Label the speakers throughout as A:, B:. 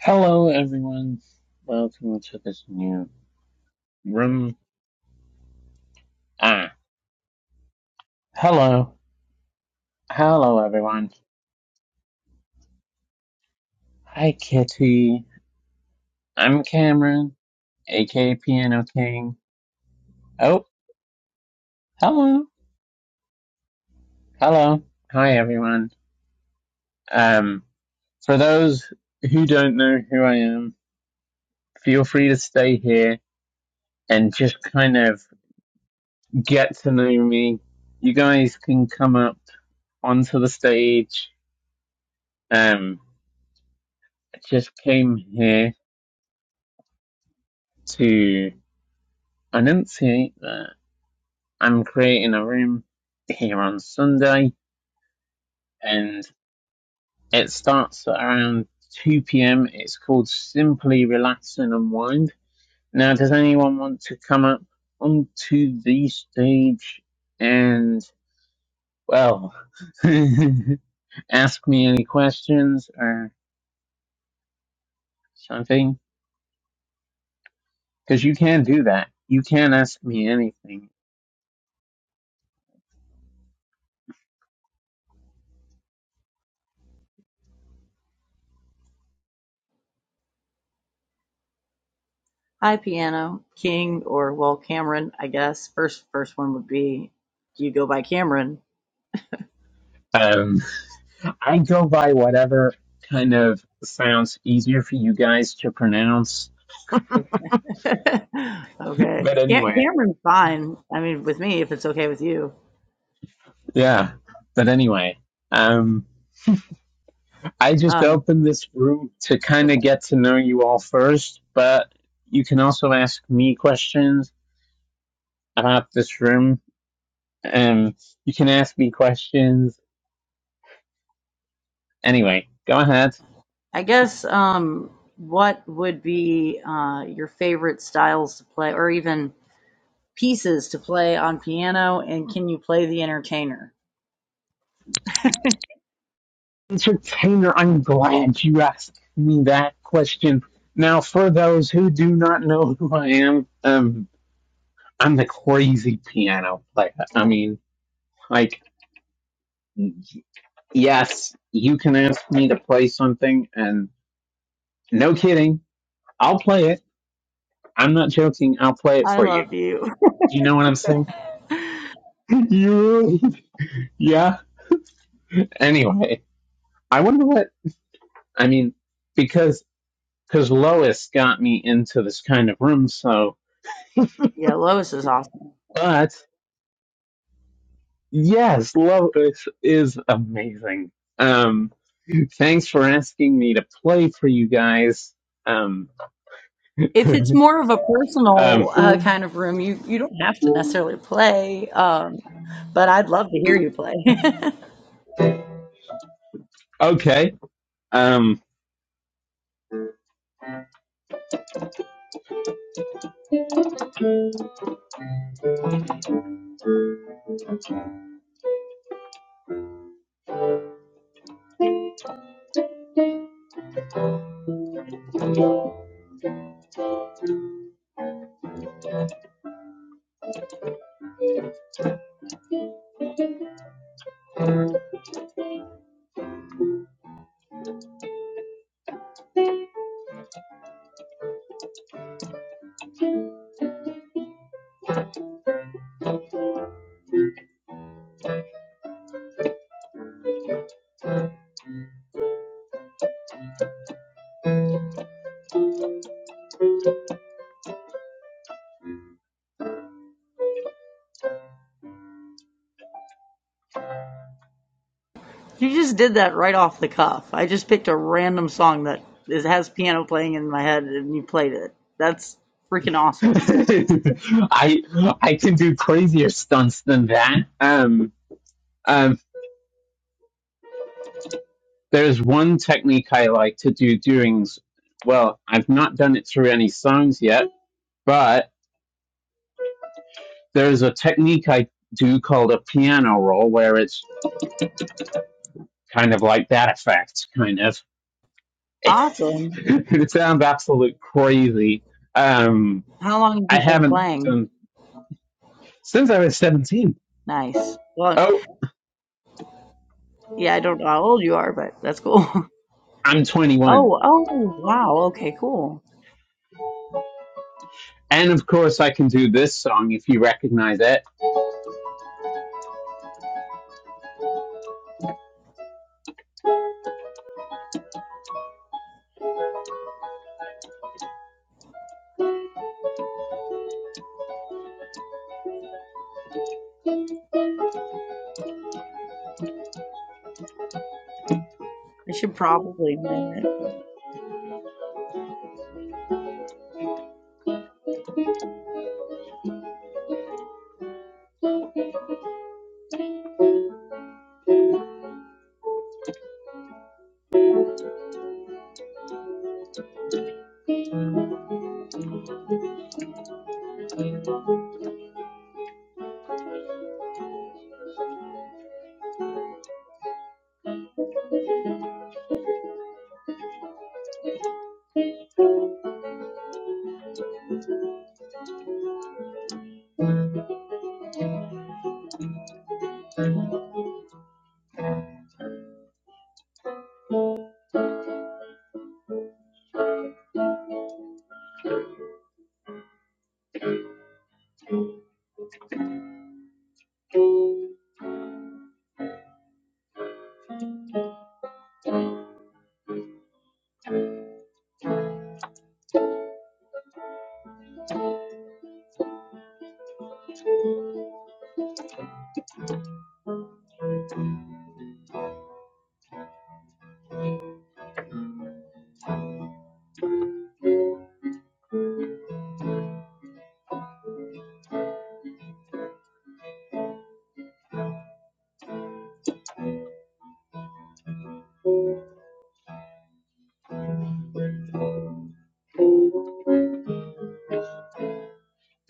A: Hello, everyone. Welcome to this new room. Ah, hello. Hello, everyone. Hi, Kitty. I'm Cameron, aka Piano King. Oh, hello. Hello. Hi, everyone. Um, for those who don't know who I am, feel free to stay here and just kind of get to know me. You guys can come up onto the stage. Um, I just came here to enunciate that I'm creating a room here on Sunday and it starts at around 2 p.m. It's called Simply Relax and Unwind. Now, does anyone want to come up onto the stage and, well, ask me any questions or something? Because you can do that. You can ask me anything.
B: Hi, Piano King, or well, Cameron, I guess. First, first one would be, do you go by Cameron?
A: Um, I go by whatever kind of sounds easier for you guys to pronounce.
B: okay,
A: But
B: yeah,
A: anyway,
B: Cameron's fine. I mean, with me, if it's okay with you.
A: yeah. But anyway, um, I just
B: Uh,
A: opened this room to kind
B: okay,
A: of get to know you all first, but you can also ask me questions about this room. Um, you can ask me questions. Anyway, go ahead.
B: I guess. Um, what would be uh, your favorite styles to play, or even pieces to play on piano? And can you play the entertainer?
A: Entertainer, I'm glad you asked me that question. Now, for those who do not know who I am, um, I'm the crazy piano player. I mean, like, yes, you can ask me to play something, and no kidding, I'll play it. I'm not joking. I'll play it
B: I
A: for you.
B: love you.
A: Do you know what I'm saying? yeah. Yeah. Anyway, I wonder what I mean because because Lois got me into this kind of room. So,
B: yeah, Lois is awesome.
A: but yes, Lois is amazing. Um, thanks for asking me to play for you guys. Um.
B: If it's more of a personal uh,
A: um,
B: kind of room, you you don't have to necessarily play. Um, but I'd love to hear you play.
A: okay. Um,
B: You just did that right off the cuff. I just picked a random song that is, has piano playing in my head, and you played it. That's freaking awesome.
A: I I can do crazier stunts than that. Um, um, there's one technique I like to do during. Well, I've not done it through any songs yet, but there's a technique I do called a piano roll, where it's kind of like that effect, kind of.
B: Awesome.
A: it sounds absolute crazy. Um,
B: How long have
A: I
B: you been
A: haven't
B: playing?
A: done since I was 17.
B: Nice. Well,
A: Oh,
B: yeah, I don't know how old you are, but that's cool.
A: I'm 21.
B: Oh, oh, wow. Okay, cool.
A: And of course, I can do this song if you recognize it.
B: I should probably play it. but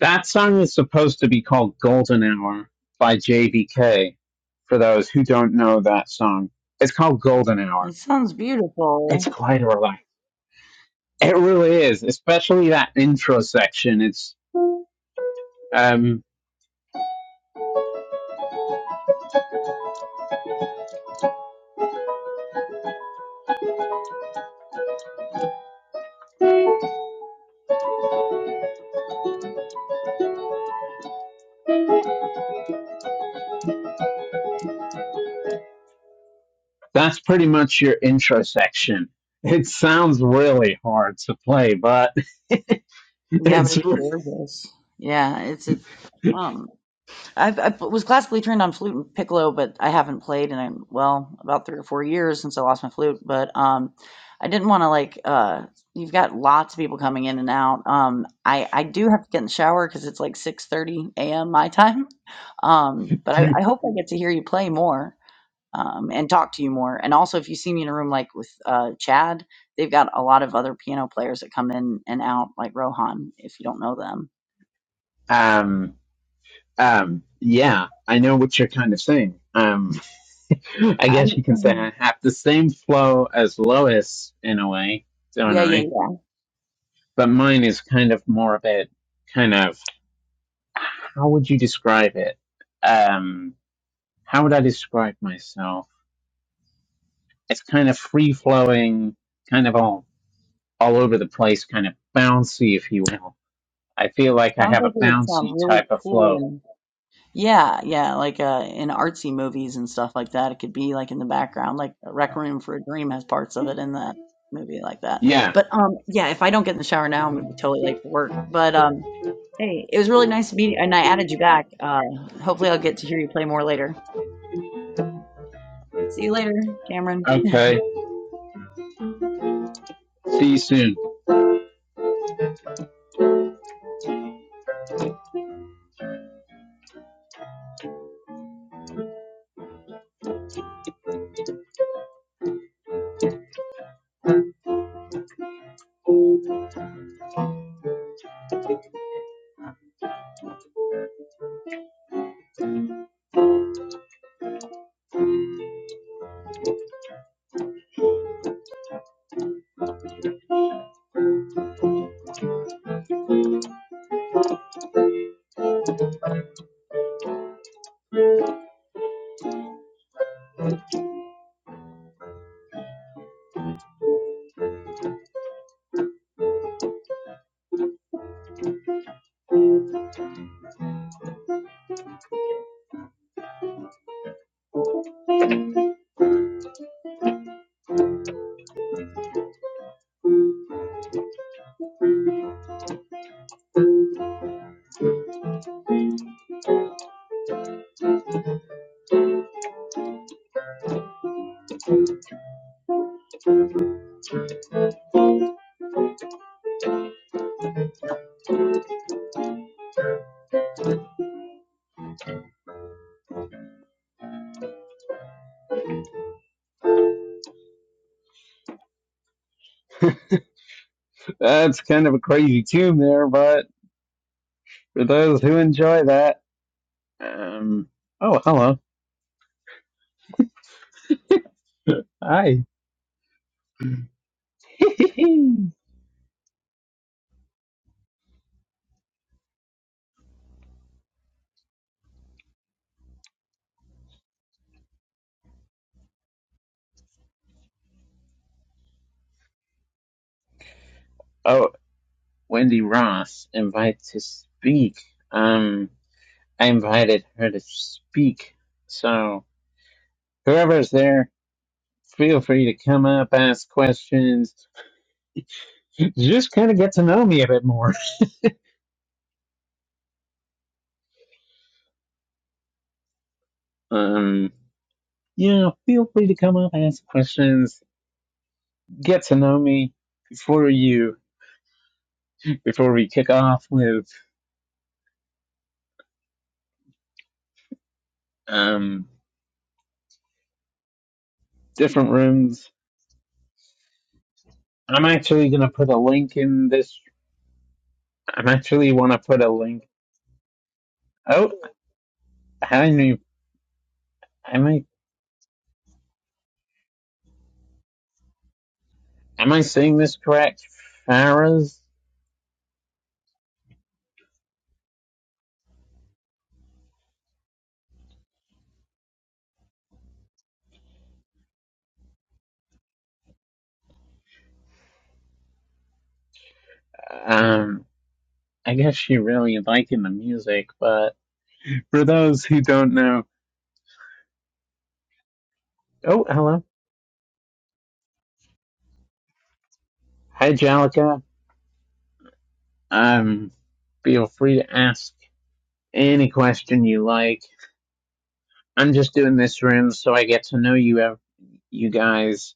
A: That song is supposed to be called Golden Hour by JVK, for those who don't know that song. It's called Golden
B: It
A: Hour.
B: sounds beautiful.
A: It's quite a relief. It really is, especially that intro section. It's um, that's pretty much your intro section. It sounds really hard to play, but
B: Yeah, but
A: it's
B: it's gorgeous. Yeah, it's a um I've I was classically trained on flute and piccolo, but I haven't played in um, well, about 3 or 4 years since I lost my flute, but um I didn't want to like uh you've got lots of people coming in and out. Um I I do have to get in the shower cuz it's like 6:30 a.m. my time. Um but I
A: you.
B: I hope I get to hear you play more um, and talk to you more. And also, if you see me in a room like with uh, Chad, they've got a lot of other piano players that come in and out, like Rohan, if you don't know them.
A: Um, um, yeah, I know what you're kind of saying. Um, I guess you can say
B: Um,
A: I have the same flow as Lois in a way, don't
B: yeah, yeah,
A: I?
B: yeah.
A: But mine is kind of more of a kind of how would you describe it? Um, how would I describe myself? It's kind of free flowing, kind of all all over the place, kind of bouncy, if you will. I feel like I
B: Sounds
A: have
B: like
A: a
B: it would sound
A: bouncy
B: really
A: type of
B: cool.
A: flow.
B: And yeah, yeah, like uh, in artsy movies and stuff like that, it could be like in the background, like Rec Room for a Dream has parts of it in that movie like that.
A: Yeah.
B: But um, yeah, if I don't get in the shower now, I'm gonna be totally late for work. But um, hey, it was really nice to meet you, and I added you back. Uh, hopefully, I'll get to hear you play more later. See you later, Cameron.
A: Okay. See you soon. That's kind of a crazy tune there, but for those who enjoy that. Um, oh, hello. Hi. oh, Wendy Ross invited to speak. Um, I invited her to speak. So, whoever's there, feel free to come up, ask questions. Just kind of get to know me a bit more. Um, yeah, feel free to come up, ask questions, get to know me before you, before we kick off with, um, different rooms. I'm actually going to put a link in this I'm actually want to put a link. Oh, how do you- am I am I saying this correct? Farah's. Um, I guess she really liking the music, but for those who don't know, oh hello, hi Jalika. Um, feel free to ask any question you like. I'm just doing this room so I get to know you, ev- you guys.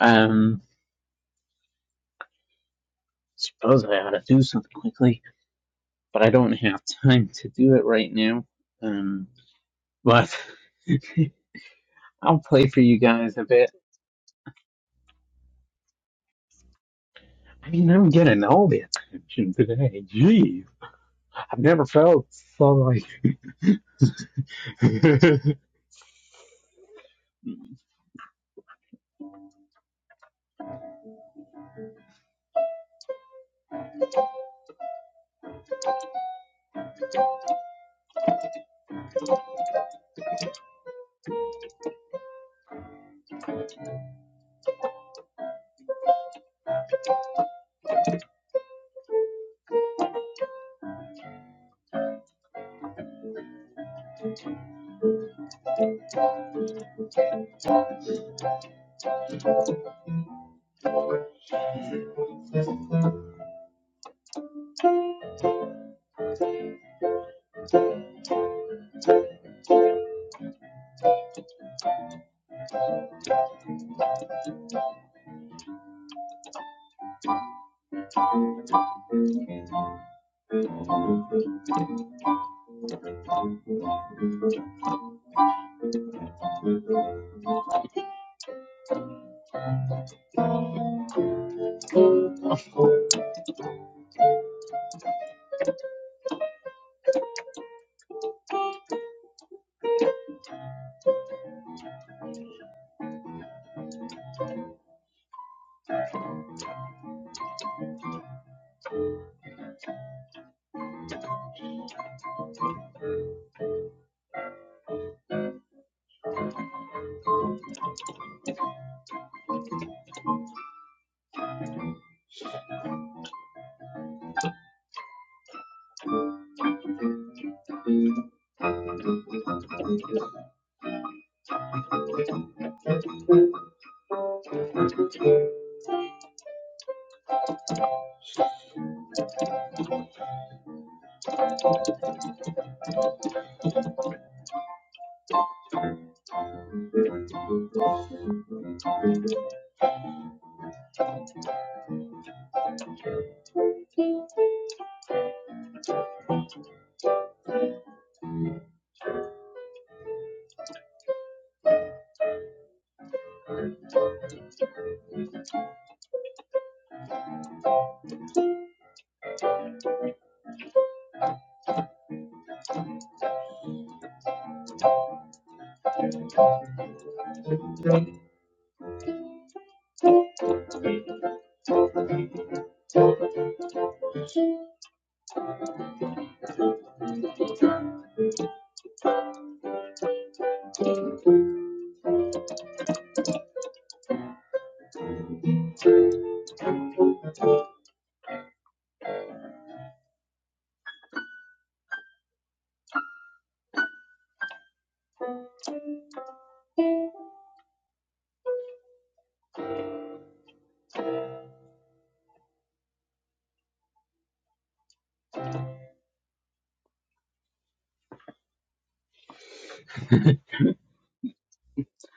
A: Um, suppose I ought to do something quickly, but I don't have time to do it right now. Um, but. I'll play for you guys a bit. I mean, I'm getting all the attention today. Jeez, I've never felt so like.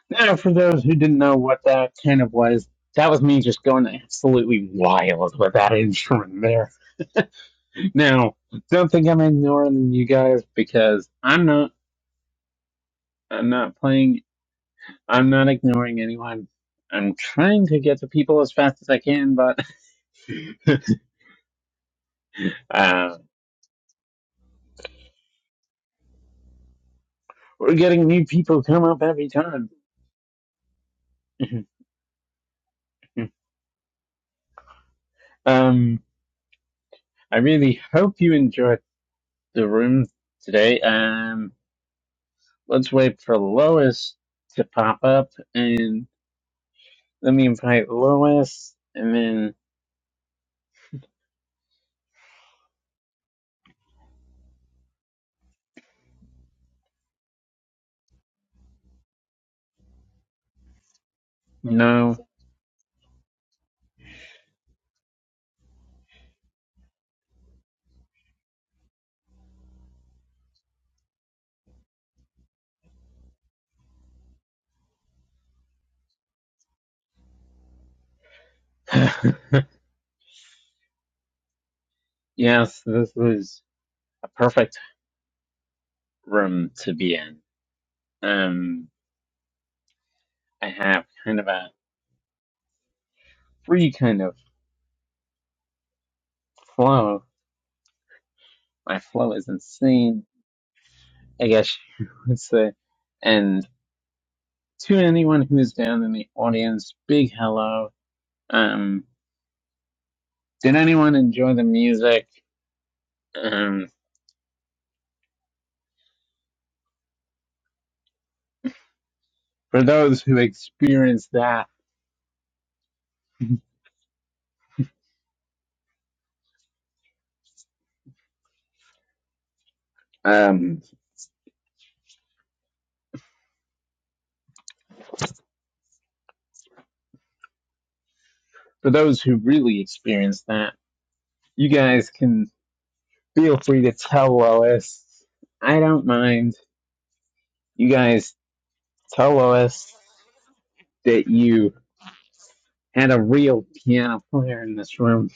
A: now, for those who didn't know what that kind of was, that was me just going absolutely wild with that instrument there. Now, don't think I'm ignoring you guys because I'm not. I'm not playing. I'm not ignoring anyone. I'm trying to get to people as fast as I can, but uh, we're getting new people come up every time. um. I really hope you enjoyed the room today. Um, let's wait for Lois to pop up and let me invite Lois and then no. yes, this was a perfect room to be in. Um, I have kind of a free kind of flow. My flow is insane, I guess you would say. And to anyone who's down in the audience, big hello. Um, Did anyone enjoy the music? Um, for those who experienced that, um, for those who really experienced that, you guys can feel free to tell Lois. I don't mind. You guys tell Lois that you had a real piano player in this room.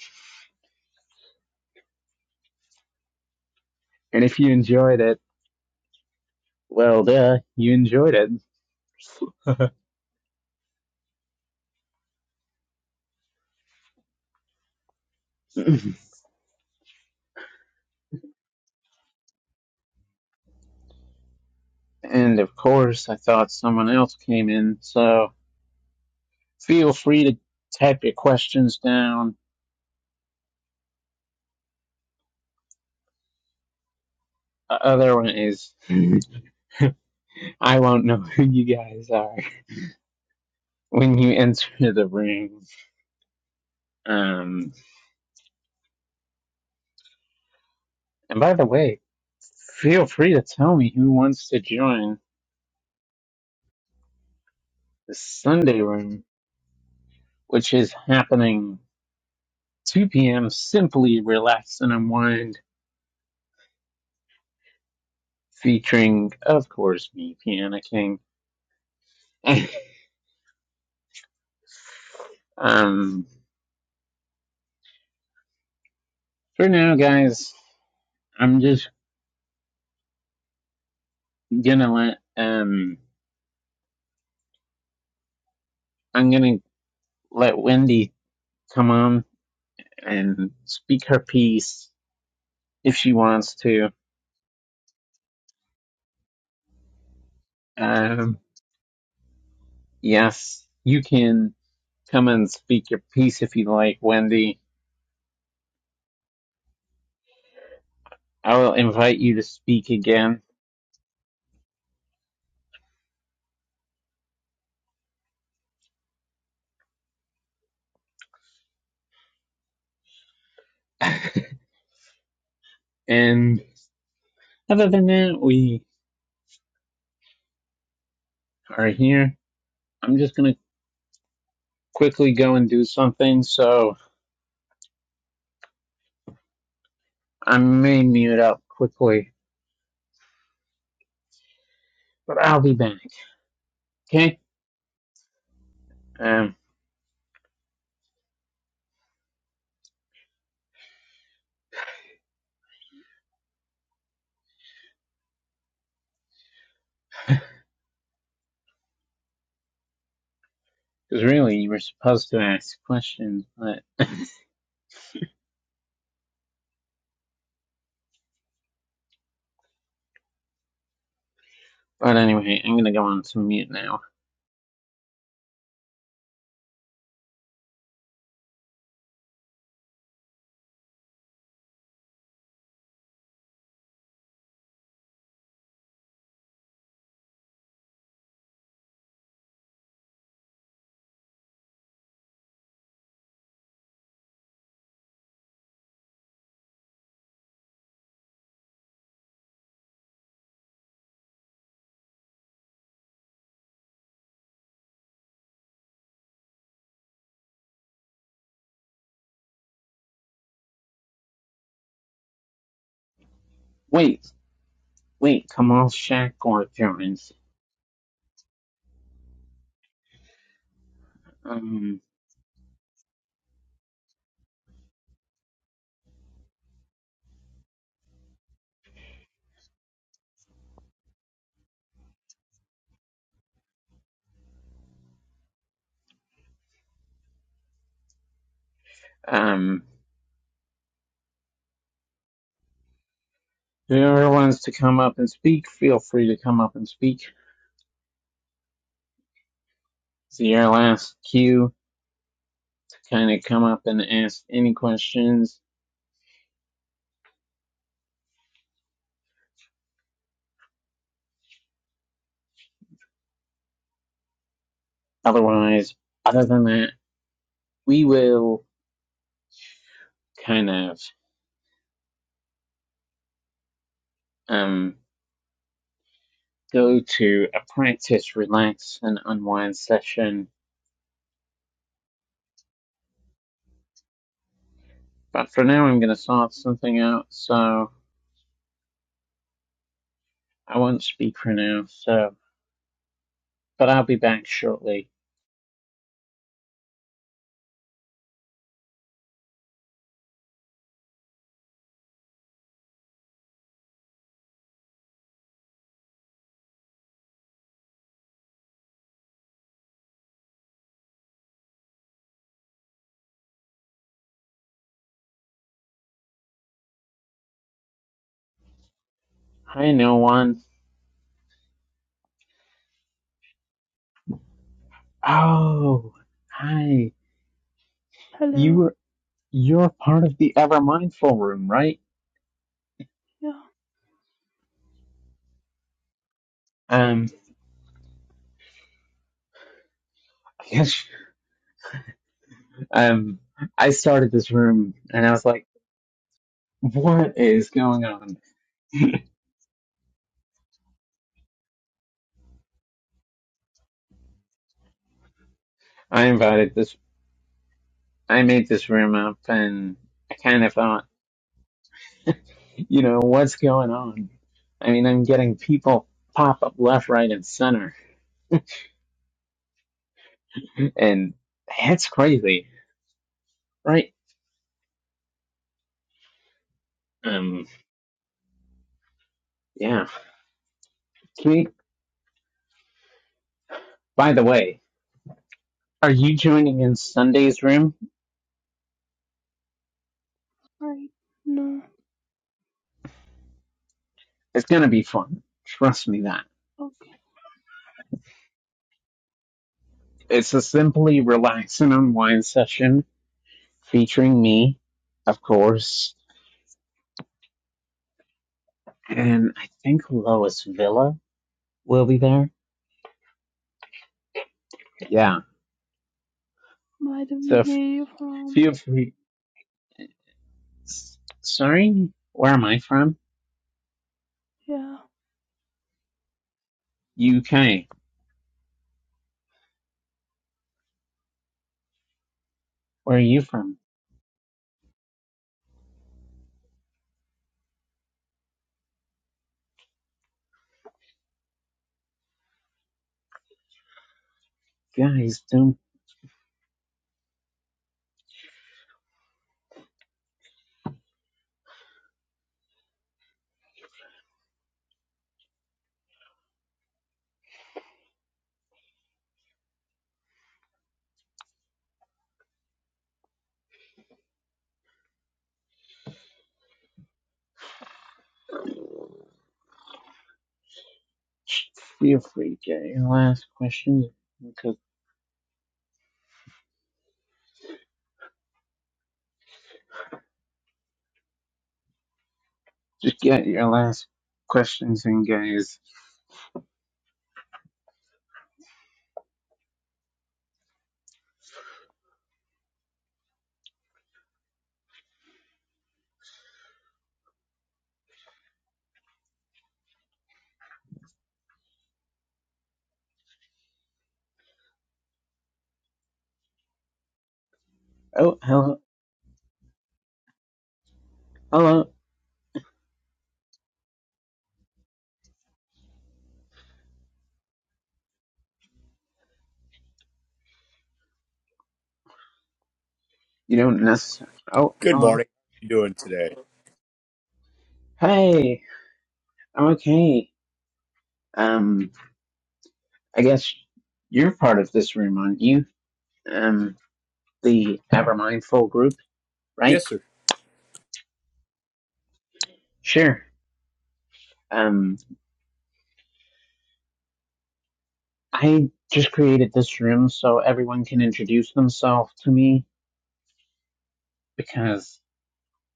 A: And if you enjoyed it, well, duh, you enjoyed it. and of course, I thought someone else came in, so feel free to type your questions down The other one is I won't know who you guys are when you enter the room. Um, and by the way, feel free to tell me who wants to join the Sunday room, which is happening 2 p.m. Simply relax and unwind, featuring, of course, me, Piano King. um, for now, guys, I'm just gonna let um, I'm gonna let Wendy come on and speak her piece if she wants to. Um, yes, you can come and speak your piece if you like, Wendy. I will invite you to speak again. and other than that, we are here. I'm just going to quickly go and do something, so I may mute up quickly, but I'll be back. Okay? Um, because really, you were supposed to ask questions, but but anyway, I'm gonna go on to mute now. Wait, Wait, Kamal Shakur Jones. Um, um, whoever wants to come up and speak, feel free to come up and speak. It's your last cue to kind of come up and ask any questions. Otherwise, other than that, we will kind of um go to a practice, relax, and unwind session. But for now, I'm going to start something out, so I won't speak for now. So, but I'll be back shortly. Hi, no one. Oh, hi. You
C: Hello.
A: were you're part of the Ever Mindful room, right?
C: Yeah,
A: Um, I guess um, I started this room and I was like, what is going on? I invited this, I made this room up and I kind of thought, you know, what's going on? I mean, I'm getting people pop up left, right, and center, and that's crazy, right? Um, yeah. Can you, by the way, are you joining in Sunday's room?
C: I know.
A: It's going to be fun. Trust me that.
C: Okay.
A: It's a simply relax and unwind session featuring me, of course, and I think Lois Villa will be there. Yeah.
C: By the
A: So f-
C: way, from
A: feel free. S- Sorry, where am I from?
C: yeah.
A: UK. Where are you from? Guys, don't feel free to get your last questions because just get your last questions in, guys. Oh, hello, hello. You don't necessarily. Oh,
D: Good
A: hello.
D: morning. How you doing today?
A: Hey, I'm okay. Um, I guess you're part of this room, aren't you? Um, the Evermindful group, right?
D: Yes, sir.
A: Sure. Um, I just created this room so everyone can introduce themselves to me because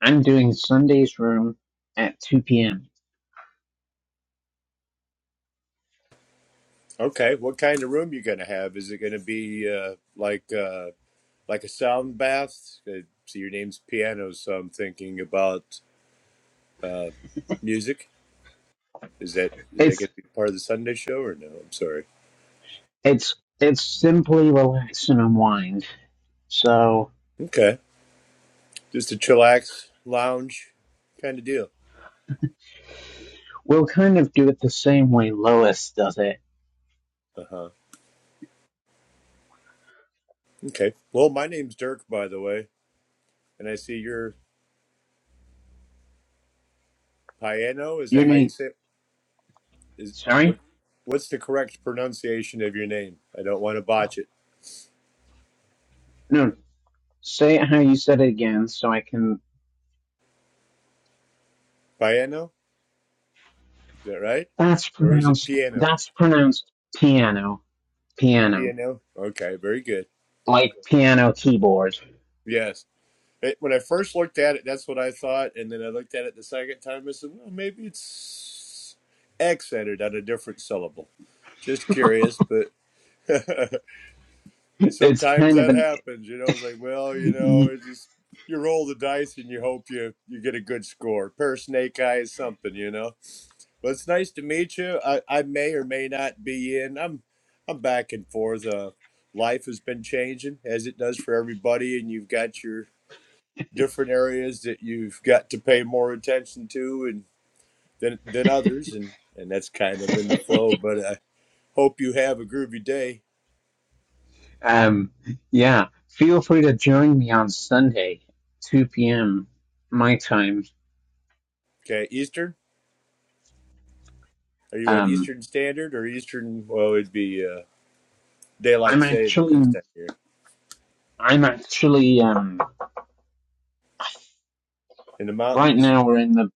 A: I'm doing Sunday's room at 2 p.m.
D: Okay. What kind of room you gonna have? Is it gonna be uh, like uh, like a sound bath? Uh, so your name's piano, so I'm thinking about uh, music. Is that is that
A: It's
D: gonna be part of the Sunday show or no? I'm sorry.
A: it's it's simply relax and unwind. So
D: Okay. Just a chillax lounge kind of deal.
A: we'll kind of do it the same way Lois does it.
D: Uh huh. Okay. Well, my name's Dirk, by the way, and I see your piano. Is
A: Your
D: that how you
A: name?
D: say? It? Is what?
A: Sorry?
D: What's the correct pronunciation of your name? I don't want to botch it.
A: No. Say it how you said it again so I can.
D: Piano? Is that right?
A: That's
D: Or is it
A: pronounced.
D: piano?
A: That's pronounced piano. Piano.
D: Piano. Okay, very good.
A: Like piano keyboard.
D: Yes. It- when I first looked at it, that's what I thought. And then I looked at it the second time. I said, well, maybe it's accented on a different syllable. Just curious, but
A: It's
D: sometimes
A: kind of
D: that happens. You know, it's like, well, you know,
A: an.
D: it's just you roll the dice and you hope you, you get a good score. Pair of snake eyes, something, you know? Well, it's nice to meet you. I, I may or may not be in. I'm I'm back and forth. Uh, life has been changing as it does for everybody, and you've got your different areas that you've got to pay more attention to, and than than others, and and that's kind of in the flow. But I hope you have a groovy day.
A: Um, yeah. Feel free to join me on Sunday, 2 p.m. my time.
D: Okay, Eastern. Are you at
A: Um,
D: Eastern Standard or Eastern? Well, it'd be uh, daylight
A: I'm
D: savings this
A: actually.
D: time of year
A: I'm actually. Um,
D: in the
A: right
D: mountains.
A: now we're in the.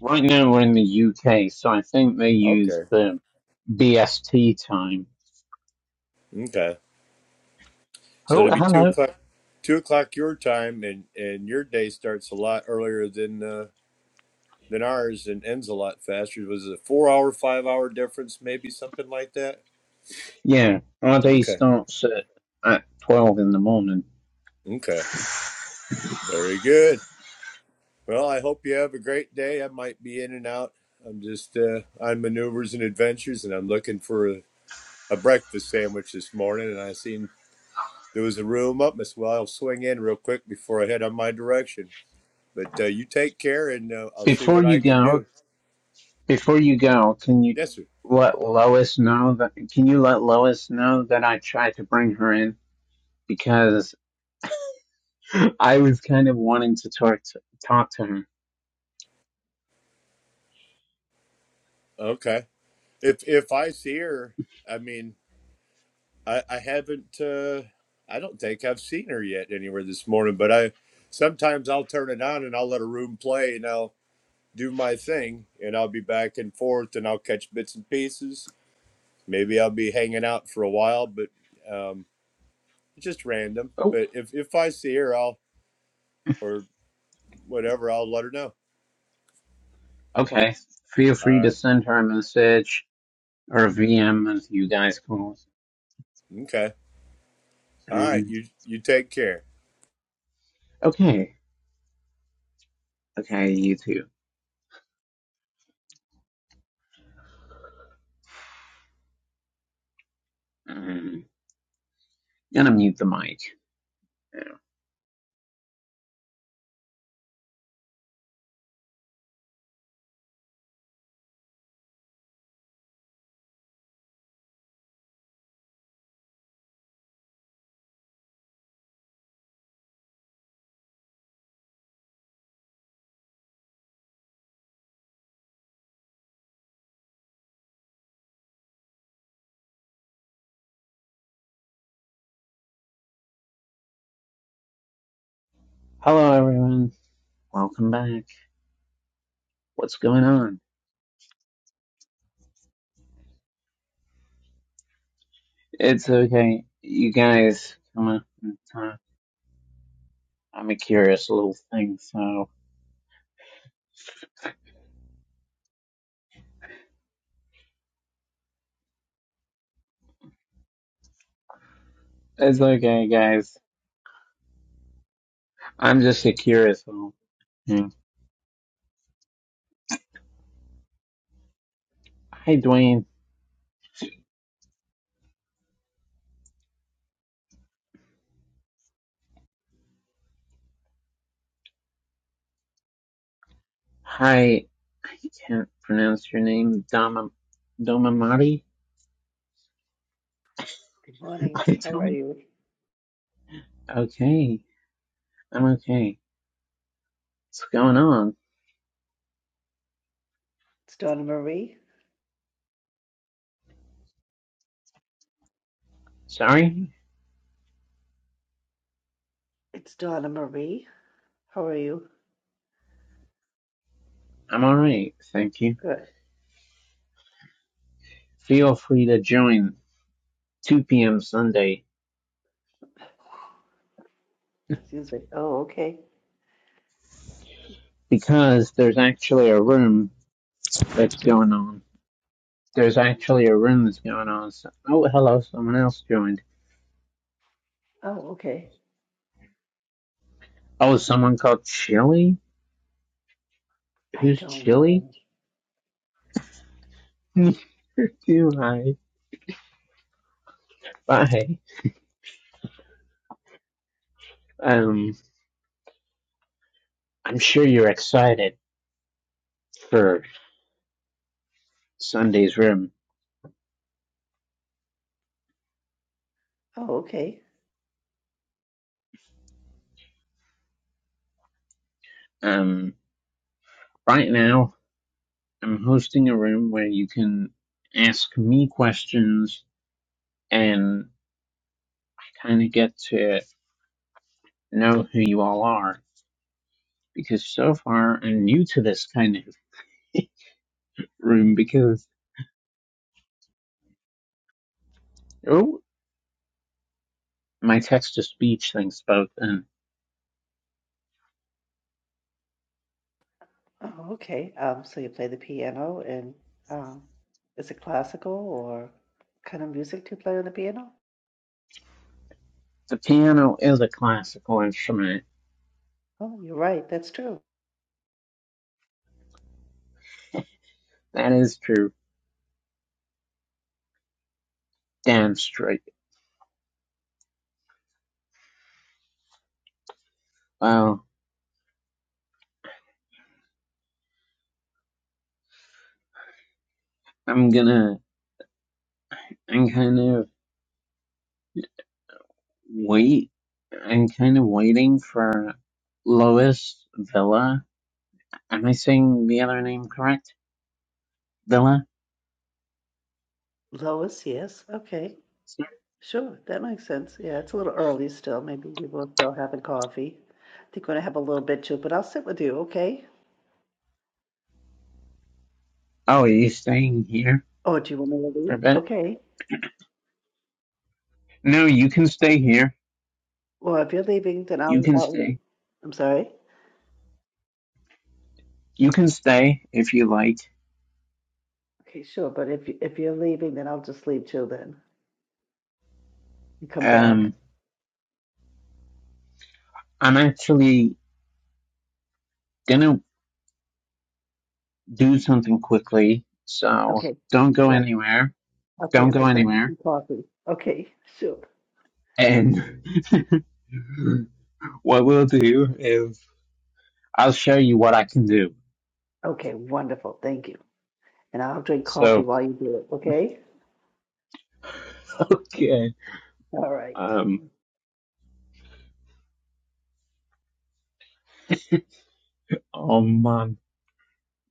A: Right now we're in the UK, so I think they use
D: Okay.
A: the BST time.
D: Okay. So
A: Oh,
D: it'd be two
A: hello.
D: o'clock, two o'clock your time, and and your day starts a lot earlier than uh, than ours, and ends a lot faster. Was it a four hour, five hour difference, maybe something like that?
A: Yeah, our day
D: Okay,
A: starts at, at twelve in the morning.
D: okay, very good. Well, I hope you have a great day. I might be in and out. I'm just uh, on maneuvers and adventures, and I'm looking for a, a breakfast sandwich this morning. And I seen there was a room up, as well. I'll swing in real quick before I head on my direction. But uh, you take care, and uh, I'll see
A: Before
D: what I
A: you
D: can
A: go,
D: do.
A: before you go, can you
D: Yes, sir.
A: let Lois know that? Can you let Lois know that I tried to bring her in because I was kind of wanting to talk to, talk to her.
D: Okay. If if I see her, I mean, I I haven't. Uh, I don't think I've seen her yet anywhere this morning. But I sometimes I'll turn it on and I'll let a room play and I'll do my thing and I'll be back and forth and I'll catch bits and pieces. Maybe I'll be hanging out for a while, but um, it's just random.
A: Oh,
D: But if if I see her, I'll or whatever, I'll let her know.
A: okay. Feel
D: All
A: free to
D: right.
A: send her a message or a VM as you guys call it.
D: Okay. All right.
A: And
D: You you take care.
A: okay, okay, you two. Um, gonna mute the mic. Hello, everyone. Welcome back. What's going on? It's okay. You guys, come on. It's, uh, I'm a curious little thing, so it's okay, guys. I'm just a curious little thing. Hi, Dwayne. Hi. I can't pronounce your name. Dama, Domamati?
E: Good morning.
A: I
E: How are
A: don't.
E: you?
A: Okay. I'm okay. What's going on?
E: It's Donna Marie.
A: Sorry?
E: It's Donna Marie. How are you?
A: I'm alright. Thank you.
E: Good.
A: Feel free to join 2 p.m. Sunday
E: Seems like, oh, okay.
A: because there's actually a room that's going on. There's actually a room that's going on. So, oh, hello, someone else joined.
E: Oh, okay.
A: Oh, someone called Chili?
E: I
A: Who's
E: don't
A: Chili?
E: know.
A: Neither do I. Bye. Um, I'm sure you're excited for Sunday's room.
E: Oh, okay.
A: Um, right now, I'm hosting a room where you can ask me questions and kind of get to know who you all are. Because so far, I'm new to this kind of room because. oh. my text-to-speech thing spoke, and
E: Oh, okay. Um, so you play the piano and um, is it classical or kind of music do you play on the piano?
A: the piano is a classical instrument.
E: Oh, you're right. That's true.
A: That is true. Damn straight. Well, I'm gonna, I'm kind of wait, I'm kind of waiting for Lois Villa. Am I saying the other name correct? Villa?
E: Lois, yes. Okay. Sure. That makes sense. Yeah, it's a little early still. Maybe people are still having coffee. I think we're gonna have a little bit too, but I'll sit with you, okay?
A: Oh, are you staying here
E: Oh, do you want me to
A: for a
E: leave?
A: bit?
E: Okay.
A: No, you can stay here.
E: Well, if you're leaving, then
A: You
E: I'll,
A: can
E: I'll leave.
A: stay.
E: I'm sorry.
A: You can stay if you like.
E: Okay, sure. But if you- if you're leaving, then I'll just leave too. Then and come back.
A: Um, I'm actually gonna do something quickly. So
E: Okay.
A: don't go
E: Right.
A: anywhere.
E: Okay.
A: Don't
E: I'm
A: go
E: just gonna make
A: anywhere.
E: some coffee. Okay. Sure.
A: And what we'll do is I'll show you what I can do.
E: Okay. Wonderful. Thank you. And I'll drink coffee
A: So
E: while you do it. Okay.
A: okay.
E: All right.
A: Um oh man,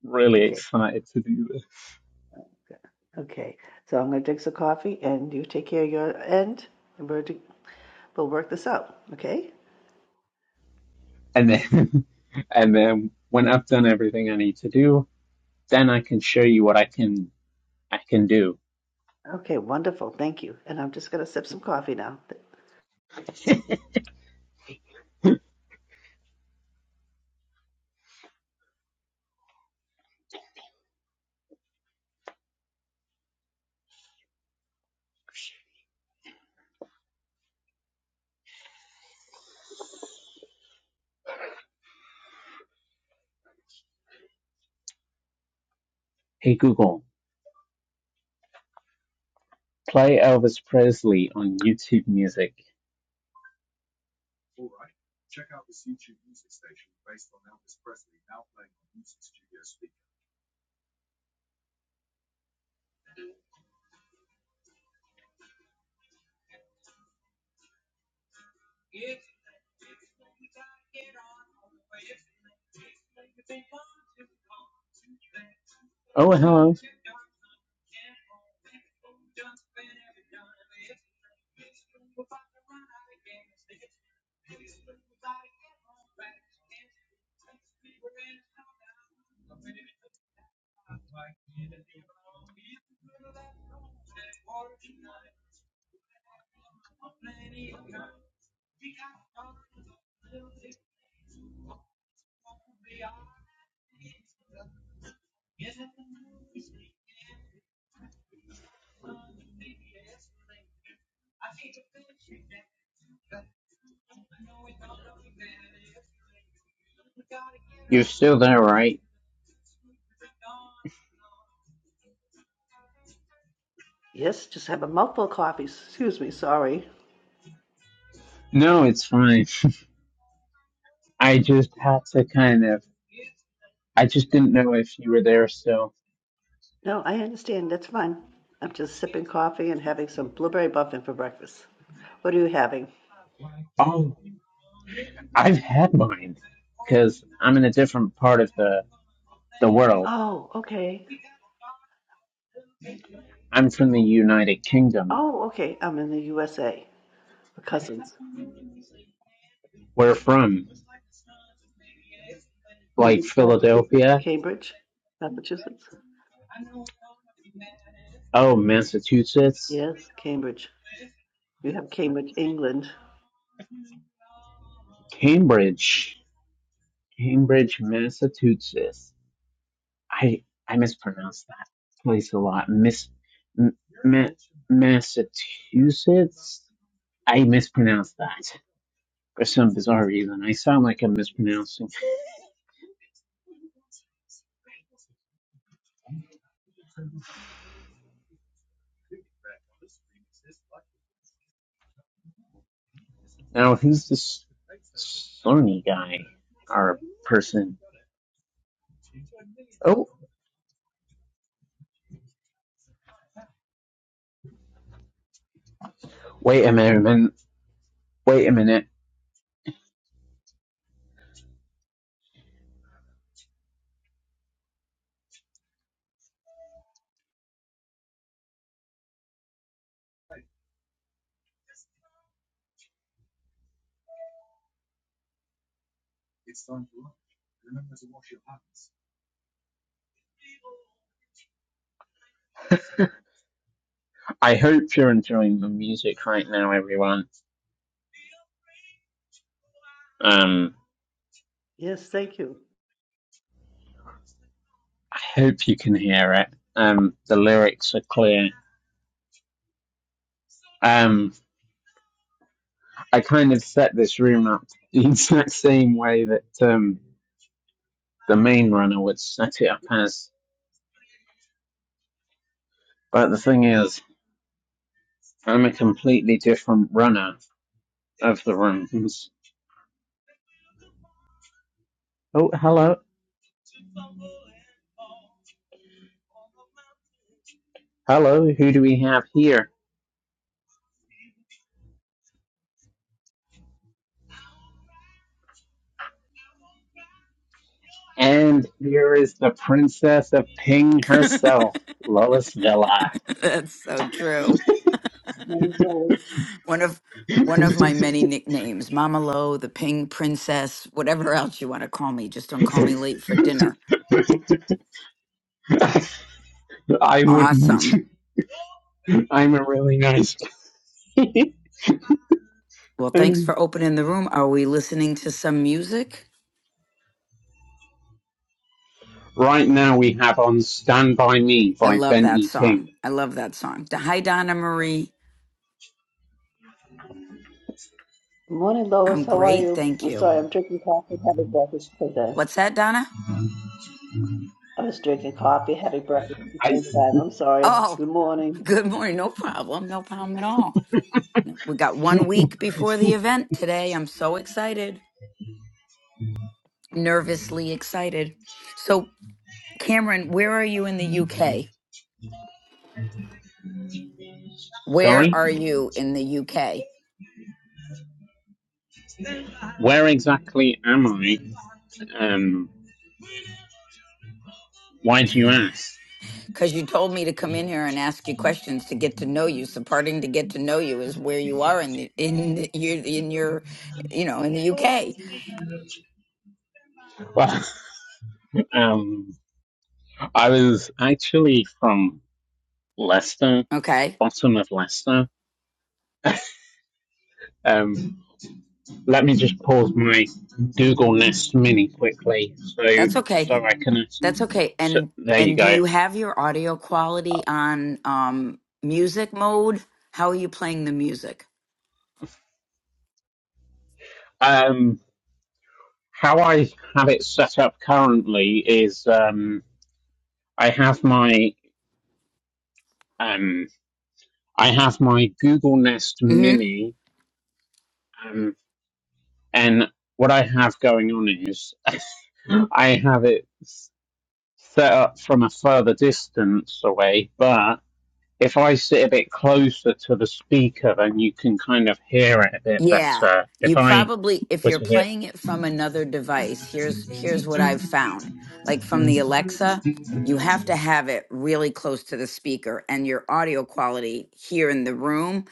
A: really
E: Okay.
A: excited to do this.
E: Okay. So I'm gonna drink some coffee, and you take care of your end, and we'll do, we'll work this out. Okay.
A: And then and then when I've done everything I need to do, then I can show you what I can I can do.
E: Okay. Wonderful. Thank you. And I'm just gonna sip some coffee now.
A: Hey Google, play Elvis Presley on YouTube music. Oh, hello. You're still there, right?
E: Yes, just have a mouthful of coffee. Excuse me, sorry.
A: No, it's fine. I just had to kind of. I just didn't know if you were there still.
E: No, I understand. That's fine. I'm just sipping coffee and having some blueberry muffin for breakfast. What are you having?
A: I've had mine because I'm in a different part of the the world.
E: Oh, okay.
A: I'm from the United Kingdom.
E: Oh, okay. I'm in the USA. We're cousins.
A: Where from? Like
E: Cambridge, Massachusetts.
A: Philadelphia?
E: Cambridge, Massachusetts.
A: Oh, Massachusetts?
E: Yes, Cambridge. You have Cambridge, England.
A: Cambridge. Cambridge, Massachusetts. I I mispronounce that place a lot. Miss M- Ma- Massachusetts. I mispronounce that for some bizarre reason. I sound like I'm mispronouncing. Now, who's this Sony guy or person? Oh, wait a minute. Wait a minute. I hope you're enjoying the music right now, everyone. Um,
E: Yes, thank you.
A: I hope you can hear it. Um, the lyrics are clear. Um. I kind of set this room up the exact same way that um, the main runner would set it up as. But the thing is, I'm a completely different runner of the rooms. Oh, hello. Hello, who do we have here? And here is the Princess of Ping herself, Lois Villa.
F: That's so true.
E: Morning, Lois.
F: One of one of my many nicknames, Mama Lo, the Ping Princess, whatever else you want to call me. Just don't call me late for dinner.
A: I wouldn't.
F: Awesome.
A: I'm a really nice guy.
F: Well, thanks
A: And
F: for opening the room. Are we listening to some music?
A: Right now we have on Stand By Me
F: I
A: by
F: love
A: Ben
F: that
A: E.
F: song.
A: King.
F: I love that song. D- Hi, Donna Marie.
E: Morning, Lois.
F: I'm
E: How are
F: great.
E: you?
F: Thank
E: I'm
F: you.
E: sorry, I'm drinking coffee and having breakfast. Okay.
F: What's that, Donna?
E: I was drinking coffee, having breakfast at the
A: I,
E: same time. I'm sorry.
F: Oh,
E: Good morning.
F: good morning. No problem. No problem at all. We got one week before the event today. I'm so excited. nervously excited. So, Cameron, where are you in the UK? Where
A: sorry?
F: are you in the UK?
A: Where exactly am I? Um, why do you ask?
F: Because you told me to come in here and ask you questions to get to know you. So, parting to get to know you is where you are in the, in the, you in your you know in the UK.
A: Well, um, I was actually from Leicester,
F: Okay,
A: bottom of Leicester. Um, let me just pause my Google Nest Mini quickly so
F: that's okay.
A: so I can.
F: That's okay.
A: So,
F: And
A: there you
F: and do
A: go.
F: you have your audio quality on um, music mode? How are you playing the music?
A: Um, how I have it set up currently is um, I have my Um, I have my Google Nest
F: Mm-hmm.
A: Mini, um, and what I have going on is I have it set up from a further distance away, but if I sit a bit closer to the speaker, then you can kind of hear it a bit
F: Yeah.
A: better. If
F: You
A: I
F: probably if
A: were
F: you're
A: to hit,
F: playing it from another device, here's here's what I've found. Like from the Alexa, you have to have it really close to the speaker and your audio quality here in the room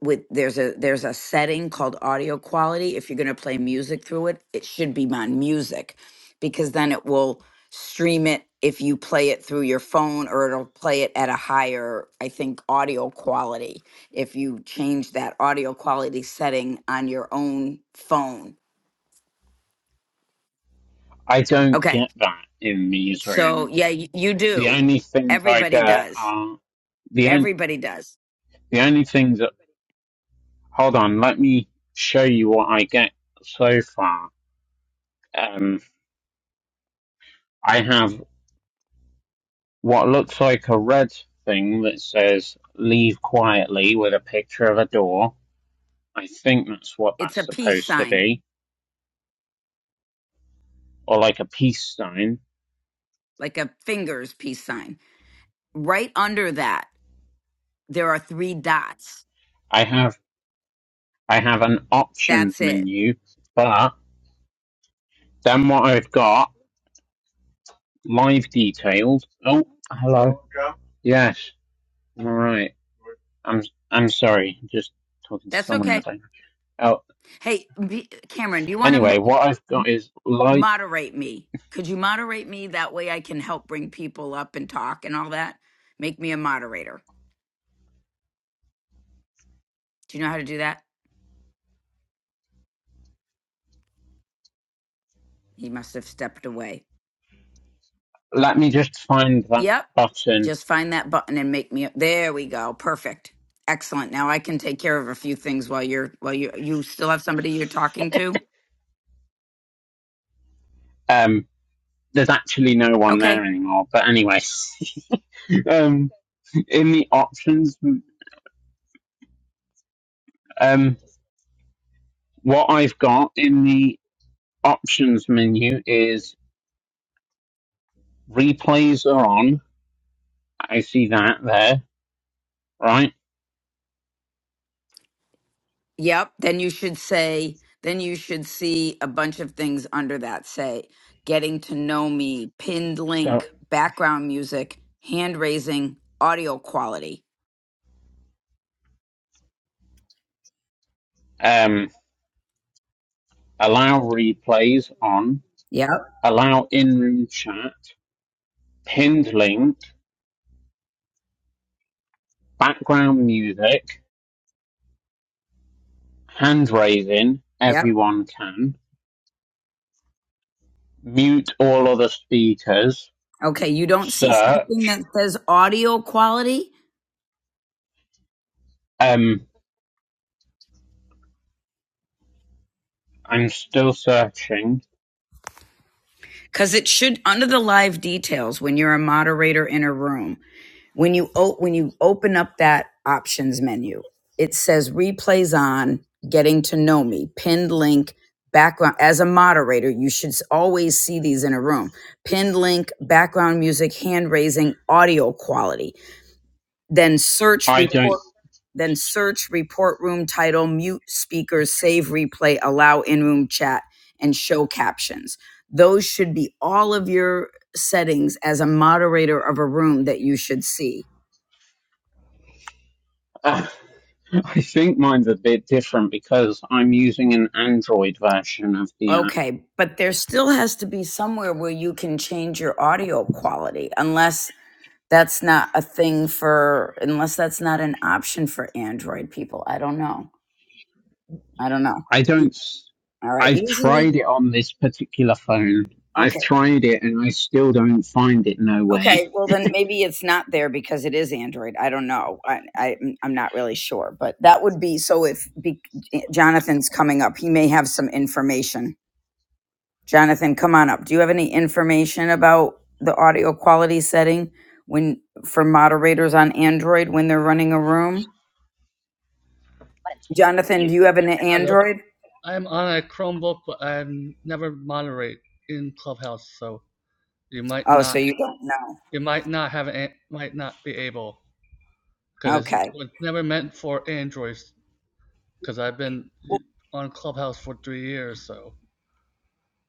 F: with there's a there's a setting called audio quality. If you're going to play music through it, it should be on music because then it will stream it if you play it through your phone or it'll play it at a higher I think audio quality if you change that audio quality setting on your own phone.
A: I don't
F: Okay.
A: get that in these
F: So,
A: rooms.
F: yeah, y- you
A: The
F: do.
A: only things I
F: Everybody
A: get
F: does.
A: are the only
F: Everybody does.
A: the only things that. Hold on, let me show you what I get so far. Um, I have what looks like a red thing that says "Leave quietly" with a picture of a door. I think that's what
F: It's a
A: that's
F: peace
A: supposed to
F: sign,
A: be, or like a peace sign.
F: like a fingers peace sign. Right under that, there are three dots.
A: I have I have an options
F: That's it.
A: menu, but then what I've got live details. Oh, hello. Joe? Yes. All right. I'm I'm sorry. Just talking to
F: That's
A: someone in the
F: okay.
A: background. Oh,
F: Hey, B- Cameron, do you want to
A: anyway,
F: m-
A: what I've got is like.
F: moderate me? Could you moderate me? That way I can help bring people up and talk and all that. Make me a moderator. Do you know how to do that? He must have stepped away.
A: Let me just find that
F: Yep.
A: button.
F: Just find that button and make me there we go. Perfect. Excellent. Now I can take care of a few things while you're while you you still have somebody you're talking to.
A: Um. there's actually no one
F: Okay.
A: there anymore. But anyway, um, in the options, um, what I've got in the options menu is replays are on. I see that there, right?
F: Yep. Then you should say then you should see a bunch of things under that say getting to know me, pinned
A: So,
F: link, background music, hand raising, audio quality.
A: um, allow replays on,
F: Yep.
A: allow in room chat, pinned link, background music, hand raising,
F: Yep.
A: everyone can, mute all other speakers,
F: Okay, you don't see
A: search,
F: something that says audio quality?
A: um, I'm still searching.
F: Because it should, under the live details, when you're a moderator in a room, When you o- when you open up that options menu, it says replays on, getting to know me, pinned link, background. As a moderator, you should s- always see these in a room. Pinned link, background music, hand raising, audio quality. Then search
A: I don't.
F: report. Then search report room title, mute speakers, save replay, allow in room chat, and show captions. Those should be all of your settings as a moderator of a room that you should see.
A: Ah, I think mine's a bit different because I'm using an Android version of the app.
F: Okay, but there still has to be somewhere where you can change your audio quality, unless that's not a thing for, unless that's not an option for Android people. I don't know. I don't know.
A: I don't.
F: All
A: i
F: right,
A: I've
F: usually,
A: tried it on this particular phone. I've
F: okay,
A: tried it and I still don't find it nowhere.
F: okay. Well, then maybe it's not there because it is Android. I don't know. I, I mm, I'm not really sure, but that would be so. If be, Jonathan's coming up, he may have some information. Jonathan, come on up. Do you have any information about the audio quality setting when for moderators on Android when they're running a room? Jonathan, do you have an
G: Hello.
F: Android?
G: I'm on a Chromebook, but I never moderate in Clubhouse, so you might
F: Oh,
G: not
F: so you don't know.
G: you might not have an, might not be able because it's,
F: Okay.
G: it's never meant for Androids. Because I've been on Clubhouse for three years, so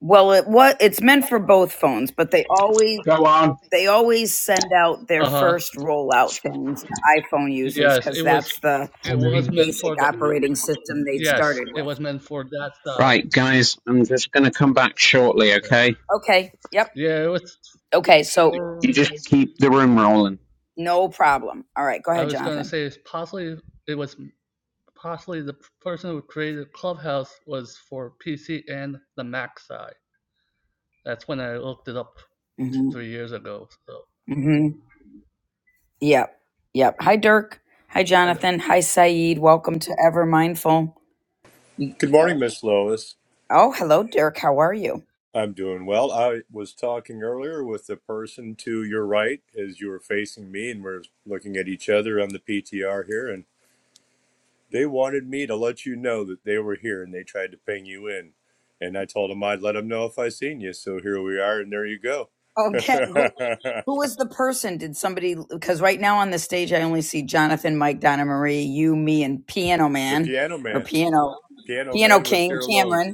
F: Well, it what it's meant for both phones, but they always
A: Go on.
F: they always send out their
G: uh huh.
F: first rollout things to iPhone users
G: Yes,
F: because
G: it was
F: that's the
G: it was meant
F: basic
G: for the
F: operating system they
G: yes,
F: started
G: it
F: with.
G: was meant for that side.
A: Right, guys, I'm just going to come back shortly,
G: So
A: okay?
F: Okay. Yep.
G: yeah, it was
F: Okay. So
A: You
G: for.
A: just keep the room rolling.
F: no problem. All right. Go
G: I
F: ahead,
G: was gonna
F: Jonathan.
G: say it's possibly it was possibly the person who created Clubhouse was for PC and the Mac side. That's when I looked it up t-
F: Mm-hmm.
G: three years ago. So
F: Mm-hmm. Yep. Yep. Hi, Dirk. Hi,
G: and
F: Jonathan. Hi, Saeed. Welcome to Ever Mindful. You-
D: Good morning, Miss Lois.
F: Oh, hello, Dirk. How are you?
D: I'm doing well. I was talking earlier with the person to your right as you were facing me, and we're looking at each other on the PTR here. And they wanted me to let you know that they were here and they tried to ping you in. And I told them I'd let them know if I seen you. So here we are, and there you go.
F: Okay. Who,
D: the
F: who was the person? Did somebody? Because right now on the stage, I only see Jonathan, Mike, Donna Marie, you, me, and Piano Man
D: piano
F: or
D: man.
F: Piano
D: Piano
F: Piano
D: man was
F: King,
D: here alone.
F: Cameron.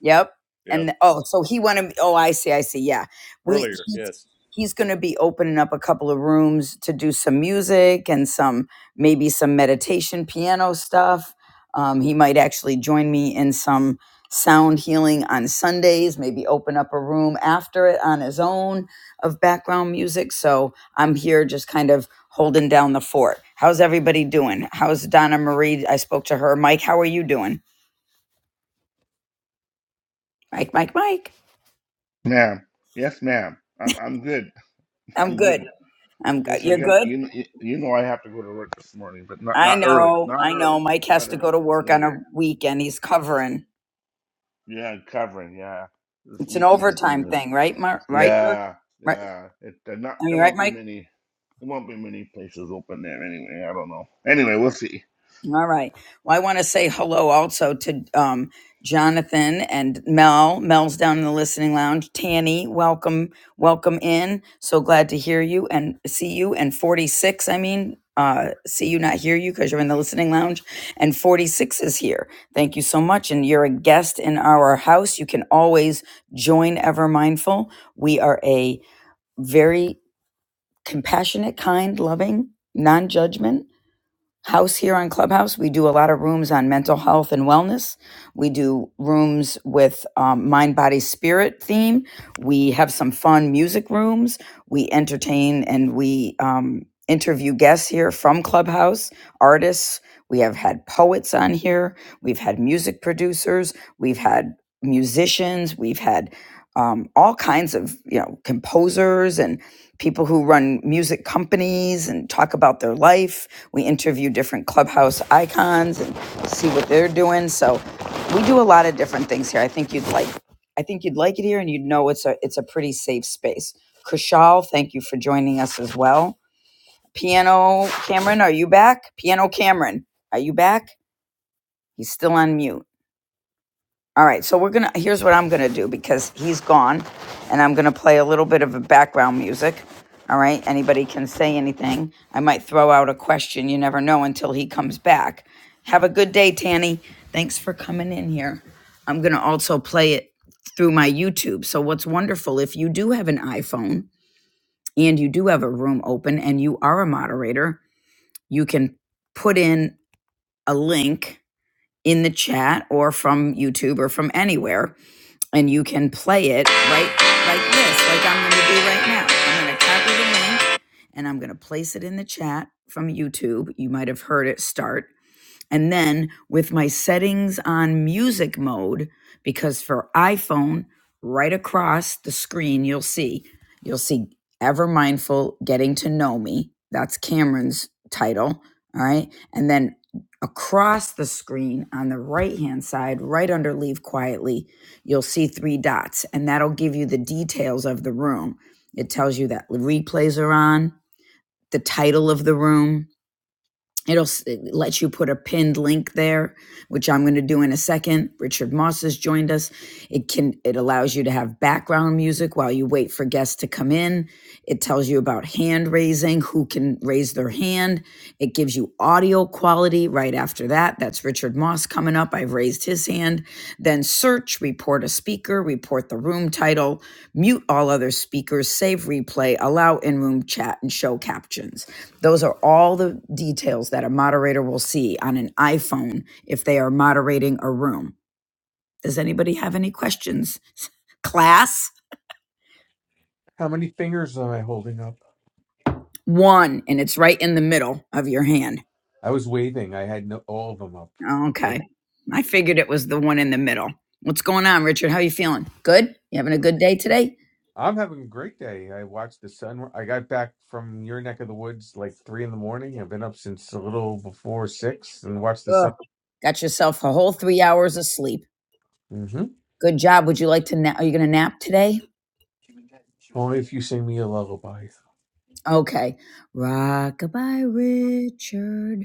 F: Yep. And
D: Yep.
F: th- oh, so he wanted. Oh, I see. I see. Yeah, we.
D: Earlier.
F: He,
D: Yes.
F: he's going to be opening up a couple of rooms to do some music and some maybe some meditation piano stuff. Um, he might actually join me in some sound healing on Sundays. Maybe open up a room after it on his own of background music. So I'm here just kind of holding down the fort. How's everybody doing? How's Donna Marie? I spoke to her. Mike, how are you doing? Mike, Mike, Mike.
H: Ma'am, yes, ma'am. I'm I'm good.
F: I'm
H: I'm
F: good.
H: good.
F: I'm go-
H: Yes, I
F: you're
H: got
F: good.
H: you. kn- You you know I have to go to work this morning, but not
F: I
H: not early.
F: know,
H: Not
F: I know.
H: early.
F: Mike has
H: Not
F: to go to
H: early. It's
F: work on a
H: later.
F: weekend. He's covering.
H: Yeah, covering. Yeah, this
F: It's an
H: weekend thing
F: overtime
H: is.
F: thing, right, Mark? Right, Mark?
H: Yeah,
F: Right?
H: yeah. It there not.
F: I mean,
H: There
F: right,
H: won't be
F: Mike?
H: many. There won't be many places open there anyway. I don't know. Anyway, we'll see.
F: All right. Well, I want to say hello also to um, Jonathan and Mel. Mel's down in the listening lounge. Tanny, welcome, welcome in. So glad to hear you and see you. And 46, I mean, uh, see you, not hear you because you're in the listening lounge. And 46 is here. Thank you so much. And you're a guest in our house. You can always join Ever Mindful. We are a very compassionate, kind, loving, non judgment house here on Clubhouse. We do a lot of rooms on mental health and wellness. We do rooms with um, mind, body, spirit theme. We have some fun music rooms. We entertain and we um, interview guests here from Clubhouse, artists. We have had poets on here. We've had music producers. We've had musicians. We've had um, all kinds of you know composers and people who run music companies and talk about their life. We interview different clubhouse icons and see what they're doing. So we do a lot of different things here. I think you'd like I think you'd like it here and you'd know it's a it's a pretty safe space. Kushal, thank you for joining us as well. Piano Cameron, are you back? Piano Cameron, are you back? He's still on mute. All right, so we're gonna. Here's what I'm gonna do because he's gone, and I'm gonna play a little bit of a background music. All right, anybody can say anything. I might throw out a question. You never know until he comes back. Have a good day, Tanny. Thanks for coming in here. I'm gonna also play it through my YouTube. So what's wonderful if you do have an iPhone and you do have a room open and you are a moderator, you can put in a link in the chat or from YouTube or from anywhere and you can play it right like this, like I'm going to do right now. I'm going to copy the link and I'm going to place it in the chat from YouTube. You might have heard it start and then with my settings on music mode, because for iPhone, right across the screen, you'll see, you'll see Ever Mindful Getting to Know Me. That's Cameron's title. All right. And then across the screen on the right hand side, right under Leave Quietly, you'll see three dots, and that'll give you the details of the room. It tells you that replays are on, the title of the room, It'll let you put a pinned link there, which I'm going to do in a second. Richard Moss has joined us. It can it allows you to have background music while you wait for guests to come in. It tells you about hand raising, who can raise their hand. It gives you audio quality right after that. That's Richard Moss coming up. I've raised his hand. Then search, report a speaker, report the room title, mute all other speakers, save replay, allow in room chat, and show captions. Those are all the details that a moderator will see on an iPhone if they are moderating a room. Does anybody have any questions? Class
I: How many fingers am I holding up?
F: one, and it's right in the middle of your hand.
I: I was waving. I had no, all of them up.
F: Oh,
I: Thank-
F: okay. I figured it was the one in the middle. What's going on, Richard? How you feeling? Good? You having a good day today?
I: I'm having a great day. I watched the sun. I got back from your neck of the woods like three in the morning. I've been up since a little before six and watched the
F: Ugh.
I: sun.
F: Got yourself a whole three hours of sleep.
I: hmm
F: Good job. Would you like to nap? Are you going to nap today?
I: Only if you sing me a lullaby.
F: Okay. Rockabye, Richard.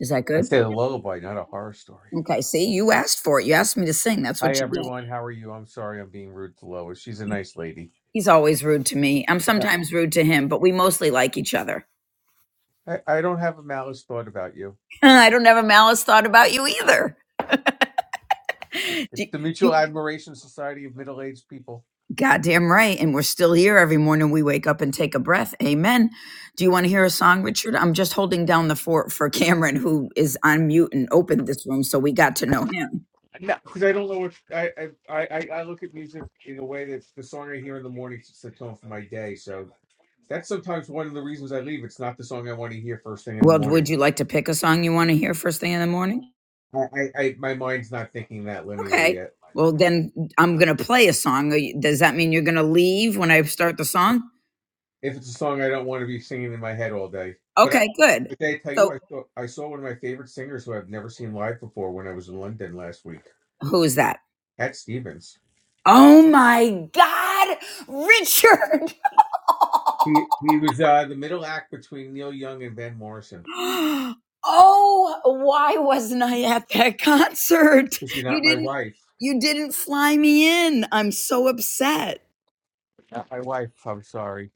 F: Is that
I: I
F: good?
I: say a lullaby, not a horror story.
F: Okay. See, you asked for it. You asked me to sing. That's
I: Hi,
F: what you get.
I: everyone. How are you? I'm sorry I'm being rude to Lois. She's a nice lady.
F: He's always rude to me. I'm
I: No.
F: sometimes rude to him, but we mostly like each other.
I: I, I don't have a malice thought about you.
F: I don't have a malice thought about you either. Do
I: It's the
F: you,
I: Mutual Admiration Society of Middle Aged People.
F: Goddamn right. And we're still here every morning. We wake up and take a breath. Amen. Do you want to hear a song, Richard? I'm just holding down the fort for Cameron, who is on mute and opened this room. So we got to know him.
I: No, because I don't know what I, I I I I look at music in a way that the song I hear in the morning sets the tone for my day. So that's sometimes one of the reasons I leave. It's not the song I want to hear first thing in the
F: Well,
I: morning.
F: would you like to pick a song you want to hear first thing in the morning?
I: I, I, I my mind's not thinking that linear
F: Okay.
I: yet.
F: Well, then I'm going to play a song. Are you- Does that mean you're going to leave when I start the song?
I: If it's a song I don't want to be singing in my head all day, but I,
F: Okay, good.
I: but I tell you,
F: So
I: I saw I saw one of my favorite singers who I've never seen live before when I was in London last week,
F: who is that?
I: Cat Stevens.
F: Oh my God, Richard.
I: He he was uh, the middle act between Neil Young and Van Morrison.
F: oh, why wasn't I at that concert?
I: Is she
F: You
I: not my
F: didn't
I: wife?
F: you didn't fly me in. I'm so upset.
I: Uh, my wife. I'm sorry.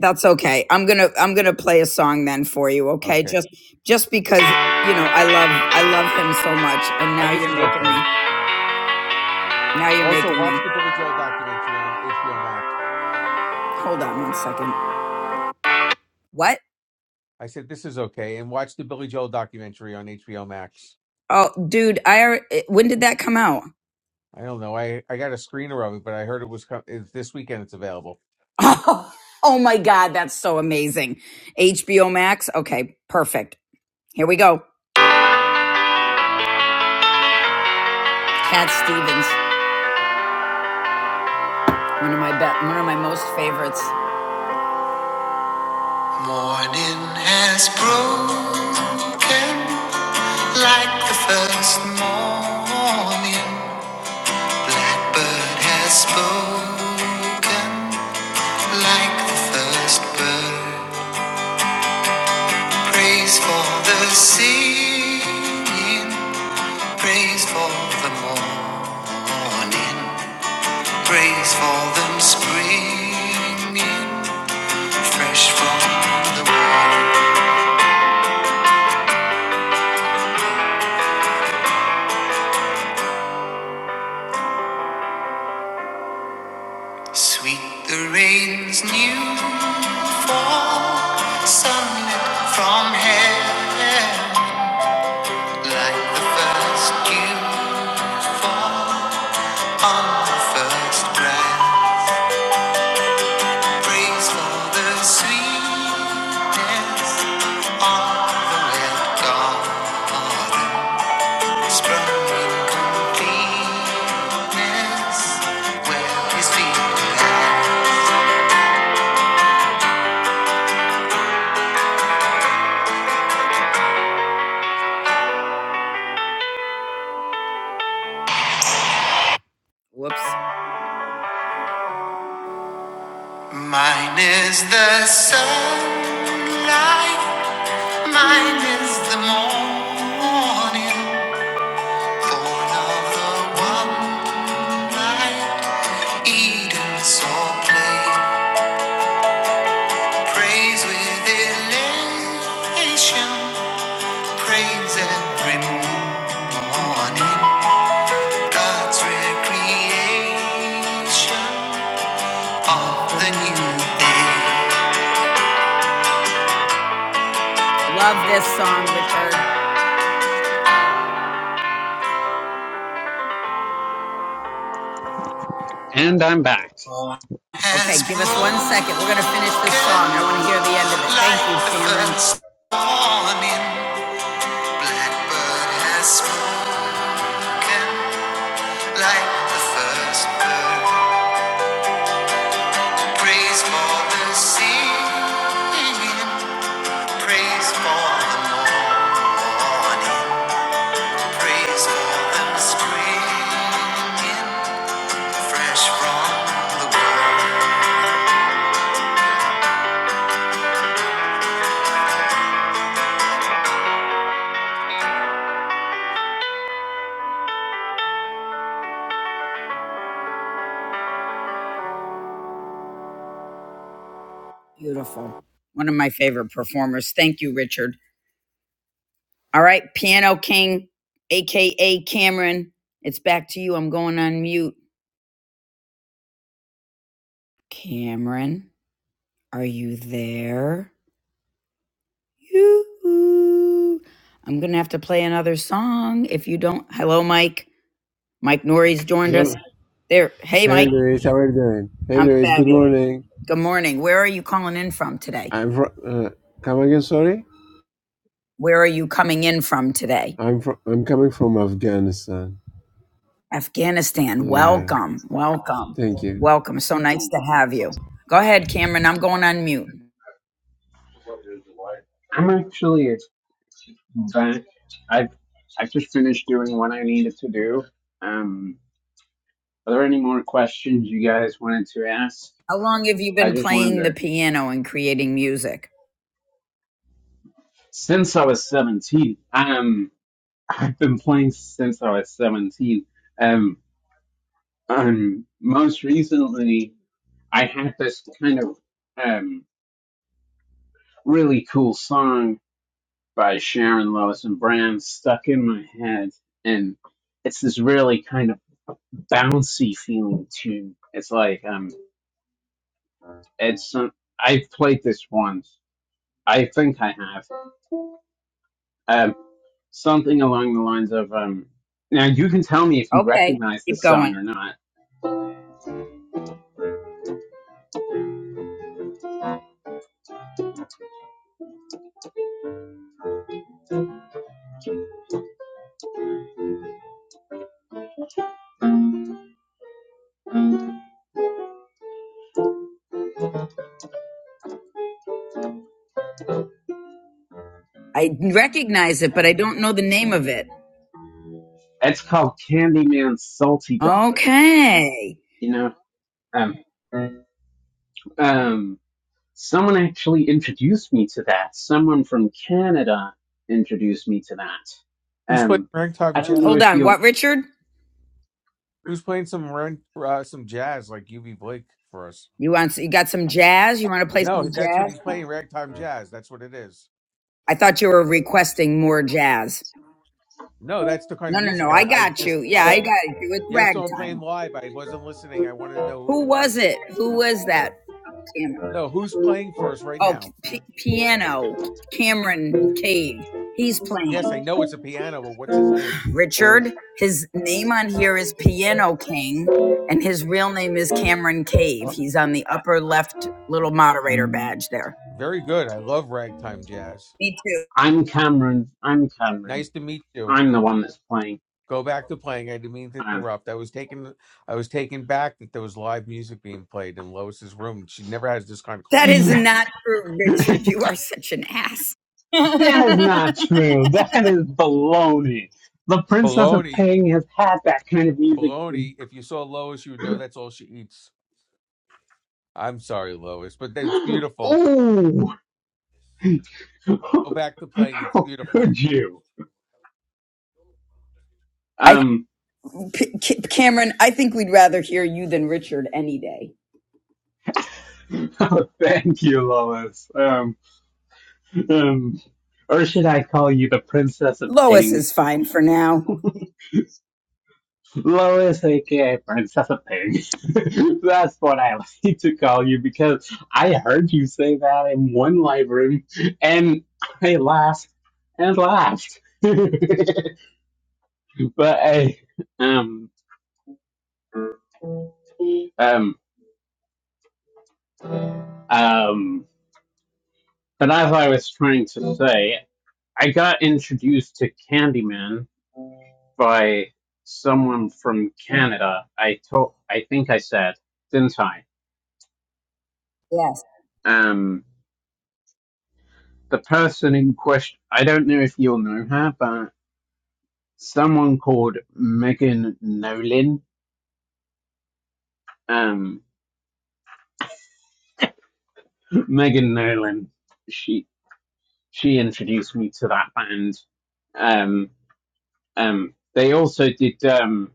F: That's okay. I'm going to I'm going to play a song then for you, okay?
I: Okay.
F: Just just because, you know, I love I love him so much and
I: Uh,
F: now
I: this
F: you're
I: is
F: making
I: okay.
F: me now you're
I: Also,
F: making
I: watch
F: me.
I: the Billy Joel documentary on HBO Max.
F: Hold on one second. What?
I: I said this is okay, and watch the Billy Joel documentary on HBO Max.
F: Oh, dude, I alre- eh, when did that come out?
I: I don't know. I, I got a screener of it, but I heard it was co- it's this weekend. It's available.
F: Oh, oh my god, that's so amazing. HBO Max. Okay, perfect. Here we go. Cat Stevens, one of my be- one of my most favorites. Morning has broken like the first morning. Blackbird has spoken like the first bird. Praise for the singing, praise for the morning, praise for them springing. Fresh from the world, sweet the rain's new fall, sunlit from heaven, like the first dew fall on the first breath. Praise for the sweetness of the wet garden, sprung in completeness, where His feet began. Whoops. Mine is the sunlight, mine is the morning, born of the one light, Eden saw play, praise with elation, praise every morning, God's recreation of the new day. Love this song, Richard.
A: And I'm back.
F: Okay, give us one second. We're going to finish this song. I want to hear the end of it. Thank you, Shannon. Morning, blackbird has spoken like the first bird. Praise for the singing, praise for the morning, praise for them springing fresh from the world. Beautiful. One of my favorite performers. Thank you, Richard. All right, Piano King, aka Cameron, it's back to you. I'm going on mute. Cameron, are you there? You. I'm gonna have to play another song if you don't. Hello, Mike. Mike Norrie's joined us.
J: Hello.
F: There. Hey,
J: Hey
F: Mike.
J: Luis, how are you doing? Hey
F: I'm
J: Luis, good
F: fabulous.
J: morning.
F: Good morning. Where are you calling in from today?
J: I'm from. Uh, come again? Sorry,
F: Where are you coming in from today?
J: I'm from. I'm coming from Afghanistan.
F: Afghanistan.
J: Yeah.
F: Welcome. Welcome.
J: Thank you.
F: Welcome. So nice to have you. Go ahead, Cameron. I'm going on mute.
A: I'm actually a But I've I've just finished doing what I needed to do. Um, are there any more questions you guys wanted to ask?
F: How long have you
A: I
F: been
A: just
F: playing the
A: wondered.
F: piano and creating music?
A: Since I was seventeen, um, I've been playing since I was seventeen. Um, um, most recently, I had this kind of um really cool song by Sharon Lois and Bram stuck in my head, and it's this really kind of bouncy feeling tune. It's like um It's some, I've played this once. I think I have. Um, something along the lines of um. Now you can tell me if you
F: Okay,
A: recognize
F: keep
A: this
F: going.
A: song or not.
F: I recognize it, but I don't know the name of it.
A: It's called Candyman's Salty Dog.
F: Okay.
A: You know. Um. Um. Someone actually introduced me to that. Someone from Canada introduced me to that.
I: Who's playing
A: Um.
I: ragtime
A: I don't know
I: jazz?
F: Hold
A: if
F: on.
A: you
F: What, Richard?
I: Who's playing some rag- uh, some jazz like UB Blake for us?
F: You want you got some jazz? You want to play some
I: No, that's what
F: jazz?
I: he's playing. Ragtime jazz. That's what it is.
F: I thought you were requesting more jazz.
I: No, that's the kind
F: No,
I: of
F: no, no.
I: music
F: I
I: I I
F: got
I: just
F: you. Yeah,
I: I,
F: I got you. It's
I: you have someone
F: ragtime.
I: playing live. I wasn't listening. I wanted to know who
F: Who
I: it
F: was
I: was.
F: it? Who was that? Cameron.
I: No, who's playing for us right
F: Oh,
I: now?
F: p- piano. Cameron Cave. He's playing.
I: Yes, I know it's a piano, but what's his name?
F: Richard. His name on here is Piano King, and his real name is Cameron Cave.
I: Well,
F: He's on the upper left little moderator badge there.
I: very good. I love ragtime jazz.
F: Me too.
A: I'm Cameron. I'm Cameron.
I: Nice to meet you.
A: I'm the one that's playing.
I: Go back to playing. I didn't mean to
A: Um,
I: interrupt. I was taken I was taken back that there was live music being played in Lois's room. She never has this kind of
F: That
I: class.
F: is
A: yeah.
F: not true, Richard. You are such an ass.
A: That is
F: I,
A: not true. That is baloney. The Princess of
I: Baloney,
A: Pang has had that kind of music.
I: baloney. If you saw Lois, you would know that's all she eats. I'm sorry, Lois, but that's beautiful.
A: Ooh,
I: Go back to playing. It's
A: how
I: beautiful.
A: could you? Um,
F: P- C- Cameron, I think we'd rather hear you than Richard any day.
A: oh, thank you, Lois. Um, um, or should I call you the Princess of
F: Lois
A: Pang?
F: is fine for now.
A: Lois, aka Princess of Pig. That's what I like to call you because I heard you say that in one live room and I laughed and laughed. but I, um, um, um, but as I was trying to say, I got introduced to Candyman by someone from Canada. I told, I think I said, didn't I?
F: Yes.
A: Um, the person in question, I don't know if you'll know her, but someone called Megan Nolan. Um, Megan Nolan. She she introduced me to that band. Um, um, they also did. Um,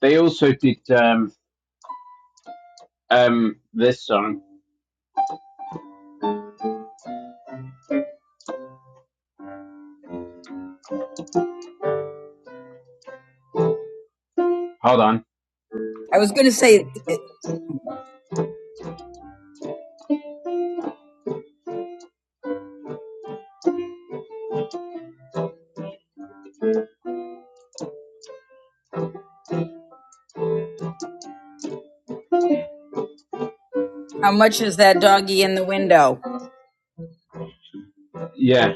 A: they also did um, um, this song. Hold on.
F: I was going to say, how much is that doggy in the window?
A: Yeah,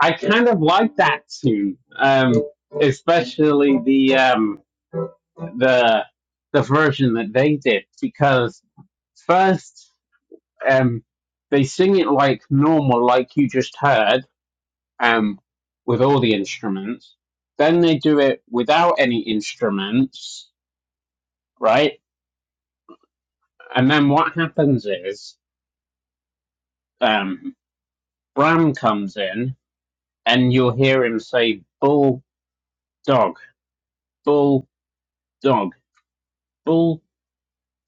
A: I kind of like that tune. Um, especially the um, the the version that they did because first. um, they sing it like normal, like you just heard, um, with all the instruments. Then they do it without any instruments, right? And then what happens is um, Bram comes in, and you'll hear him say "bull dog, bull dog, bull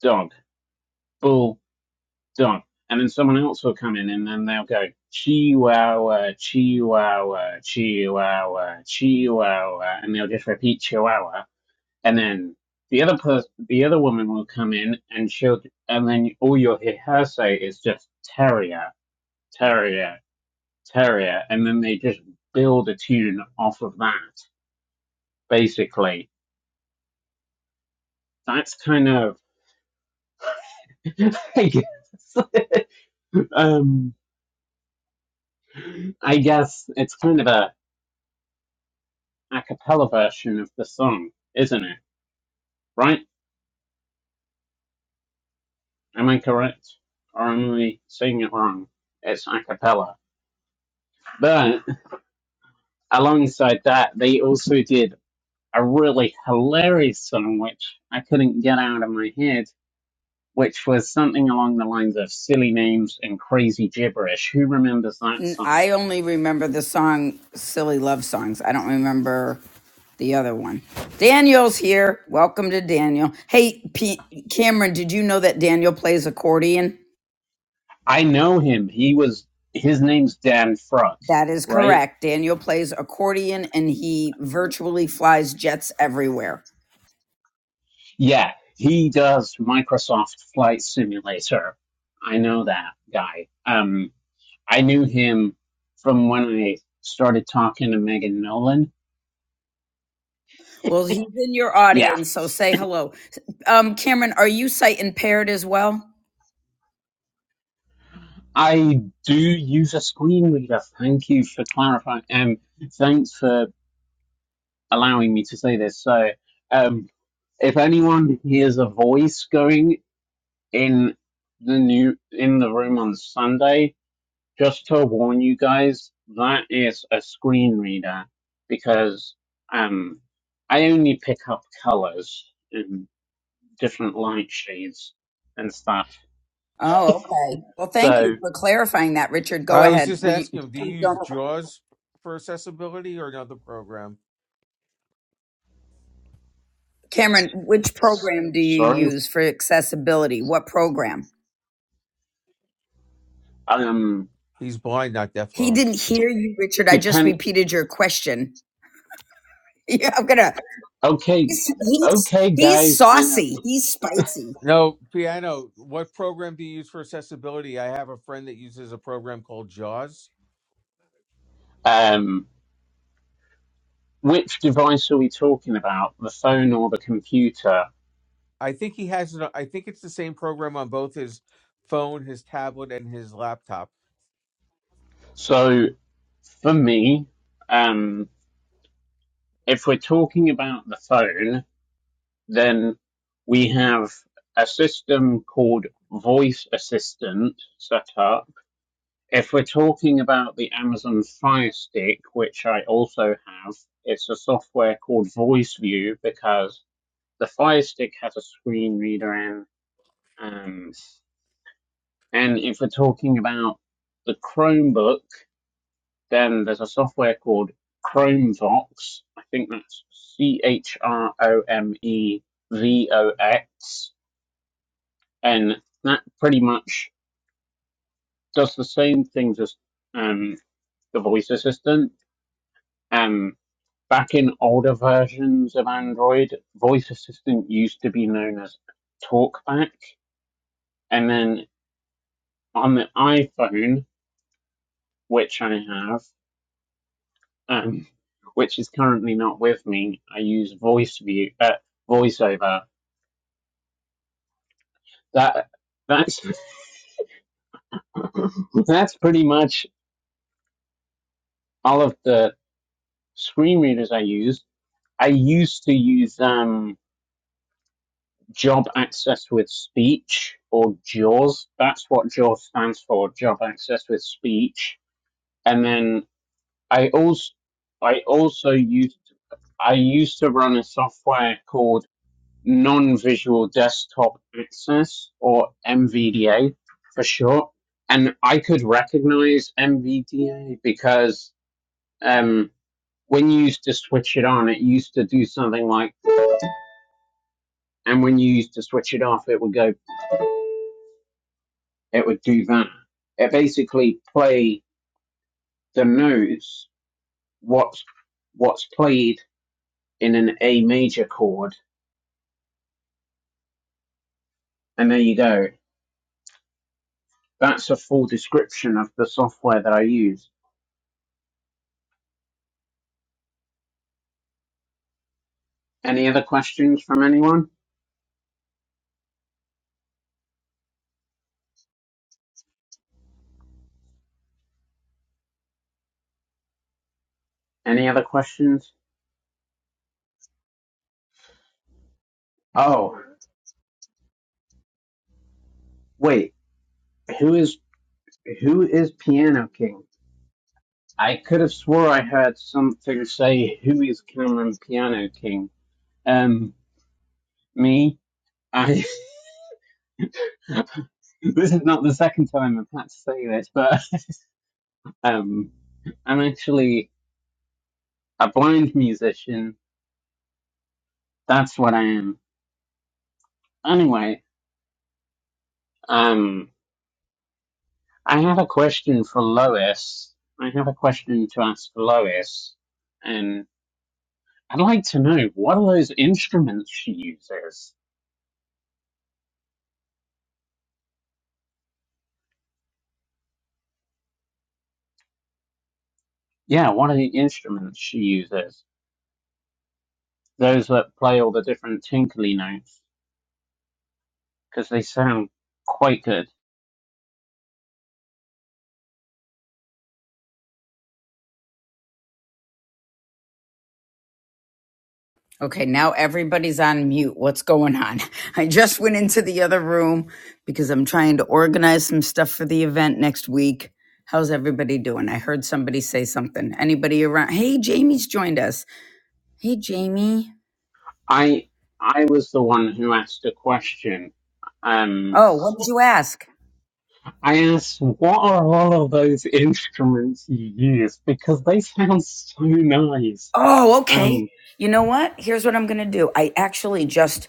A: dog, bull dog," and then someone else will come in, and then they'll go "chihuahua, chihuahua, chihuahua, chihuahua," and they'll just repeat "chihuahua." and then the other person, the other woman will come in, and she'll, and then all you'll hear her say is just terrier, terrier, terrier, and then they just build a tune off of that. Basically, that's kind of, I guess, um, I guess it's kind of a a cappella version of the song, isn't it? Right? Am I correct, or am I saying it wrong? It's a cappella, but alongside that, they also did a really hilarious song which I couldn't get out of my head, which was something along the lines of silly names and crazy gibberish. Who remembers that
F: N-
A: song?
F: I only remember the song Silly Love Songs. I don't remember the other one. Daniel's here. Welcome to Daniel. Hey, P- Cameron, did you know that Daniel plays accordion?
A: I know him. He was his name's Dan Fruck,
F: That is
A: right?
F: correct. Daniel plays accordion and he virtually flies jets everywhere.
A: Yeah, he does Microsoft Flight Simulator. I know that guy. Um, I knew him from when I started talking to Megan Nolan.
F: Well, he's in your
A: Yeah,
F: audience, so say hello. Um, Cameron, are you sight impaired as well?
A: I do use a screen reader. Thank you for clarifying. Um, thanks for allowing me to say this. So, um, if anyone hears a voice going in the new in the room on Sunday, just to warn you guys, that is a screen reader because um, I only pick up colors and different light shades and stuff.
F: Oh, okay. Well, thank you
A: So,
F: for clarifying that, Richard. Go
I: I was
F: ahead.
I: just
F: Will you
I: asking him, do
F: please
I: you use
F: don't?
I: JAWS for accessibility or another program?
F: Cameron, which
A: s-
F: program do you
A: sorry.
F: use for accessibility? What program?
A: Um,
I: He's blind, not deaf.
F: He
I: deaflos.
F: didn't hear you, Richard. I just
A: depend.
F: repeated your question. Yeah, I'm gonna.
A: Okay,
F: He's he's,
A: okay,
F: he's
A: guys, kind of.
F: saucy. He's spicy.
I: No, piano. What program do you use for accessibility? I have a friend that uses a program called JAWS.
A: Um, which device are we talking about? The phone or the computer?
I: I think he has. An, I think it's the same program on both his phone, his tablet, and his laptop.
A: So for me, um, if we're talking about the phone, then we have a system called Voice Assistant set up. If we're talking about the Amazon Fire Stick, which I also have, it's a software called Voice View because the Fire Stick has a screen reader and Um, and if we're talking about the Chromebook, then there's a software called Chromevox. I think that's C H R O M E V O X. And that pretty much does the same things as um, the voice assistant. Um, back in older versions of Android, voice assistant used to be known as TalkBack. And then on the iPhone, which I have, um, which is currently not with me. I use VoiceView, uh, VoiceOver. That that's that's pretty much all of the screen readers I use. I used to use um, Job Access with Speech or JAWS. That's what JAWS stands for, Job Access with Speech. And then I also I also used I used to run a software called non-visual desktop access or MVDA for short. And I could recognize MVDA because um, when you used to switch it on, it used to do something like, and when you used to switch it off, it would go, it would do that. It basically play the notes, what's, what's played in an A major chord. And there you go. That's a full description of the software that I use. Any other questions from anyone? Any other questions? Oh, wait. Who is who is Piano King? I could have swore I heard something say who is Cameron Piano King. Um, me. I. this is not the second time I've had to say this, but um, I'm actually a blind musician. That's what I am. Anyway, um, I have a question for Lois. I have a question to ask Lois. and I'd like to know what are those instruments she uses? Yeah, what are the instruments she uses? Those that play all the different tinkly notes because they sound quite good.
F: Okay, now everybody's on mute. What's going on? I just went into the other room because I'm trying to organize some stuff for the event next week. How's everybody doing? I heard somebody say something. Anybody around? Hey, Jamie's joined us. Hey, Jamie.
A: I I was the one who asked a question. Um,
F: Oh, what did you ask?
A: I asked, "What are all of those instruments you use?" Because they sound so nice.
F: Oh, okay.
A: Um,
F: You know what? Here's what I'm going to do. I actually just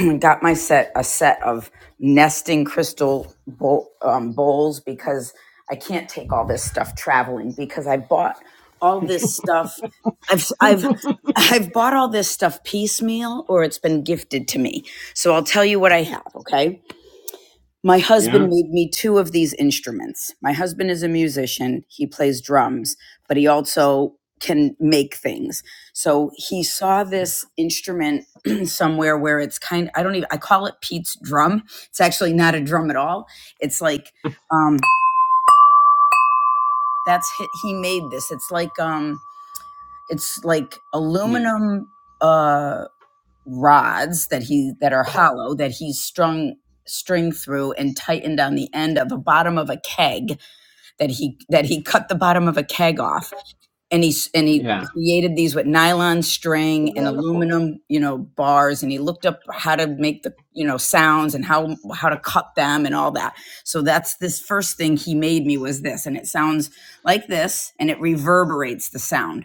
F: got my set a set of nesting crystal bowl, um, bowls because I can't take all this stuff traveling because I bought all this stuff. I've I've I've bought all this stuff piecemeal or it's been gifted to me. So I'll tell you what I have. Okay. My husband
A: yeah,
F: made me two of these instruments. My husband is a musician. He plays drums, but he also can make things. So he saw this instrument somewhere where it's kind I don't even I call it Pete's drum. It's actually not a drum at all. It's like um that's hi- he made this. It's like um it's like
A: Hmm.
F: aluminum uh rods that he that are hollow that he's strung string through and tightened on the end of the bottom of a keg that he that he cut the bottom of a keg off and he and he
A: yeah,
F: created these with nylon
K: the
F: string and
K: xylophone?
F: aluminum you know bars and he looked up how to make the you know sounds and how how to cut them and all that so that's this first thing he made me was this and it sounds like this and it reverberates the sound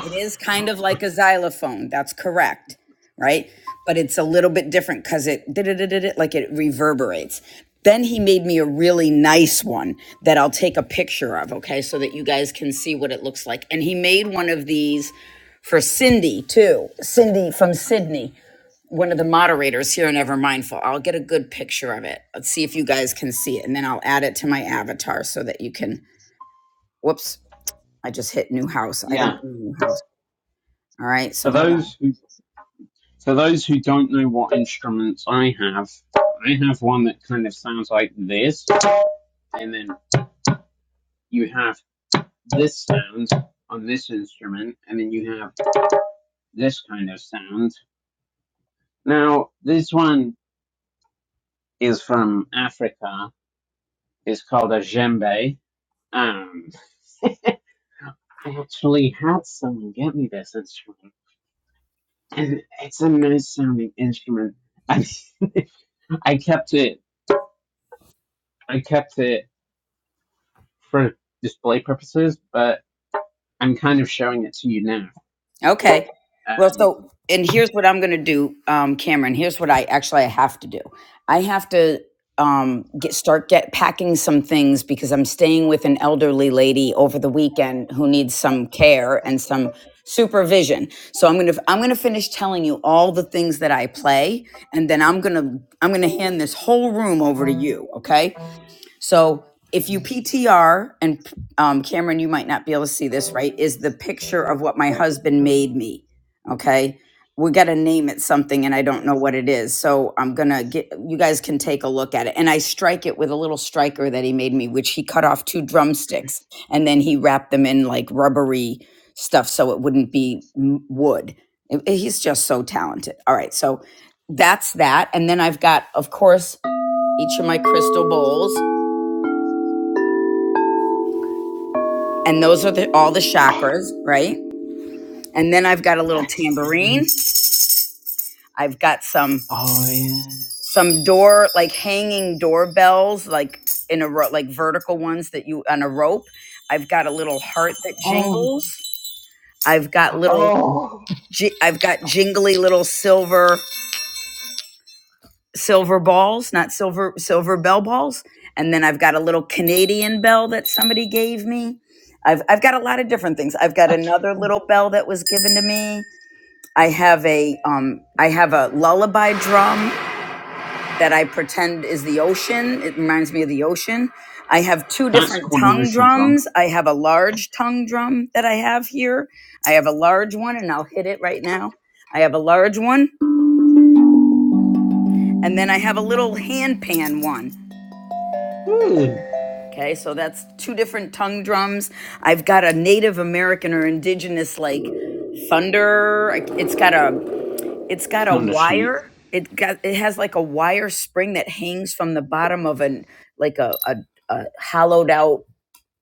F: It is kind of like a xylophone. That's correct, right? But it's a little bit different because it did it, did it, like it reverberates. Then he made me a really nice one that I'll take a picture of, okay, so that you guys can see what it looks like. And he made one of these for Cindy too. Cindy from Sydney, one of the moderators here in Ever Mindful. I'll get a good picture of it. Let's see if you guys can see it, and then I'll add it to my avatar so that you can. Whoops! I just hit new house. I don't
A: yeah.
F: need new house. All right,
A: For
F: so hold on.
A: those who For those who don't know what instruments I have, I have one that kind of sounds like this, and then you have this sound on this instrument, and then you have this kind of sound. Now, this one is from Africa. It's called a djembe. Um, I actually had someone get me this instrument, and it's a nice sounding instrument. I, I kept it. I kept it for display purposes, but I'm kind of showing it to you now.
F: Okay. Well,
A: Um,
F: so and here's what I'm going to do, um, Cameron. Here's what I actually I have to do. I have to um, get start get packing some things because I'm staying with an elderly lady over the weekend who needs some care and some supervision. So I'm gonna I'm gonna finish telling you all the things that I play, and then I'm gonna I'm gonna hand this whole room over to you. Okay so if you PTR, and um, Cameron, you might not be able to see this, right? Is the picture of what my husband made me. Okay. We got to name it something, and I don't know what it is. So I'm going to get, you guys can take a look at it. And I strike it with a little striker that he made me, which he cut off two drumsticks and then he wrapped them in like rubbery stuff so it wouldn't be m- wood. It- it- he's just so talented. All right. So that's that. And then I've got, of course, each of my crystal bowls. and those are the all the chakras right and then i've got a little
A: that
F: tambourine
A: sounds.
F: i've got some
A: oh yeah.
F: some door like hanging doorbells like in a row like vertical ones that you on a rope i've got a little heart that
A: Oh,
F: jingles i've got little
A: oh.
F: ji- i've got jingly little silver silver balls not silver silver bell balls and then i've got a little canadian bell that somebody gave me I've, I've got a lot of different things. I've got
A: Okay.
F: another little bell that was given to me. I have a um I have a lullaby drum that I pretend is the ocean. It reminds me of the ocean. I have two
A: That's
F: different
A: called an
F: tongue
A: ocean drum.
F: drums. I have a large tongue drum that I have here. I have a large one and I'll hit it right now. I have a large one and then I have a little hand pan one.
A: Ooh.
F: Okay, so that's two different tongue drums. I've got a Native American or indigenous like thunder. Like, It's got a It's got a
A: Thunder sheet
F: wire. It got it has like a wire spring that hangs from the bottom of an like a, a, a hollowed out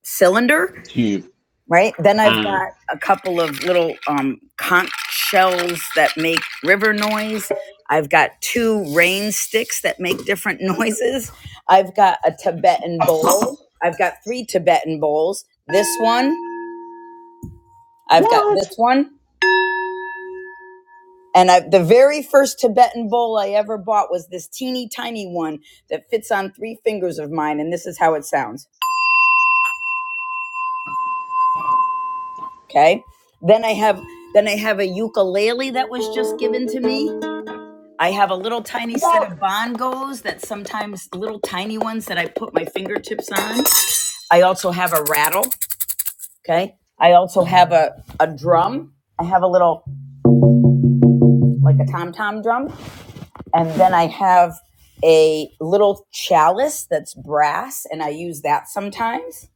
F: cylinder,
A: tube.
F: right? Then
A: Ah.
F: I've
A: Uh,
F: got a couple of little um, conch shells that make river noise. I've got two rain sticks that make different noises. I've got a Tibetan bowl. I've got three Tibetan bowls. This one. I've got this
A: what?
F: one. And I, the very first Tibetan bowl I ever bought was this teeny tiny one that fits on three fingers of mine, and this is how it sounds. Okay. Then I have then I have a ukulele that was just given to me. I have a little tiny
A: What?
F: set of bongos that sometimes little tiny ones that I put my fingertips on. I also have a rattle. Okay. I also have a, a drum. I have a little like a tom tom drum. And then I have a little chalice that's brass and I use that sometimes.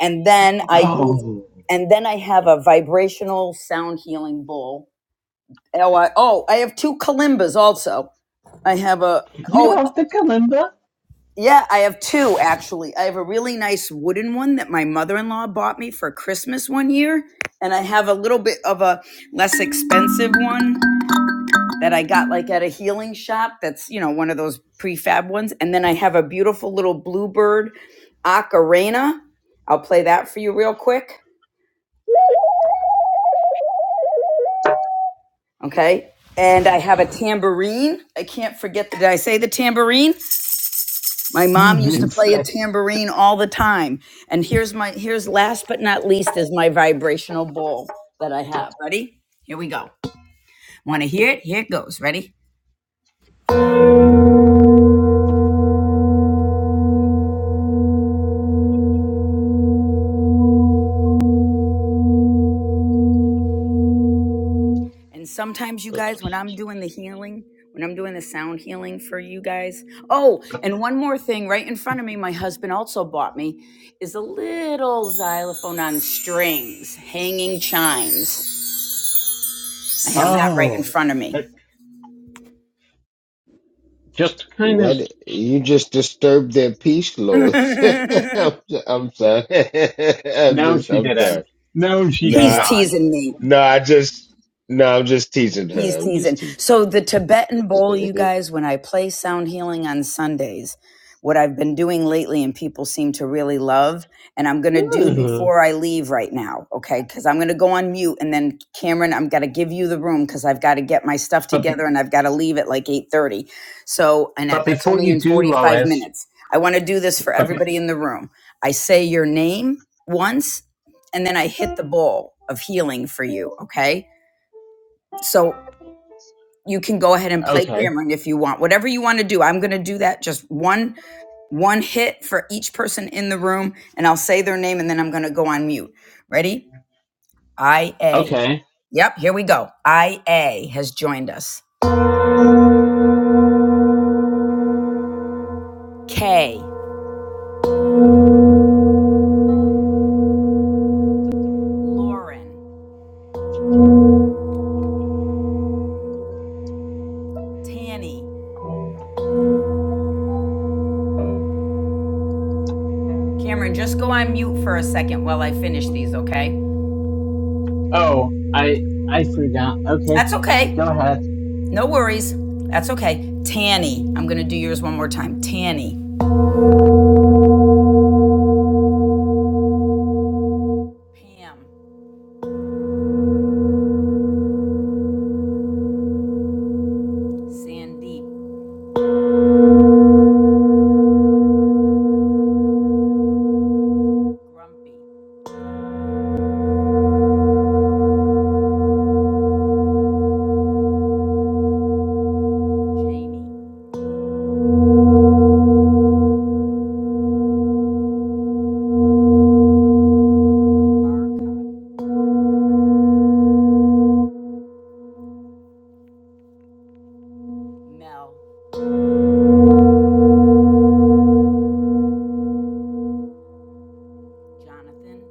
F: And then I use
A: Oh.
F: and then I have a vibrational sound healing bowl. Oh, I, oh, I have two kalimbas also. I have a
A: You
F: oh
A: have the calendar?
F: yeah, I have two actually. I have a really nice wooden one that my mother-in-law bought me for Christmas one year, and I have a little bit of a less expensive one that I got like at a healing shop that's, you know, one of those prefab ones. And then I have a beautiful little bluebird ocarina. I'll play that for you real quick. Okay. And I have a tambourine. I can't forget. The, did I say the tambourine? My
A: You
F: mom used to
A: did
F: play a
A: say.
F: tambourine all the time. And here's my, here's last but not least is my vibrational bowl that I have. Ready? Here we go. Want to hear it? Here it goes. Ready? And sometimes, you guys, when I'm doing the healing, when I'm doing the sound healing for you guys. Oh, and one more thing right in front of me, my husband also bought me is a little xylophone on strings, hanging chimes. I have that right in
A: Oh.
F: front of me.
A: Just kind of.
L: What you just disturbed their peace, Lois. I'm, I'm sorry. I'm
A: No,
L: just
A: she
L: I'm sorry.
A: didn't. No, she
L: No,
A: did
F: He's
L: I,
A: not.
F: teasing me.
L: no, I just no, I'm just teasing her.
F: He's
L: I'm just
F: teasing.
L: teasing.
F: So the Tibetan bowl, you guys, when I play sound healing on Sundays, what I've been doing lately and people seem to really love, and I'm gonna do
A: Ooh.
F: before I leave right now, okay? Because I'm gonna go on mute and then Cameron, I'm gonna give you the room because I've got to get my stuff
A: But
F: together and I've got to leave at like 8:30. So, and that-
A: but
F: that's
A: before
F: only
A: you
F: in
A: do,
F: 45
A: Lois.
F: minutes. I want to do this for
A: But be-
F: everybody in the room. I say your name once, and then I hit the bowl of healing for you, okay? So you can go ahead and play
A: okay,
F: Cameron if you want. Whatever you want to do. I'm going to do that just one one hit for each person in the room and I'll say their name and then I'm going to go on mute. Ready? IA.
A: okay.
F: Yep, here we go. IA has joined us. Kay, Lauren, Tanny. Cameron, just go on mute for a second while I finish these, okay?
A: Oh, I I forgot. Okay,
F: That's
A: go
F: okay.
A: ahead.
F: No worries. That's okay. Tanny. I'm going to do yours one more time. Tanny. Pam, Sandeep, Grumpy, Jamie. Margot, Mel, Jonathan,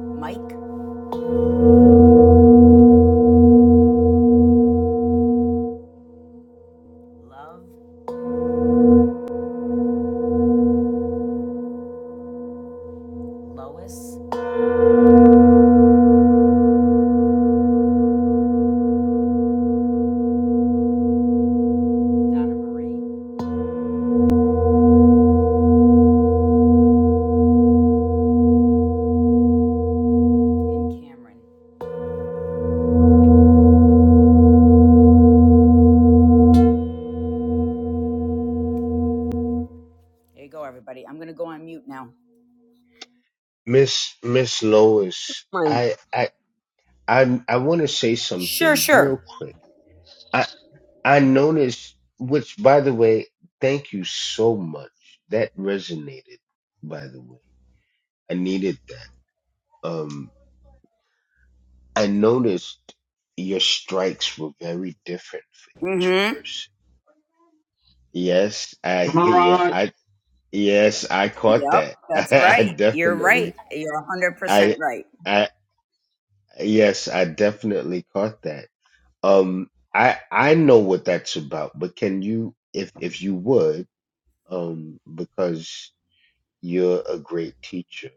F: Mike, Love, Lois, Donna Marie, and Cameron. There you go, everybody. I'm going to go on mute now.
L: Miss Miss Lois,
K: My,
L: I I I I want to say
F: Sure,
L: something
F: sure.
L: real quick. I I noticed, which by the way, thank you so much. That resonated. By the way, I needed that. Um, I noticed your strikes were very different for each
F: Mm hmm.
L: person. Yes, I
A: I'm
L: yeah,
A: alright.
L: I yes, I caught
F: Yep,
L: that.
F: that's
L: I,
F: right. You're right.
L: definitely
F: You're 100%
L: I
F: right.
L: I yes, I definitely caught that. Um I I know what that's about, but can you if if you would, um because you're a great teacher,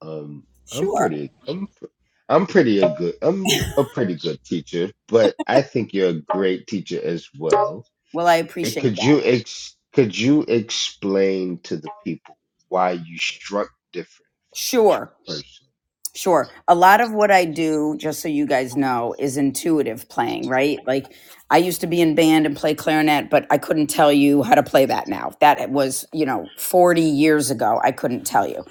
L: Um, I'm
F: Sure.
L: pretty. I'm. pr- I'm pretty a good. I'm a pretty good teacher, but I think you're a great teacher as well.
F: Well, I
L: And
F: appreciate
L: could
F: that.
L: you ex? Could you explain to the people why you struck different each
F: Sure.
L: person?
F: Sure. A lot of what I do, just so you guys know, is intuitive playing, right? Like I used to be in band and play clarinet, but I couldn't tell you how to play that now. That was, you know, 40 years ago. I couldn't tell you.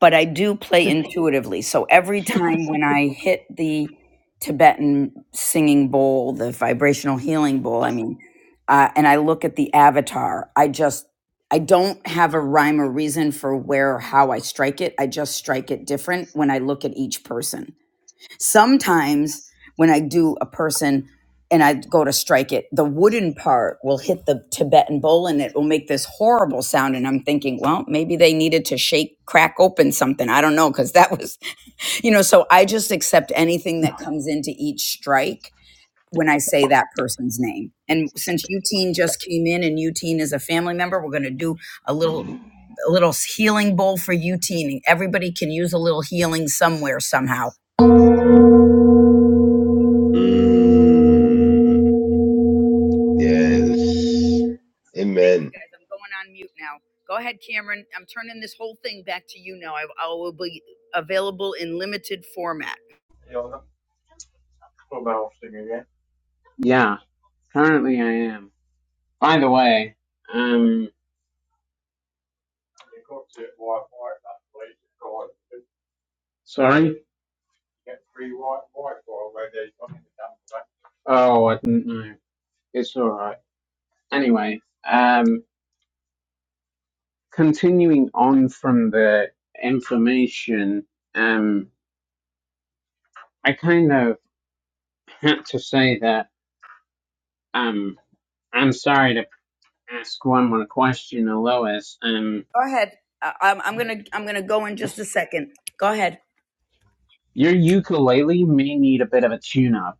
F: But I do play intuitively. So every time when I hit the Tibetan singing bowl, the vibrational healing bowl, I mean, uh, and I look at the avatar, I just I don't have a rhyme or reason for where or how I strike it. I just strike it different when I look at each person. Sometimes when I do a person and I go to strike it, the wooden part will hit the Tibetan bowl and it will make this horrible sound. And I'm thinking, well, maybe they needed to shake, crack open something. I don't know, because that was, you know, so I just accept anything that comes into each strike when I say that person's name. And since Eugene just came in and Eugene is a family member, we're going to do a little a little healing bowl for you, Teeny. Everybody can use a little healing somewhere, somehow.
L: Mm, yes.
F: Thank you,
L: Amen.
F: guys. I'm going on mute now. Go ahead, Cameron. I'm turning this whole thing back to you now. I, I will be available in limited format.
A: Yeah, currently I am. By the way, um, sorry. Oh, I didn't know. It's alright. Anyway, um, continuing on from the information, um, I kind of had to say that, um, I'm sorry to ask one more question, to Lois. Um,
F: Go ahead. Uh, I'm, I'm gonna I'm gonna go in just a second. Go ahead.
A: your ukulele may need a bit of a tune-up,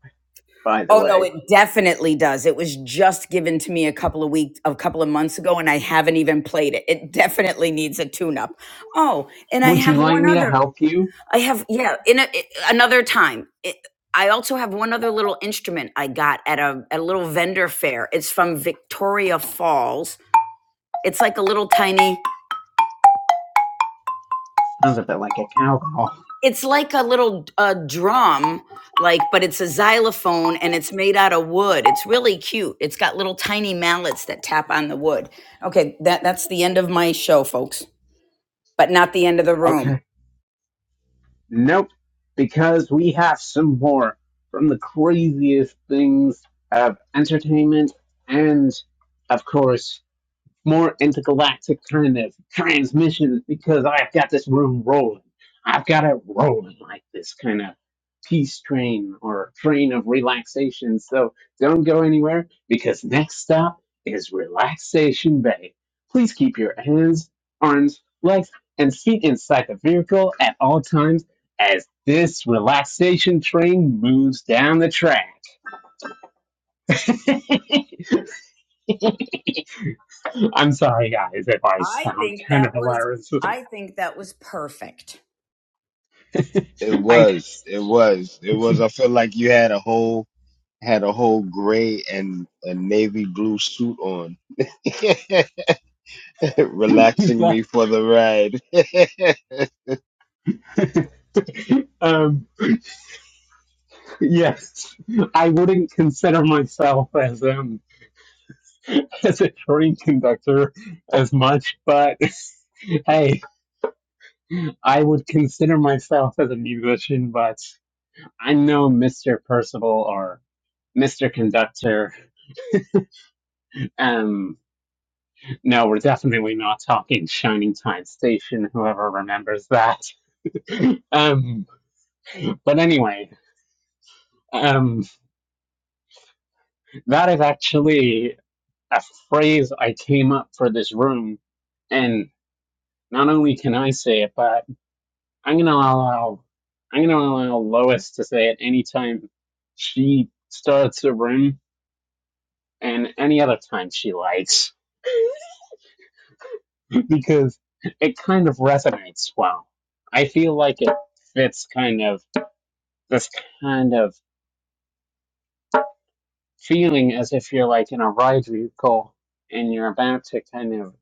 A: by the
F: Oh no,
A: way.
F: it definitely does. It was just given to me a couple of weeks, a couple of months ago, and I haven't even played it. It definitely needs a tune up. Oh, and I
A: Would you
F: have
A: like
F: one
A: me to
F: other.
A: help you?
F: I have yeah. In a, i- another time, it, I also have one other little instrument I got at a at a little vendor fair. It's from Victoria Falls. It's like a little tiny.
A: Sounds a bit like a cowbell.
F: It's like a little uh, drum, like but it's a xylophone and it's made out of wood. It's really cute. It's got little tiny mallets that tap on the wood. Okay, that that's the end of my show, folks. but not the end of the room.
A: Okay. Nope. Because we have some more from the craziest things of entertainment and, of course, more intergalactic kind of transmissions because I've got this room rolling. I've got it rolling like this kind of peace train or train of relaxation. So don't go anywhere because next stop is Relaxation Bay. Please keep your hands, arms, legs, and feet inside the vehicle at all times as this relaxation train moves down the track. I'm sorry, guys, if I
F: I
A: sound
F: think
A: kind of
F: that was
A: hilarious.
F: I think that was perfect.
L: It was.
A: Thanks.
L: It was. It was. I feel like you had a whole had a whole gray and a navy blue suit on.
A: You
L: relaxing
A: bet.
L: me for the ride.
A: um, yes, I wouldn't consider myself as um as a train conductor as much, but hey, I would consider myself as a musician. But I'm no Mister Percival or Mister Conductor. Um, no, we're definitely not talking Shining Time Station. Whoever remembers that. um, but anyway. um, That is actually a phrase I came up for this room, and not only can I say it, but I'm gonna allow I'm gonna allow Lois to say it anytime she starts a room and any other time she likes because it kind of resonates well. I feel like it fits kind of this kind of feeling as if you're like in a ride vehicle and you're about to kind of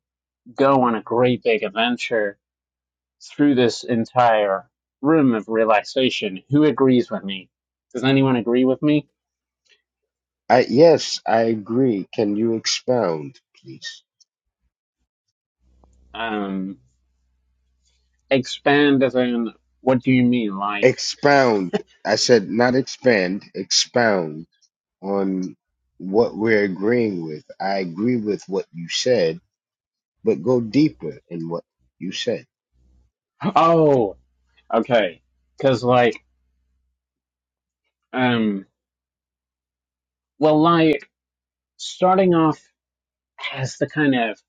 A: go on a great big adventure through this entire room of relaxation. Who agrees with me? Does anyone agree with me?
L: I yes, I agree. Can you expound, please?
A: Um, expand as in, what do you mean? Like,
L: Expound. I said not expand, expound on what we're agreeing with. I agree with what you said, but go deeper in what you said.
A: oh, okay. Cause like, um, well, like, starting off as the kind of,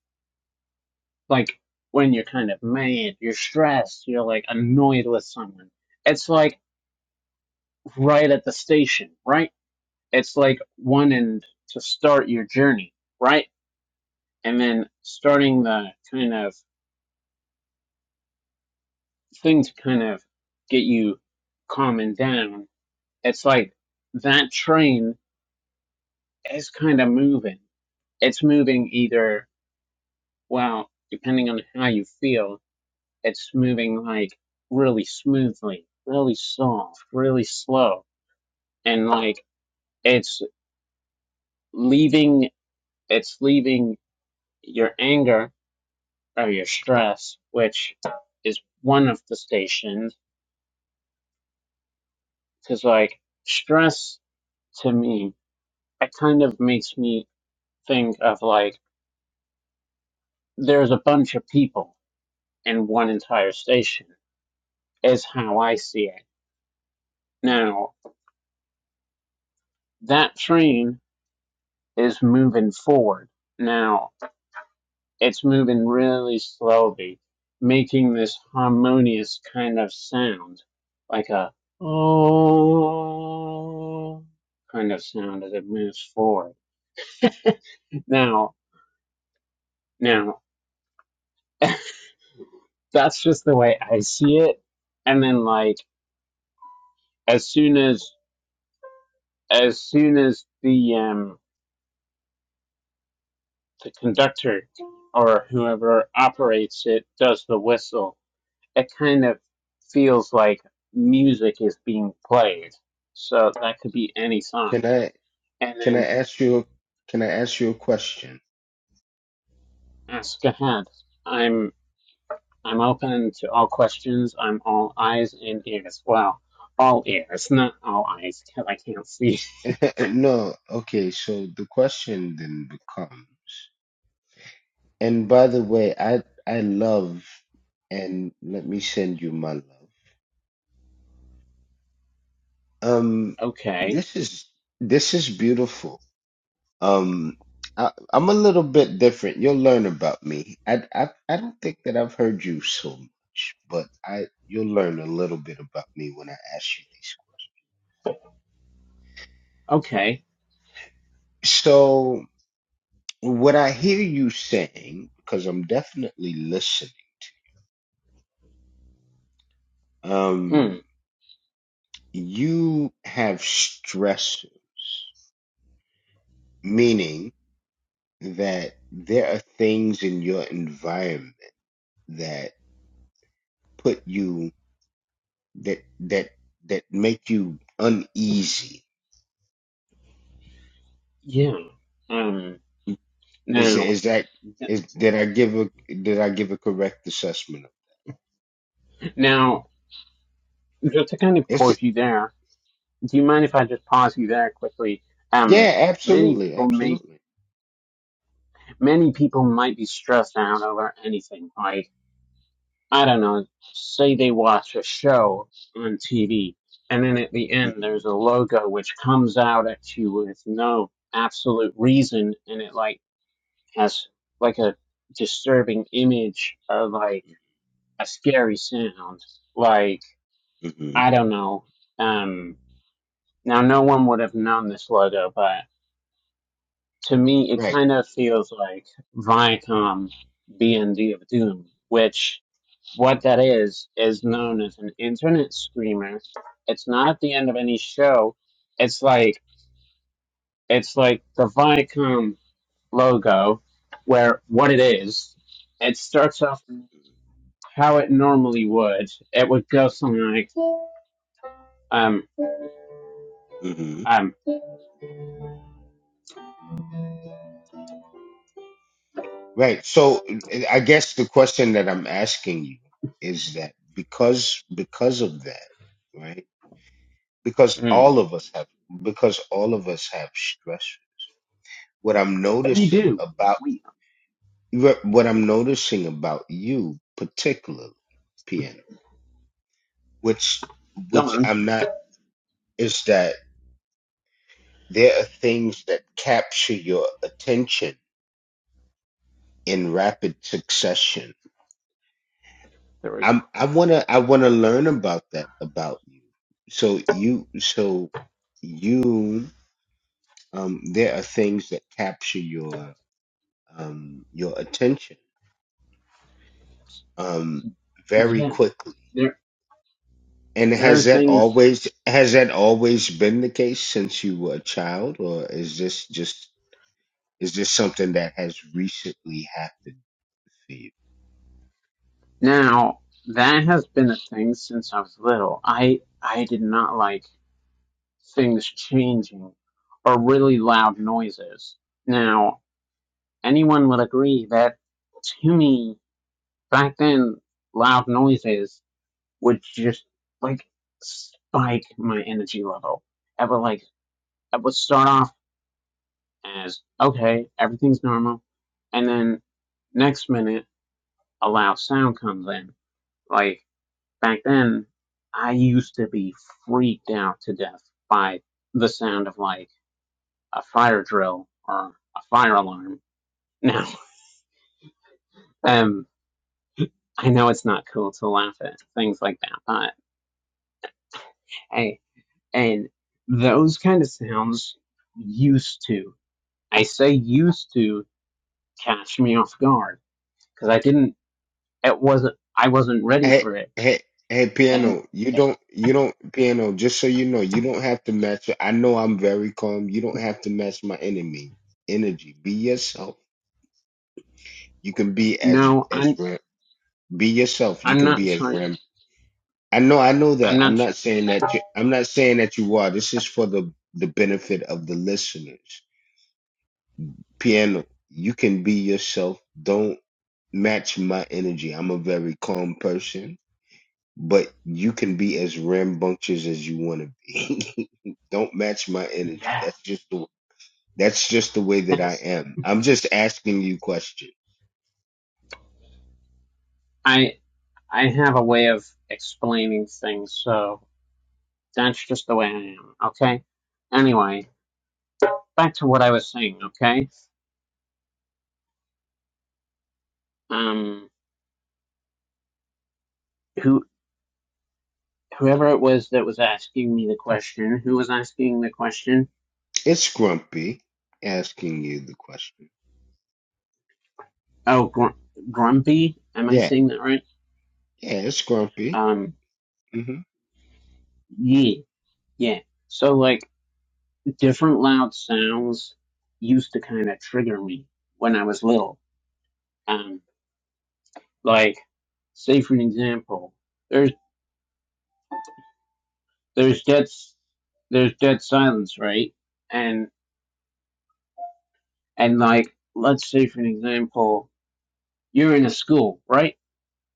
A: like, when you're kind of mad, you're stressed, you're like annoyed with someone. It's like right at the station, right? It's like one end to start your journey, right? and then starting the kind of things kind of get you calm and down, it's like that train is kind of moving. It's moving either, well, depending on how you feel, it's moving like really smoothly, really soft, really slow. And like it's leaving, it's leaving your anger or your stress, which is one of the stations, because like stress to me, it kind of makes me think of like there's a bunch of people in one entire station, is how I see it. Now, that train is moving forward. Now, it's moving really slowly, making this harmonious kind of sound, like a oh kind of sound as it moves forward. Now, now, that's just the way I see it. And then, like, as soon as as soon as the um the conductor or whoever operates it does the whistle, it kind of feels like music is being played. So that could be any song.
L: Can I
A: And
L: can I
A: then
L: ask you can I ask you a question?
A: ask ahead. I'm I'm open to all questions. I'm all eyes and ears. Well, all ears, not all eyes, because I can't see.
L: no, okay, so the question then becomes And by the way, I I love and let me send you my love. Um
A: Okay.
L: this is this is beautiful. Um I, I'm a little bit different. You'll learn about me. I, I I don't think that I've heard you so much, but I you'll learn a little bit about me when I ask you these
A: Okay.
L: questions. So what I hear you saying, because I'm definitely listening, um,
A: Mm,
L: you have stressors, meaning that there are things in your environment that put you that that that make you uneasy.
A: yeah. Um.
L: Is
A: Now,
L: is that is did I give a did I give a correct assessment? of
A: now Just to kind of pause
L: It's
A: you there, do you mind if I just pause you there quickly? Um,
L: yeah,
A: many
L: absolutely,
A: people may,
L: absolutely.
A: many people might be stressed out over anything. Like, I don't know, say they watch a show on TV, and then at the end there's a logo which comes out at you with no absolute reason, and it like has like a disturbing image of like
L: hmm
A: a scary sound, like
L: hmm
A: I don't know, Um. Now, no one would have known this logo, but to me, it
L: Right.
A: kind of feels like Viacom B and D of Doom, which what that is is known as an internet screamer. It's not at the end of any show. It's like it's like the Viacom logo, where what it is, it starts off how it normally would. It would go something like, um,
L: hmm
A: um,
L: Right. So uh, I guess the question that I'm asking you is that because because of that, right? Because
A: mm,
L: all of us have because all of us have stressors what I'm
A: what do you
L: noticing
A: do?
L: about what I'm noticing about you particularly, piano, which
A: Go
L: which
A: on.
L: I'm not is that there are things that capture your attention in rapid succession.
A: There we,
L: I'm I wanna I wanna learn about that about you. So you so you um there are things that capture your um your attention um very
A: yeah.
L: quickly
A: there
L: And
A: There are
L: has that
A: things that
L: always has that always been the case since you were a child, or is this just is this something that has recently happened to you?
A: now that has been a thing since I was little. I I did not like things changing or really loud noises. Now, anyone would agree that to me back then loud noises would just like spike my energy level. I would like I would start off as okay, everything's normal and then next minute a loud sound comes in. Like Back then, I used to be freaked out to death by the sound of like a fire drill or a fire alarm. Now, um, I know it's not cool to laugh at things like that, but hey, and those kind of sounds used to, I say used to catch me off guard because I didn't, it wasn't, I wasn't ready
L: Hey,
A: for it.
L: hey, hey,
A: And
L: piano! You
A: eh,
L: don't you don't piano. Just so you know, you don't have to match. I know I'm very calm. You don't have to match my enemy energy. Be yourself. You can be as
A: no, I'm,
L: as Ram- be yourself. You
A: I'm
L: can
A: not
L: be as Rambo.
A: trying,
L: I know, I know
A: I'm
L: that. I'm
A: not,
L: not saying that you. I'm not saying that you are. This is for the the benefit of the listeners. Piano, you can be yourself. Don't match my energy. I'm a very calm person, but you can be as rambunctious as you want to be. Don't match my energy.
A: yeah,
L: That's just the that's just the way that I
A: that's,
L: am. I'm just asking you questions.
A: I, I have a way of explaining things, so that's just the way I am, okay? Anyway, back to what I was saying, okay? Um, who, whoever it was that was asking me the question, who was asking the question?
L: It's grumpy asking you the question.
A: Oh, gr- Grumpy? Am I
L: Yeah,
A: saying that right?
L: yeah, it's grumpy.
A: Um,
L: hmm
A: yeah, yeah. So, like, different loud sounds used to kind of trigger me when I was little. Um, like, say for an example, there's. there's dead s- there's dead silence, right? And and like let's say for an example, you're in a school, right?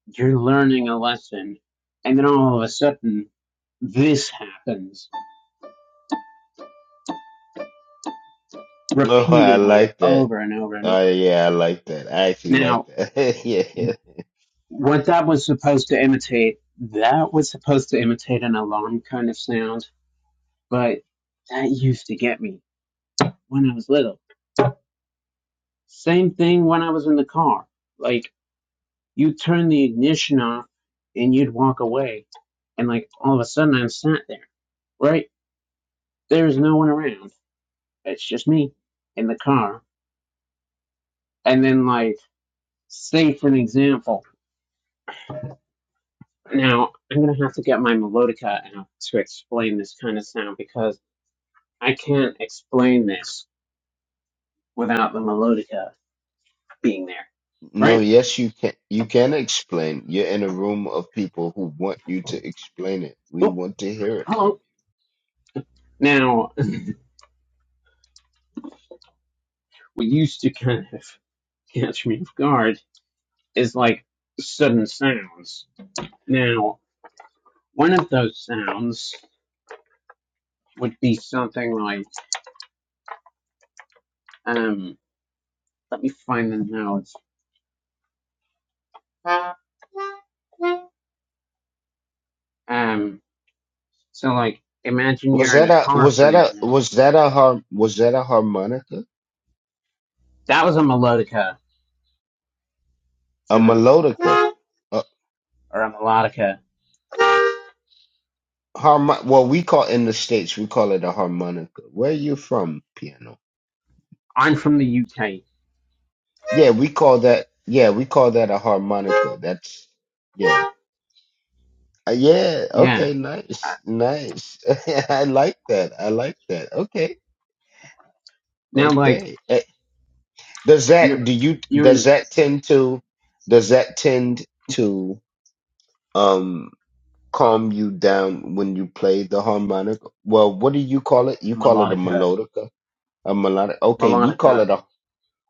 A: You're learning a lesson, and then all of a sudden this happens
L: Oh, I
A: repeatedly
L: like that.
A: over and over and
L: Oh
A: over.
L: yeah, I like that. I actually like
A: Now,
L: that. Yeah. yeah.
A: what that was supposed to imitate, that was supposed to imitate an alarm kind of sound, but that used to get me when I was little. Same thing when I was in the car. Like you'd turn the ignition off and you'd walk away. And like all of a sudden I'm sat there, right? There's no one around. It's just me in the car. And then like, say for an example, now I'm gonna have to get my melodica out to explain this kind of sound because I can't explain this without the melodica being there,
L: No,
A: right?
L: yes, you can. You can explain. You're in a room of people who want you to explain it. We
A: Oh,
L: want to hear it from
A: hello. Now, what used to kind of catch me off guard is like sudden sounds. Now, One of those sounds would be something like, um, let me find the notes. Um, so like, imagine
L: you. Was
A: you're in
L: that
A: a
L: a?
A: car
L: Was
A: for
L: that
A: an
L: a?
A: example.
L: Was that a har? Was that a harmonica?
A: That was a melodica
L: A
A: for those,
L: melodica? A
A: or a melodica.
L: harmo- Well, we call in the states we call it a harmonica. Where are you from, piano?
A: I'm from the UK.
L: Yeah, we call that. Yeah, we call that a harmonica. That's yeah. Uh, Yeah,
A: Yeah.
L: okay, nice, nice. I like that. I like that. Okay,
A: Now like,
L: okay. Eh, Does that do
A: you're,
L: you
A: you're in
L: does that tend to does that tend to um calm you down when you play the harmonica? Well, what do you call it? You
A: a
L: call it a
A: melodica,
L: melodica, a melodic. Okay, we call
A: melodica.
L: it a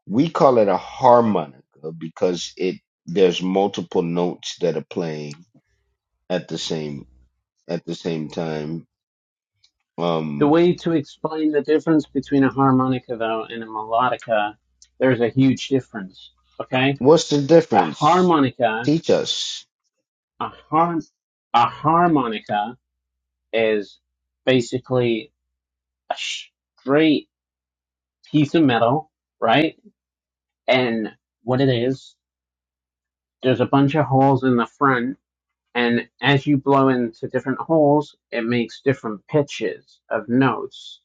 L: we call it a harmonica because it there's multiple notes that are playing at the same at the same time.
A: The
L: Um,
A: way to explain the difference between a harmonica though and a melodica, there's a huge difference. Okay?
L: What's the
A: A
L: difference?
A: harmonica,
L: Teach us.
A: a har. a harmonica is basically a straight piece of metal, right? And what it is, there's a bunch of holes in the front, and as you blow into different holes, it makes different pitches of notes.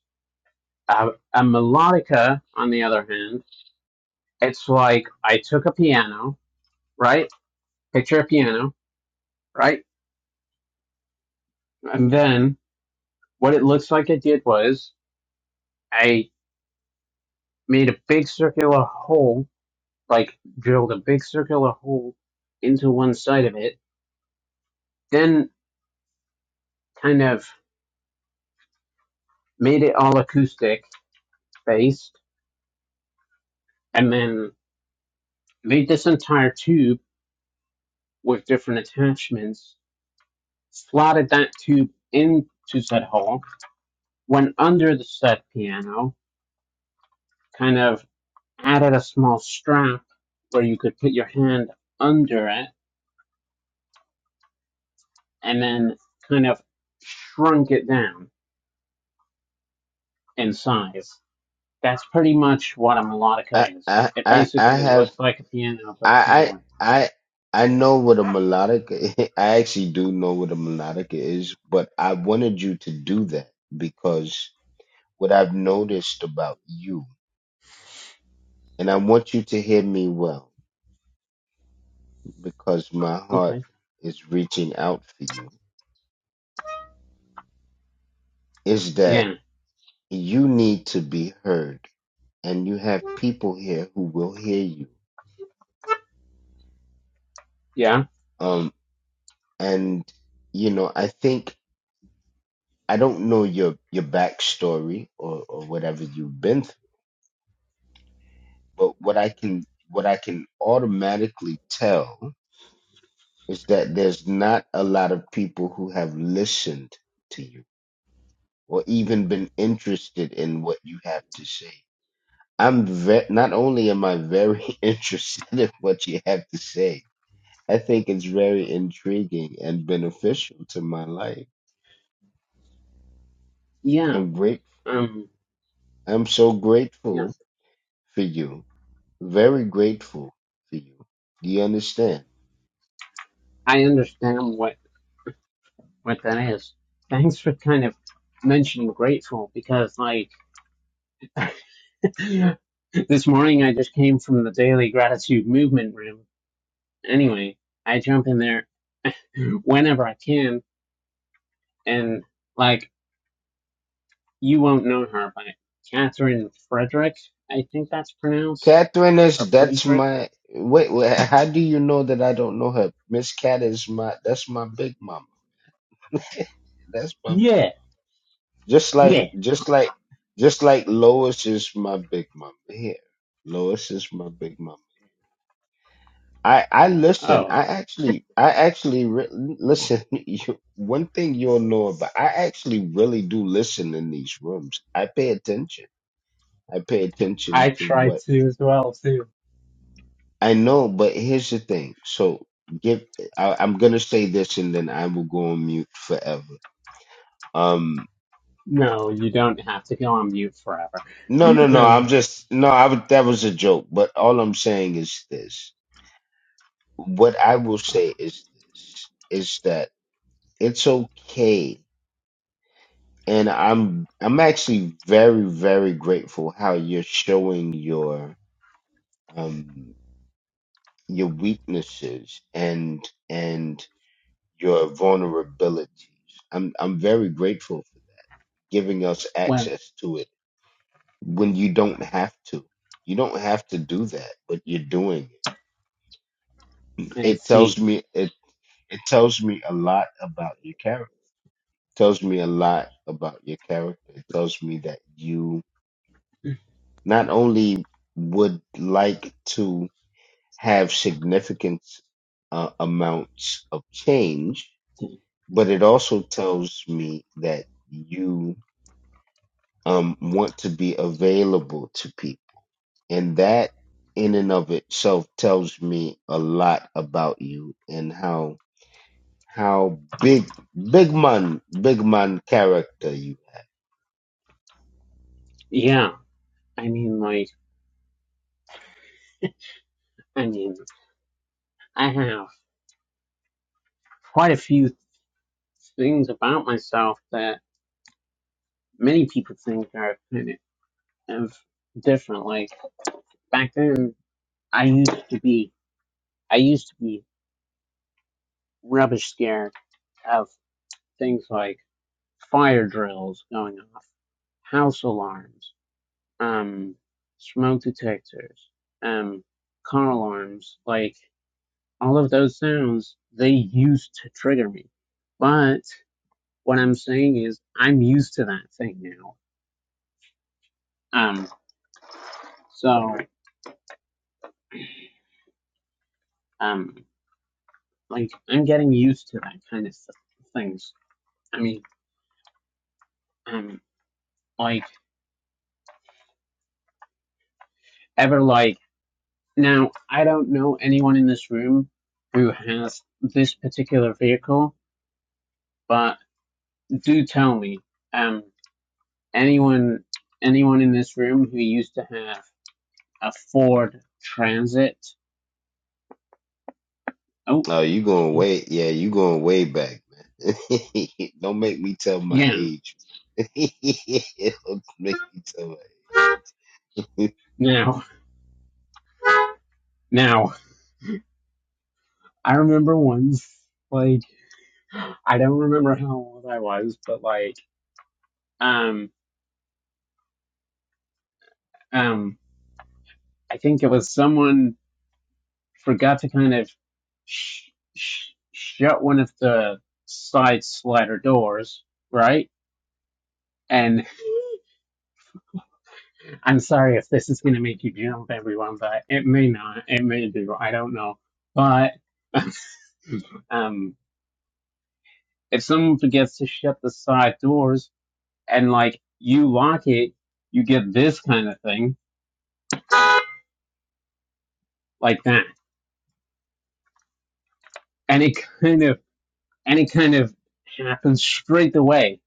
A: A, a melodica, on the other hand, it's like I took a piano, right? Picture a piano, right? And then what it looks like I did was I made a big circular hole like drilled a big circular hole into one side of it, then kind of made it all acoustic based, and then made this entire tube with different attachments, slotted that tube into said hole, went under the said piano, kind of added a small strap where you could put your hand under it, and then kind of shrunk it down in size That's pretty much what a
L: I
A: melodica is.
L: I
A: It
L: I, I
A: basically
L: have
A: looks like a piano but
L: I
A: smaller.
L: I I I know what a melodic. I actually do know what a melodic is, but I wanted you to do that because what I've noticed about you, and I want you to hear me well because my heart
A: Okay.
L: is reaching out for you, is that
A: Yeah.
L: you need to be heard, and you have people here who will hear you.
A: Yeah.
L: Um, and you know, I think. I don't know your your backstory or, or whatever you've been through, but what I can what I can automatically tell is that there's not a lot of people who have listened to you or even been interested in what you have to say. I'm ve- not only am I very interested in what you have to say, I think it's very intriguing and beneficial to my life.
A: Yeah.
L: I'm great.
A: Um.
L: I'm so grateful
A: Yes.
L: for you Very grateful for you. Do you understand?
A: I understand what what that is. Thanks for kind of mentioning grateful because like this morning I just came from the daily gratitude movement room. Anyway, I jump in there whenever I can, and like you won't know her, but Catherine Frederick, I think that's pronounced,
L: Catherine
A: or
L: is that's
A: Friedrich.
L: my wait, wait. How do you know that I don't know her? Miss Cat is my that's my big mama. That's my
A: Yeah,
L: just like
A: yeah.
L: just like just like Lois is my big mama here. Lois is my big mama. I I listen.
A: Oh,
L: I actually I actually re- listen. You, one thing you'll know about I actually really do listen in these rooms. I pay attention. I pay attention
A: I
L: to what
A: tried to as well too.
L: I know, but here's the thing. So give I, I'm gonna say this and then I will go on mute forever. Um
A: No, you don't have to go on mute forever.
L: no no no, I'm
A: Um,
L: just no, I would that was a joke, but all I'm saying is this. What I will say is this is that it's okay and I'm I'm actually very, very grateful how you're showing your um your weaknesses and and your vulnerabilities. I'm I'm very grateful for giving us
A: well,
L: access to it when you don't have to. You don't have to do that, but you're doing it.
A: I
L: It tells
A: see.
L: me it it tells me a lot about your character. It tells me a lot about your character. It tells me that you not only would like to have significant uh, amounts of change, but it also tells me that you um, want to be available to people And that in and of itself tells me a lot about you and how how big big man big man character you.
A: Yeah, I mean, like, I mean, I have quite a few things about myself that many people think are kind of of different. Like back then, I used to be, I used to be rubbish scared of things like fire drills going off, house alarms. um, smoke detectors, um, car alarms, like all of those sounds, they used to trigger me. But what I'm saying is, I'm used to that thing now. Um, so, um, like, I'm getting used to that kind of things. I mean, um, like, ever like, now, I don't know anyone in this room who has this particular vehicle, but do tell me. Um, anyone anyone in this room who used to have a Ford Transit. Oh,
L: Oh, you
A: pardon
L: going
A: me.
L: way yeah, you going way back, man. Don't make me tell my
A: Yeah,
L: age. Don't make me tell my
A: now now I remember once like I don't remember how old I was, but like um um I think it was someone forgot to kind of sh- sh- shut one of the side slider doors, right? And I'm sorry if this is going to make you jump, everyone, but it may not. It may do. I don't know. But um, if someone forgets to shut the side doors and like you lock it, you get this kind of thing like that, and it kind of and it kind of happens straight away,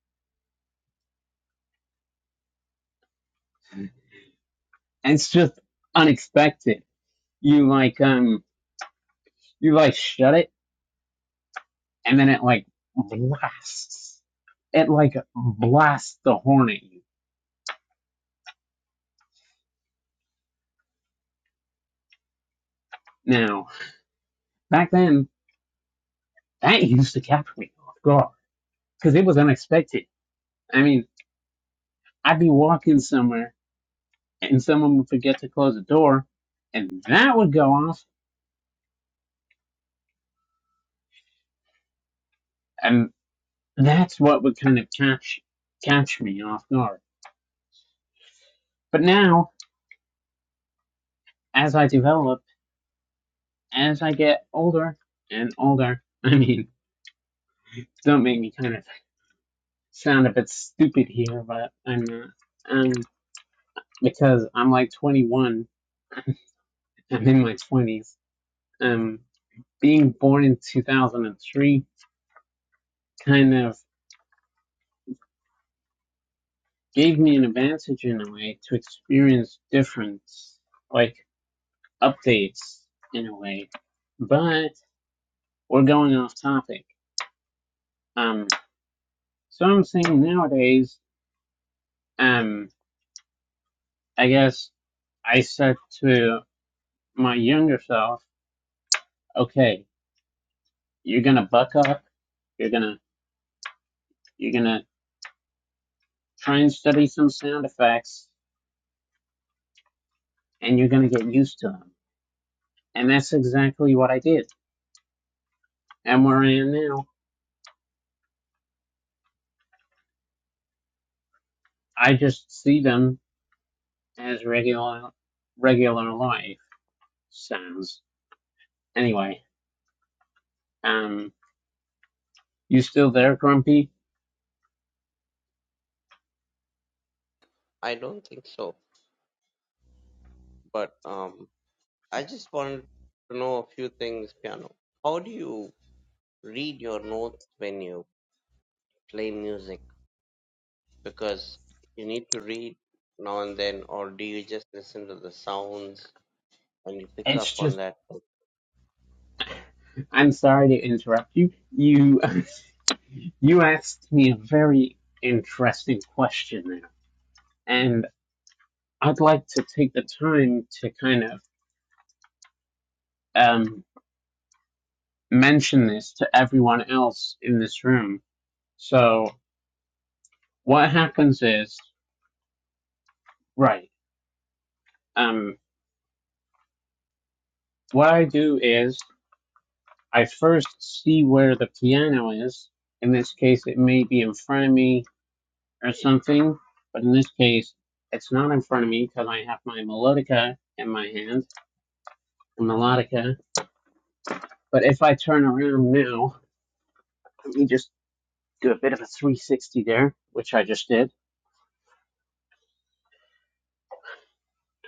A: and it's just unexpected. You like um you like shut it, and then it like blasts. It like blasts the horn at you. Now back then that used to catch me off guard because it was unexpected. I mean, I'd be walking somewhere and someone would forget to close the door, and that would go off, and that's what would kind of catch catch me off guard. But now, as I develop, as I get older and older, I mean, don't make me kind of sound a bit stupid here, but I'm not. Um, because I'm like 21, I'm in my 20s. Um, being born in 2003 kind of gave me an advantage in a way to experience different like updates in a way. But we're going off topic. Um so I'm saying nowadays, um I guess I said to my younger self, okay, you're gonna buck up, you're gonna you're gonna try and study some sound effects and you're gonna get used to them. And that's exactly what I did. And where I am now, I just see them as regular regular life sounds. Anyway, um, you still there, Grumpy?
K: I I don't think so. But um, I just wanted to know a few things, piano. How do you read your notes when you play music? Because you need to read now and then, or do you just listen to the sounds and you pick
A: It's
K: up on
A: just
K: that?
A: I'm sorry to interrupt you. You you asked me a very interesting question there, and I'd like to take the time to kind of um, mention this to everyone else in this room. So what happens is right. Um, what I do is I first see where the piano is. In this case, it may be in front of me or something, but in this case, it's not in front of me because I have my melodica in my hand, the melodica. But if I turn around now, let me just do a bit of a 360 there, which I just did.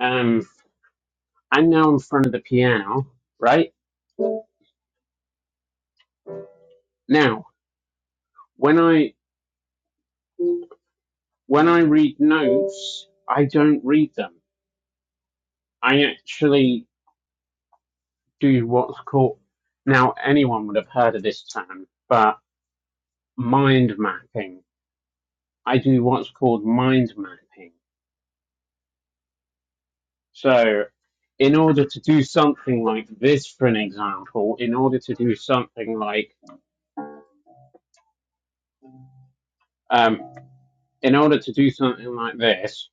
A: Um, I'm now in front of the piano, right? Now, when I when I read notes, I don't read them. I actually do what's called now anyone would have heard of this term, but mind mapping. I do what's called mind mapping. So in order to do something like this, for an example, in order to do something like um, in order to do something like this,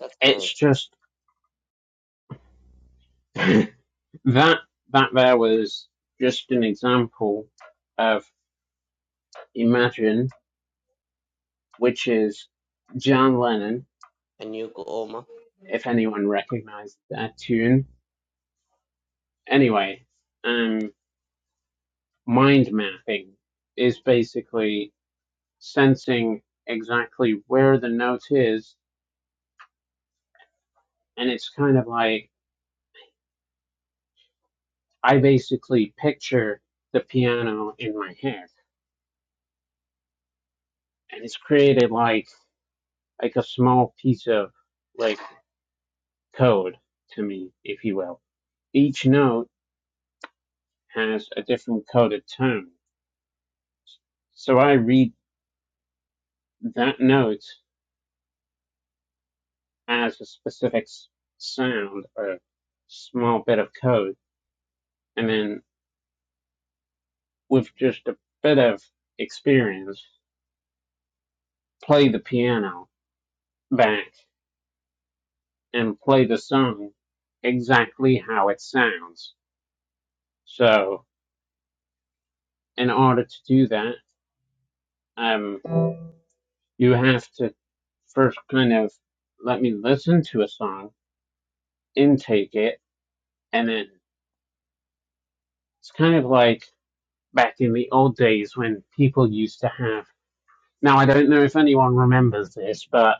K: That's my
A: it's just that that there was just an example of Imagine, which is John Lennon,
K: and you go, Oma.
A: if anyone recognized that tune anyway, um, mind mapping is basically sensing exactly where the note is, and it's kind of like I basically picture the piano in my head, and it's created like like a small piece of like code to me, if you will. Each note has a different coded tone, so I read that note as a specific s- sound or small bit of code, and then with just a bit of experience, play the piano back and play the song exactly how it sounds. So, in order to do that, um, you have to first kind of let me listen to a song, intake it, and then it's kind of like back in the old days when people used to have. Now, I don't know if anyone remembers this, but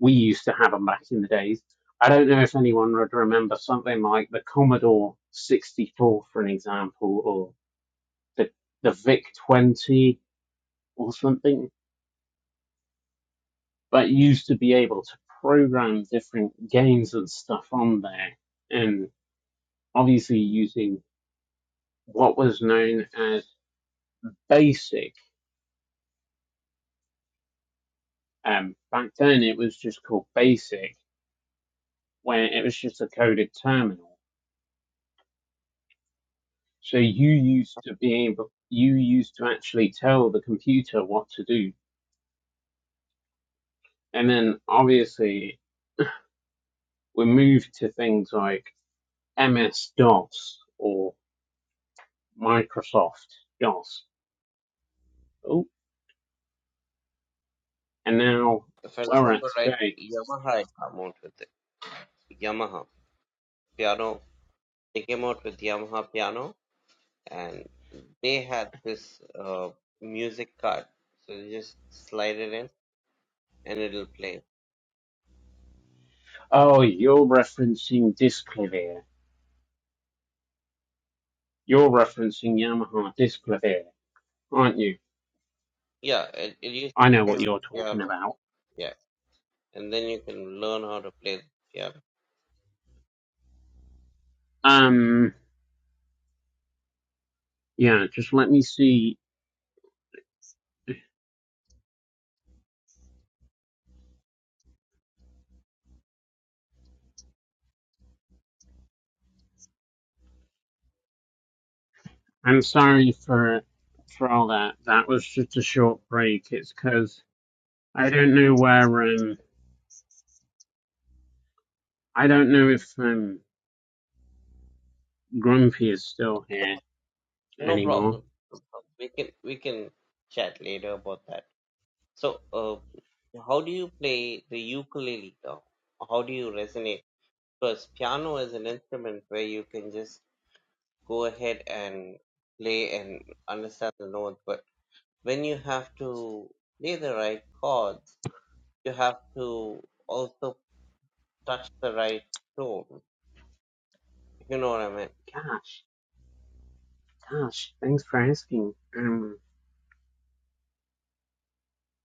A: we used to have them back in the days. I don't know if anyone would remember something like the Commodore 64, for an example, or the, the VIC 20 or something, but used to be able to program different games and stuff on there. And obviously, using what was known as BASIC. Um, back then, it was just called BASIC, where it was just a coded terminal. So you used to be able, you used to actually tell the computer what to do. And then obviously we moved to things like MS-DOS or Microsoft DOS. Oh, and now
K: If I
A: where we're at
K: remember right,
A: today.
K: Yamaha had come out with it. Yamaha piano. They came out with Yamaha piano, and they had this uh, music card, so you just slide it in and it'll play.
A: Oh, you're referencing DiscLever. You're referencing Yamaha DiscLever, aren't you?
K: Yeah, it, it used
A: I know
K: to
A: what
K: play
A: you're
K: the
A: talking
K: piano.
A: about.
K: Yeah, and then you can learn how to play the piano.
A: Um, yeah, just let me see I'm sorry for for all that. That was just a short break. It's because I don't know where um I don't know if um Grumpy is still here
K: No
A: anymore.
K: problem. No problem. We can we can chat later about that. So, uh, how do you play the ukulele now? How do you resonate? Because piano is an instrument where you can just go ahead and play and understand the notes, but when you have to play the right chords, you have to also touch the right tone. If you know what I mean.
A: Gosh, gosh, thanks for asking. Um,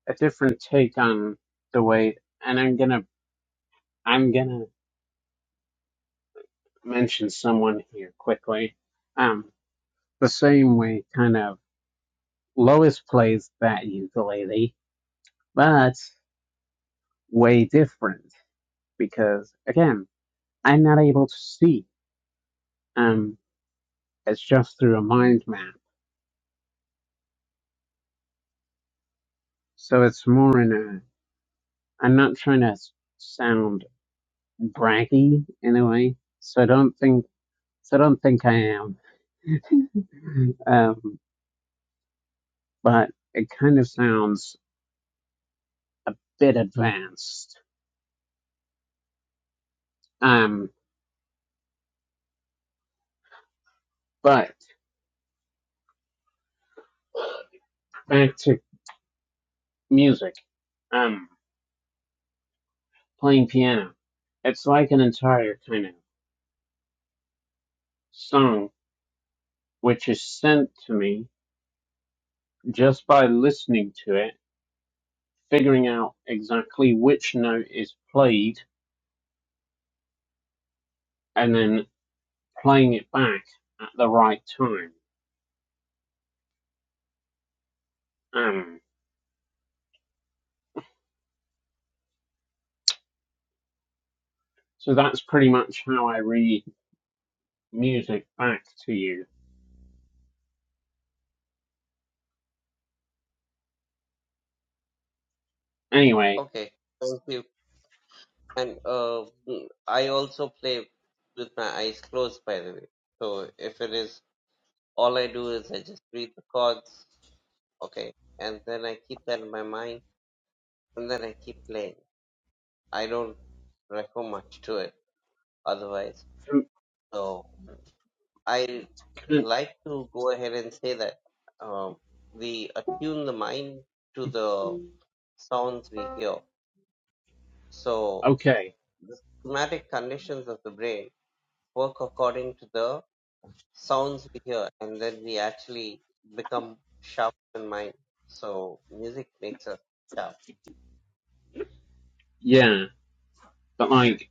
A: a different take on the way, and I'm gonna I'm gonna mention someone here quickly. Um, the same way, kind of Lois plays that ukulele, but way different because again. I'm not able to see. Um, it's just through a mind map. So it's more in a. I'm not trying to s- sound braggy in a way. So I don't think. So I don't think I am. Um, but it kind of sounds a bit advanced. Um, but back to music. Um, playing piano. It's like an entire kind of song which is sent to me just by listening to it figuring out exactly which note is played and then playing it back at the right time. Um, so that's pretty much how I read music back to you. Anyway,
K: Okay. Thank you. And uh, mm, I also play with my eyes closed, by the way. So if it is all I do is I just read the chords, okay, and then I keep that in my mind, and then I keep playing. I don't refer much to it otherwise.
A: um,
K: So. I like to go ahead and say that uh, we attune the mind to the sounds we hear. So
A: okay,
K: the somatic conditions of the brain work according to the sounds we hear, and then we actually become sharp in mind. So music makes us sharp.
A: yeah, but like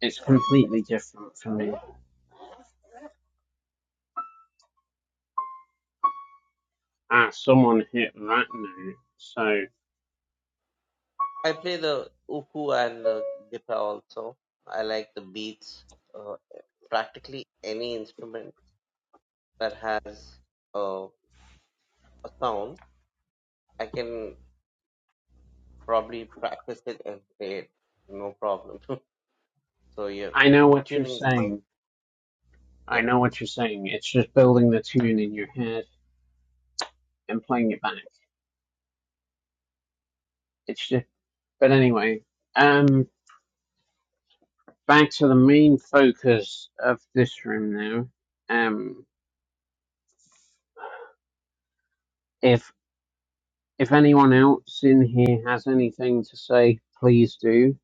A: it's completely different for me. Ah, someone hit that note, so
K: I play the uku and the guitar also. I like the beats. Uh, practically any instrument that has uh, a sound I can probably practice it and play it, no problem. so yeah,
A: I know what you're
K: tuning the mind.
A: saying. I
K: Yep.
A: know what you're saying. It's just building the tune in your head and playing it back. It's just, but anyway, um. back to the main focus of this room now. Um, if if anyone else in here has anything to say, please do.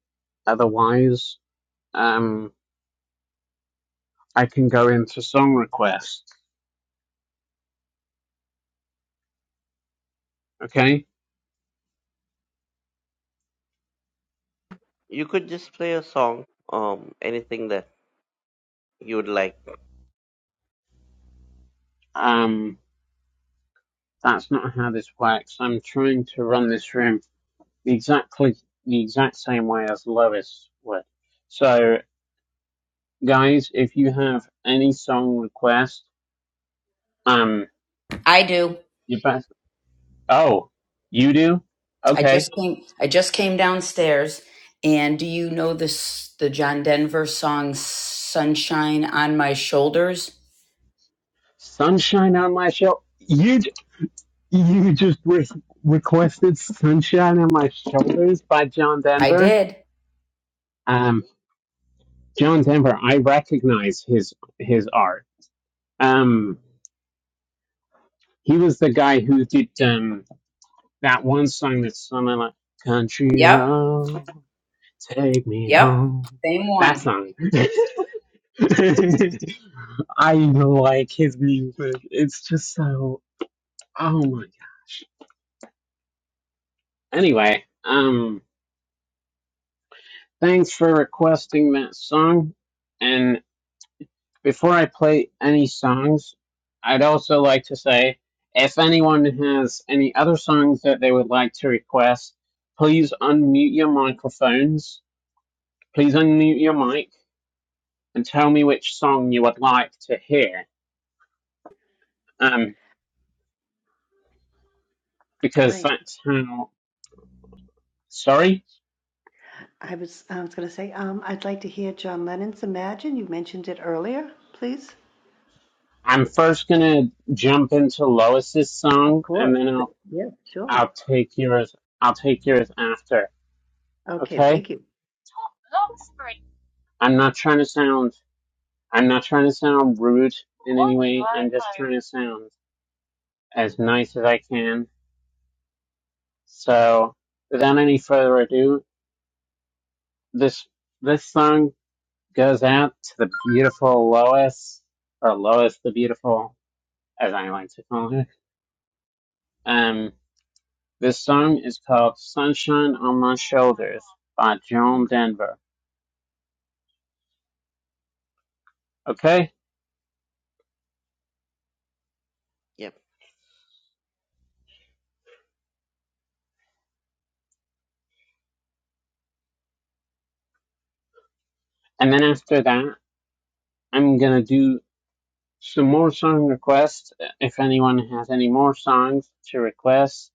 A: Otherwise, um, I can go into song requests. Okay.
K: You could just play a song, um, anything that you would like.
A: Um, that's not how this works. I'm trying to run this room exactly the exact same way as Lois would. So, guys, if you have any song request, um,
F: I do.
A: you best. Oh, you do?
F: I
A: Okay.
F: just came I just came downstairs and do you know this the John Denver song Sunshine on My Shoulders?
A: Sunshine on my show. You you just re- requested "Sunshine on My Shoulders" by John
F: I
A: Denver.
F: did.
A: Um, John Denver, I recognize his his art. Um, he was the guy who did um that one song that's something like "Country
F: Yep.
A: Road, Take Me
F: Yep.
A: Home."
F: Same
A: That
F: one.
A: song. I like his music. It's just so. Oh my gosh. Anyway, um. Thanks for requesting that song. And before I play any songs, I'd also like to say if anyone has any other songs that they would like to request, please unmute your microphones. Please unmute your mic and tell me which song you would like to hear. Um, because
E: Hi.
A: that's how. Sorry,
E: I was I was going to say, um, I'd like to hear John Lennon's Imagine. You mentioned it earlier, please.
A: I'm first gonna jump into Lois's
E: Of
A: song, and
E: course.
A: then
E: But-
A: I'll
E: Yeah, sure.
A: I'll take yours. I'll take yours after.
E: Okay,
A: Okay.
E: thank you.
A: I'm not trying to sound I'm not trying to sound rude in any way. I'm just trying to sound as nice as I can. So without any further ado, this this song goes out to the beautiful Lois or Lois the Beautiful, as I like to call her. Um this song is called Sunshine on My Shoulders by Joan Denver. Okay?
K: Yep.
A: And then after that I'm gonna do some more song requests if anyone has any more songs to request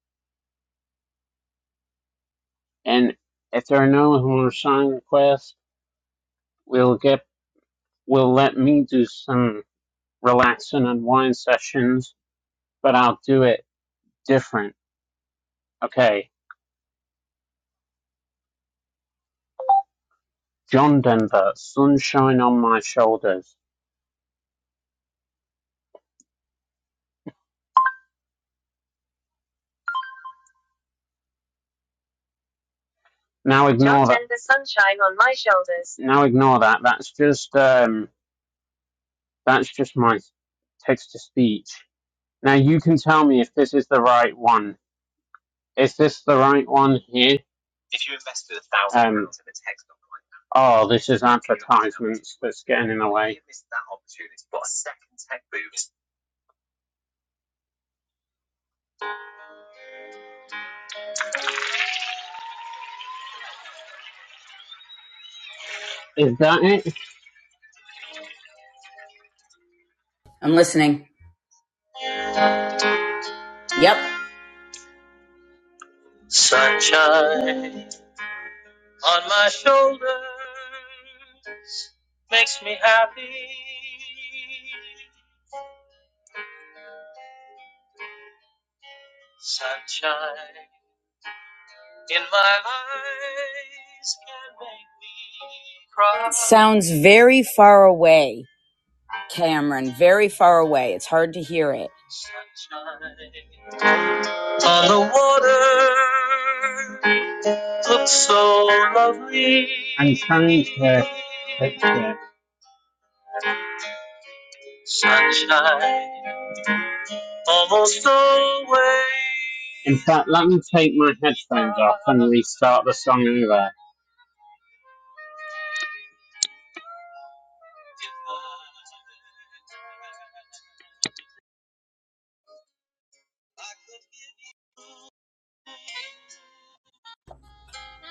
A: and if there are no more song requests we'll get we'll let me do some relax and unwind sessions but i'll do it different okay john denver sunshine on my shoulders now ignore John that John denver sunshine on my shoulders now ignore that that's just um that's just my text to speech now you can tell me if this is the right one Is this the right one here? Um, oh, this is advertisements that's getting in the way. Is that it?
F: I'm listening. Yep. It Sounds very far away, Cameron. Very far away. It's hard to hear it.
A: Looked so lovely. I'm trying to picture. it. In fact, let me take my headphones off and restart the song over.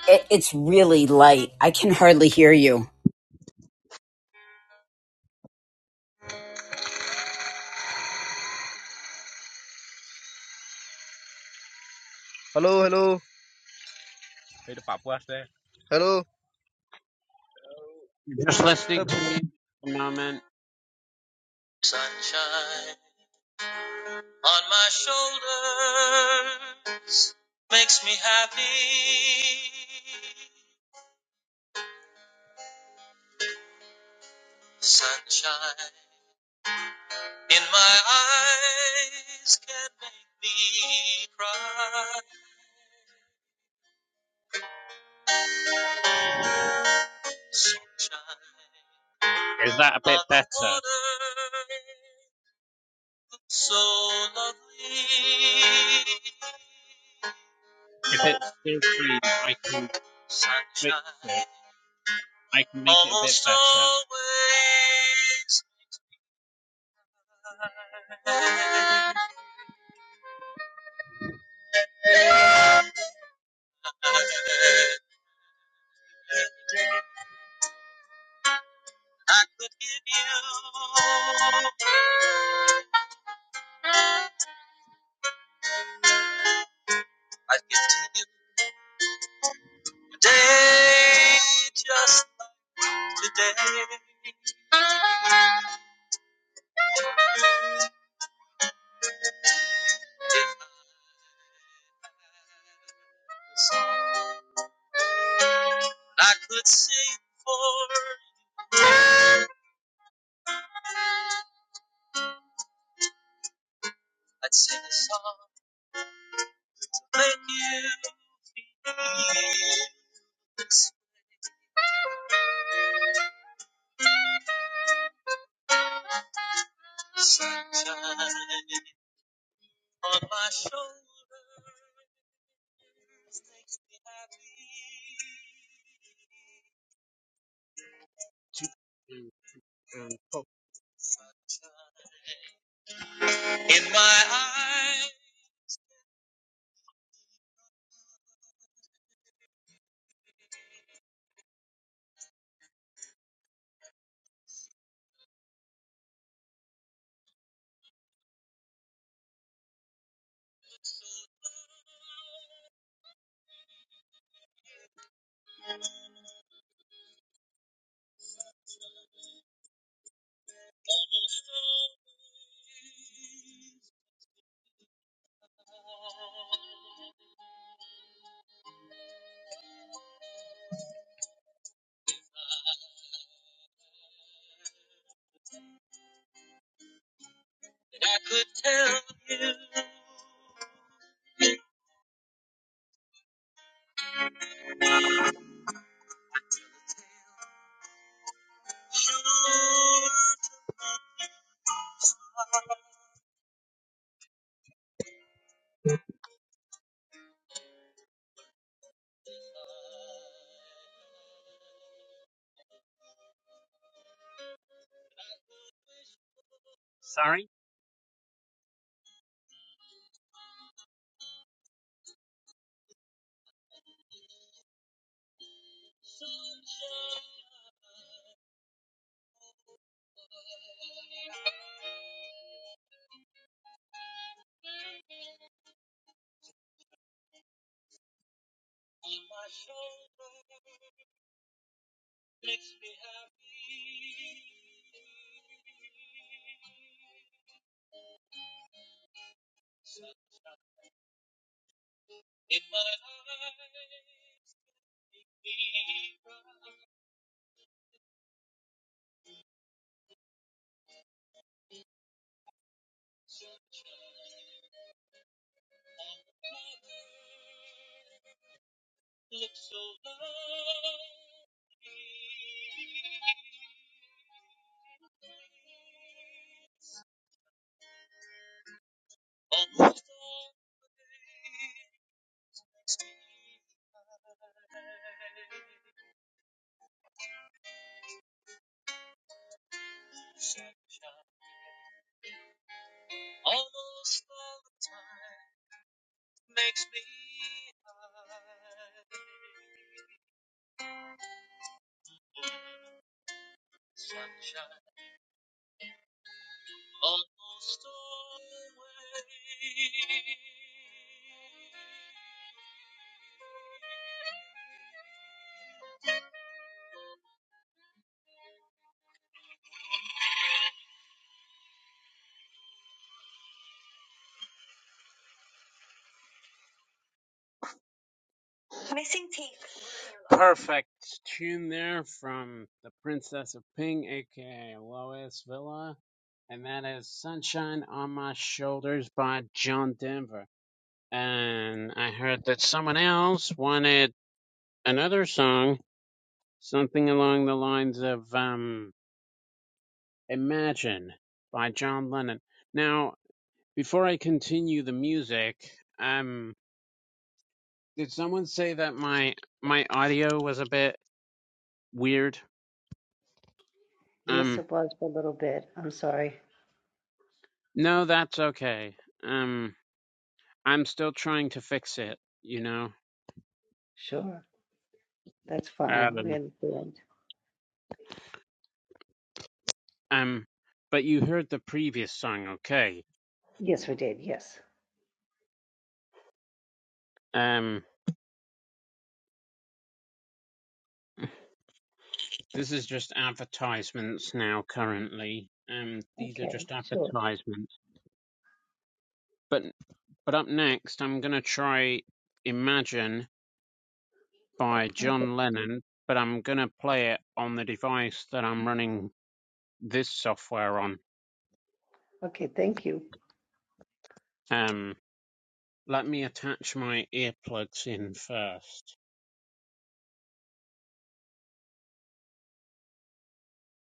F: it it's really light. I can hardly hear you.
M: Hello, hello, Hey, hello.
A: Just listening to music at the moment. Is that a bit better? If it's still free, I can fix it. I can make it a bit better. Sorry? Perfect tune there from the Princess of Ping, aka Lois Villa, and that is Sunshine on My Shoulders by John Denver. And I heard that someone else wanted another song, something along the lines of um, Imagine by John Lennon. Now, before I continue the music, um, did someone say that my my audio was a bit weird?
E: Yes,
A: Um,
E: it was for a little bit. I'm sorry.
A: No, that's okay. Um, I'm still trying to fix it, you know.
E: Sure. That's fine. We
A: Um,
E: understand.
A: um, but you heard the previous song, okay?
E: Yes, we did. Yes.
A: Um, this is just advertisements now, currently. Um, these are
E: Okay,
A: just
E: sure.
A: advertisements. But but up next, I'm gonna try "Imagine" by
E: Okay.
A: John Lennon, but I'm gonna play it on the device that I'm running this software on.
E: Okay, thank you.
A: Um, let me attach my earplugs in first.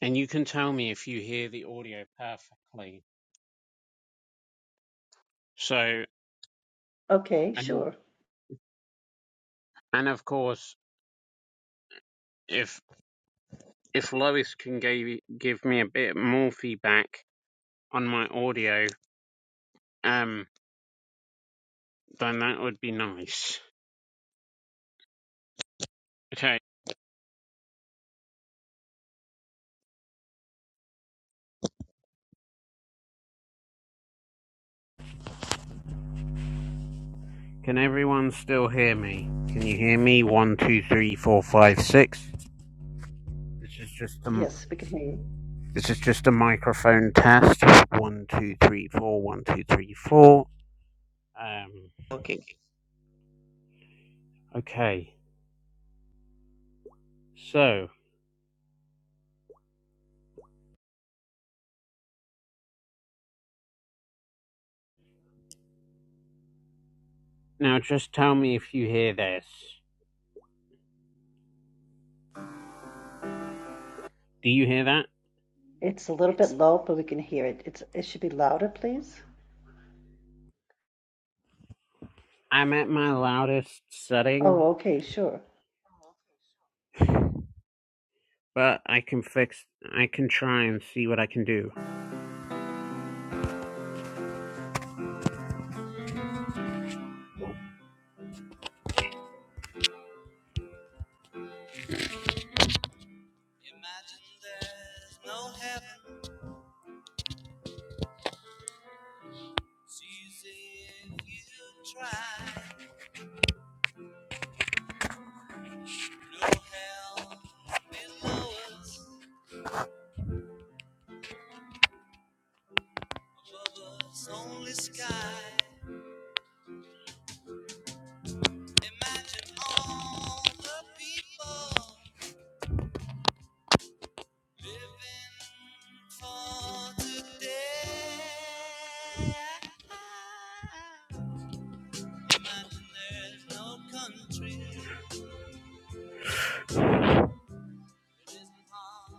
A: and you can tell me if you hear the audio perfectly. So,
E: Okay,
A: and
E: sure.
A: and of course, if if Lois can give give me a bit more feedback on my audio, um, then that would be nice. Okay, can everyone still hear me? Can you hear me? One, two, three, four, five, six. This is just a
E: Yes, we can hear you.
A: this is just a microphone test. One, two, three, four. One, two, three, four. Um,
K: Okay.
A: okay, so. Now just tell me if you hear this. Do you hear that?
E: It's a little bit low, but we can hear it. It's it should be louder, please.
A: I'm at my loudest setting,
E: Oh, okay, sure.
A: but I can fix I can try and see what I can do.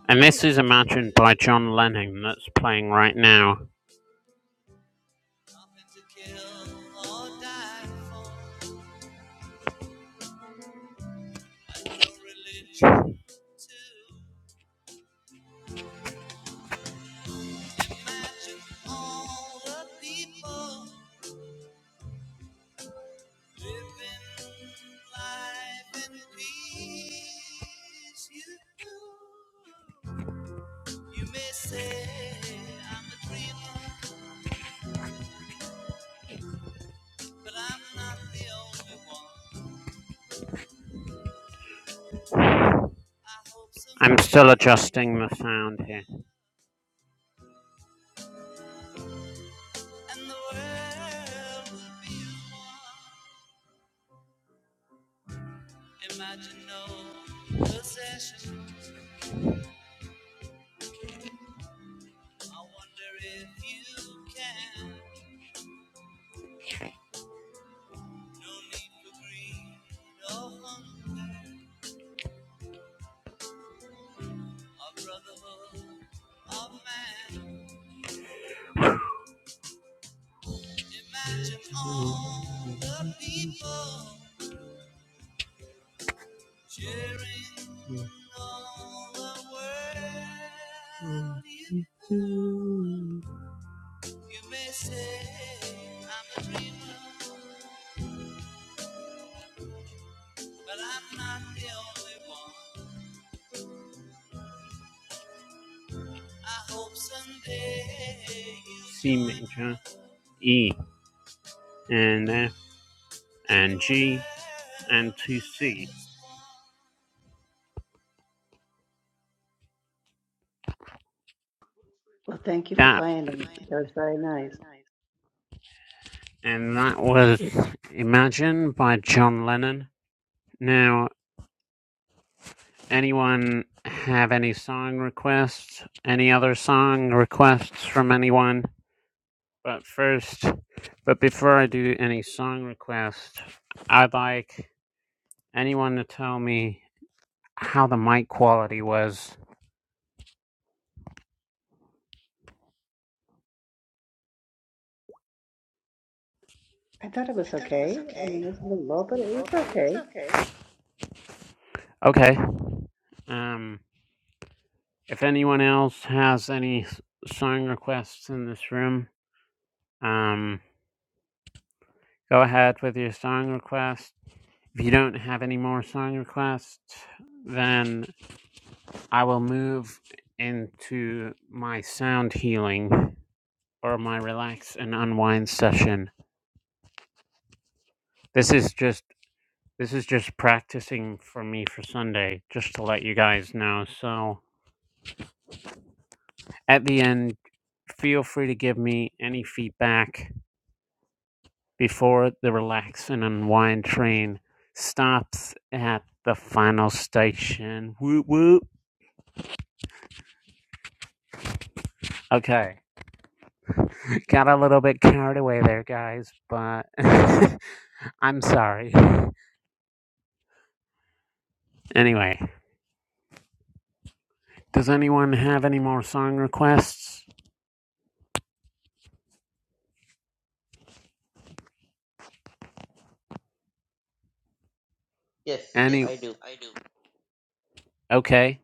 A: And this is Imagine by John Lennon that's playing right now. I'm still adjusting the sound here. C major, E, and F, and G, and 2C.
E: Well, thank you for
A: That,
E: playing them. That was very nice.
A: and that was Imagine by John Lennon. Now, anyone have any song requests? Any other song requests from anyone? But first, but before I do any song requests, I'd like anyone to tell me how the mic quality was.
E: I thought it was okay. I mean, it was a little low, but it was okay.
A: Okay. Um, if anyone else has any song requests in this room, um, go ahead with your song request. If you don't have any more song requests, then I will move into my sound healing or my relax and unwind session. This is just this is just practicing for me for Sunday, just to let you guys know. So at the end, feel free to give me any feedback before the relax and unwind train stops at the final station. Whoop whoop. Okay. Got a little bit carried away there, guys, but I'm sorry. Anyway, does anyone have any more song requests?
K: Yes,
A: Any?
K: I do.
A: Okay.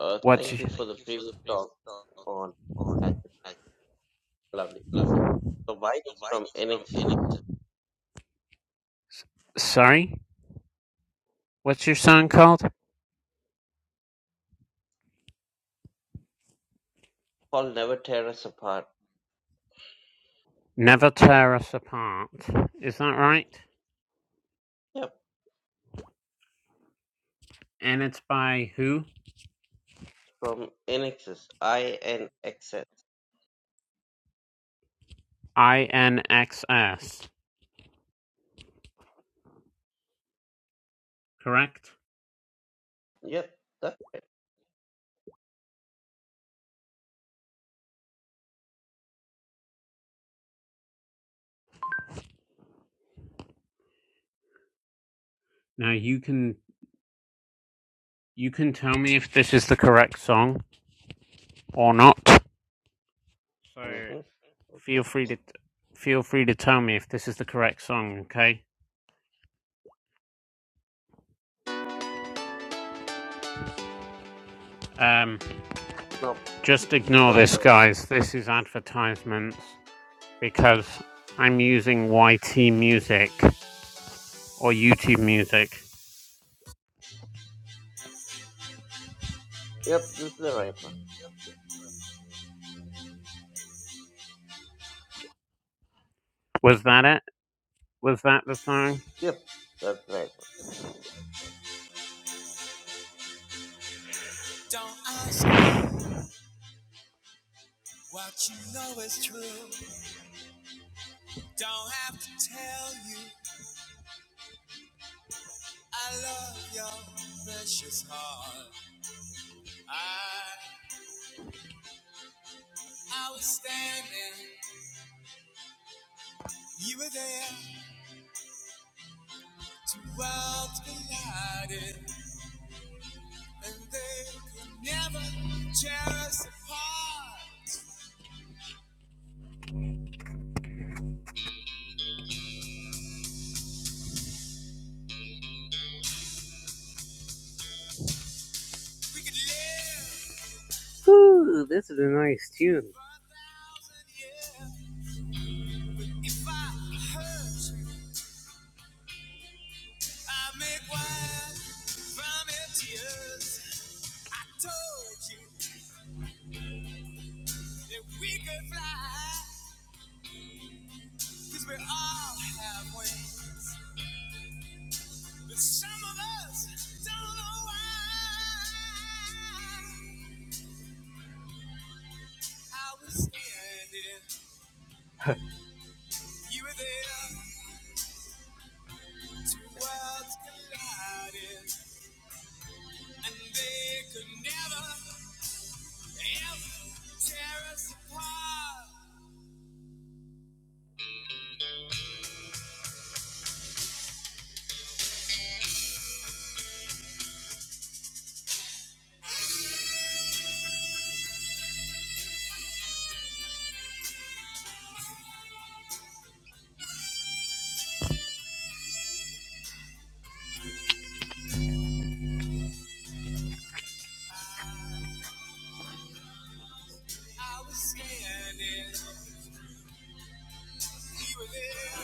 K: Uh,
A: What's
K: thank you
A: your,
K: for the previous talk on Magic. Lovely. So mine is from NXS.
A: S- sorry? What's your song called?
K: Paul never tear us apart.
A: Never Tear Us Apart. Is that right?
K: Yep.
A: And it's by who?
K: From NXS. I N X S.
A: INXS. Correct.
K: Yep. That.
A: Now you can you can tell me if this is the correct song or not. So
K: Mm-hmm.
A: feel
K: Okay.
A: free to feel free to tell me if this is the correct song. Okay. Um.
K: No,
A: Just
K: this is
A: ignore
K: not
A: this,
K: the one.
A: guys. This is advertisements because I'm using YT music or YouTube music.
K: Yep. This is the right one.
A: Was that it? Was that the song?
K: Yep. That's the right. one.
A: Ooh, this is a nice tune.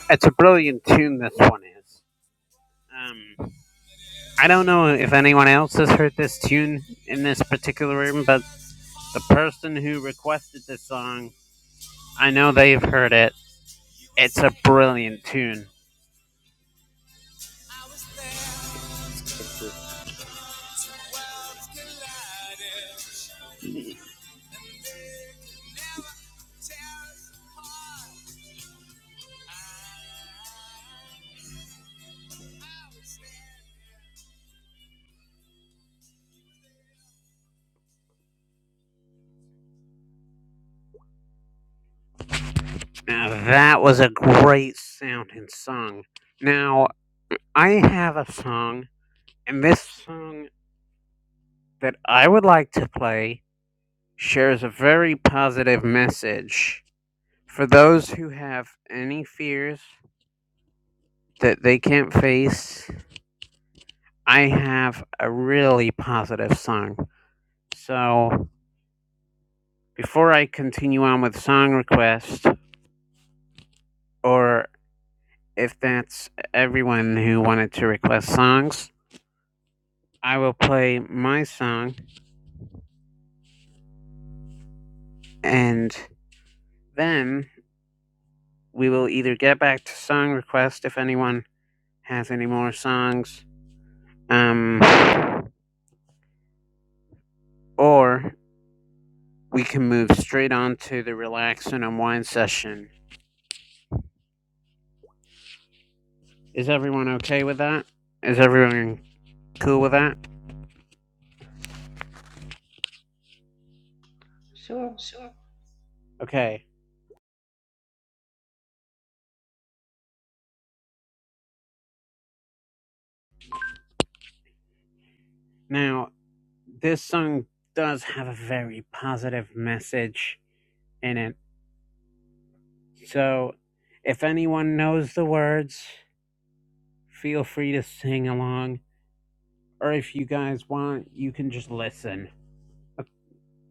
A: It's a brilliant tune, this one is. Um, I don't know if anyone else has heard this tune in this particular room, but the person who requested this song, I know they've heard it. It's a brilliant tune. Now that was a great sounding song. Now I have a song, and this song that I would like to play shares a very positive message. For those who have any fears that they can't face, I have a really positive song. So before I continue on with song requests, or if that's everyone who wanted to request songs, I will play my song And then we will either get back to song request if anyone has any more songs, um, or we can move straight on to the relax and unwind session. Is everyone okay with that? Is everyone cool with that?
E: Sure.
A: Okay. Now, this song does have a very positive message in it. So, if anyone knows the words, feel free to sing along. Or if you guys want, you can just listen. Okay,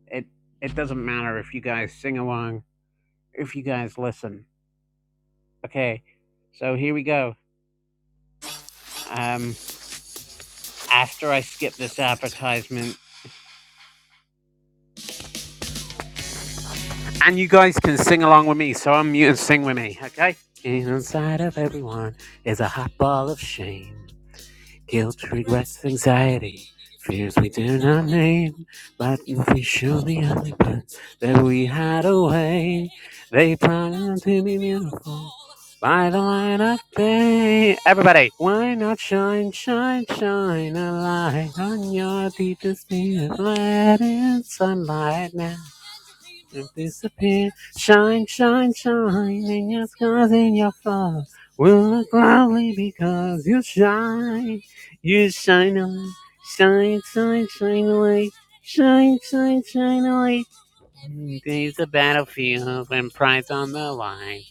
A: It it doesn't matter if you guys sing along, if you guys listen. Okay, so here we go. Um, after I skip this advertisement, and you guys can sing along with me. So I'm mute and sing with me. Okay. Inside of everyone is a hot ball of shame. guilt, regrets, anxiety, fears we do not name, but we show the only parts that we hide away. They promise to be beautiful by the light of day. Everybody, why not shine, shine, shine a light on your deepest need? Let in sunlight now. You not disappear. Shine, shine, shine in your skies and your flowers. Will look lovely because you shine. You shine away. Shine, shine, shine away. Shine, shine, shine away. Days the battlefield and prize on the line.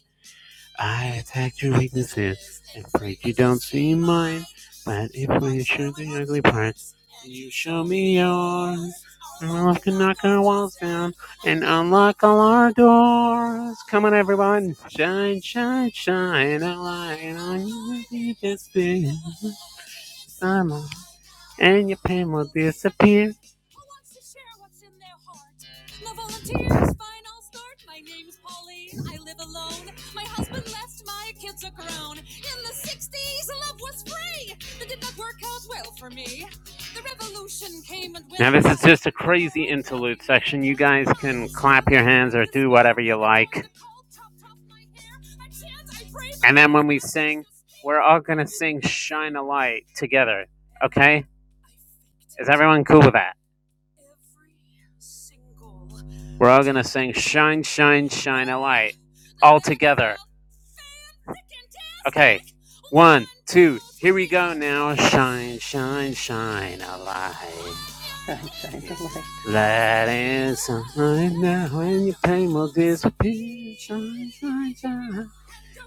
A: I attack your weaknesses and break you don't see mine. But if we show the ugly parts, you show me yours. And we'll have to knock our walls down and unlock all our doors. Come on, everyone. Shine, shine, shine a light on you. You just be the sunlight, and your pain will disappear. Now, this is just a crazy interlude section. You guys can clap your hands or do whatever you like. And then when we sing, we're all going to sing Shine a Light together. Okay? Is everyone cool with that? We're all going to sing Shine, Shine, Shine a Light all together. Okay. One, two, here we go now. Shine, shine, shine a light.
E: Shine, shine the light.
A: That is something that when you pain will disappear. Shine, shine, shine.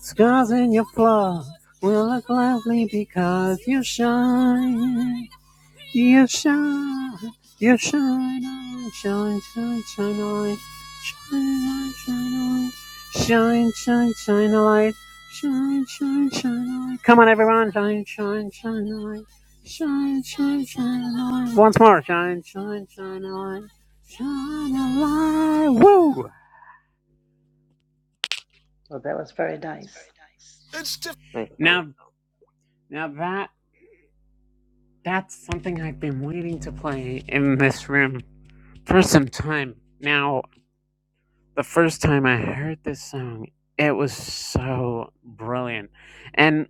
A: Scars in your flaws will look lovely because you shine. You shine, you shine on, shine, shine, shine a light, shine, light, shine, light, shine, shine, shine a light, shine, shine, shine a light. Come on, everyone, shine, shine, shine a light, shine, shine, shine a light. Once more, shine, shine, shine a light, shine a light. Woo!
E: Well, that was very nice.
K: I found.
A: Now, now that that's something I've been waiting to play in this room for some time now. the first time I heard this song, it was so brilliant. And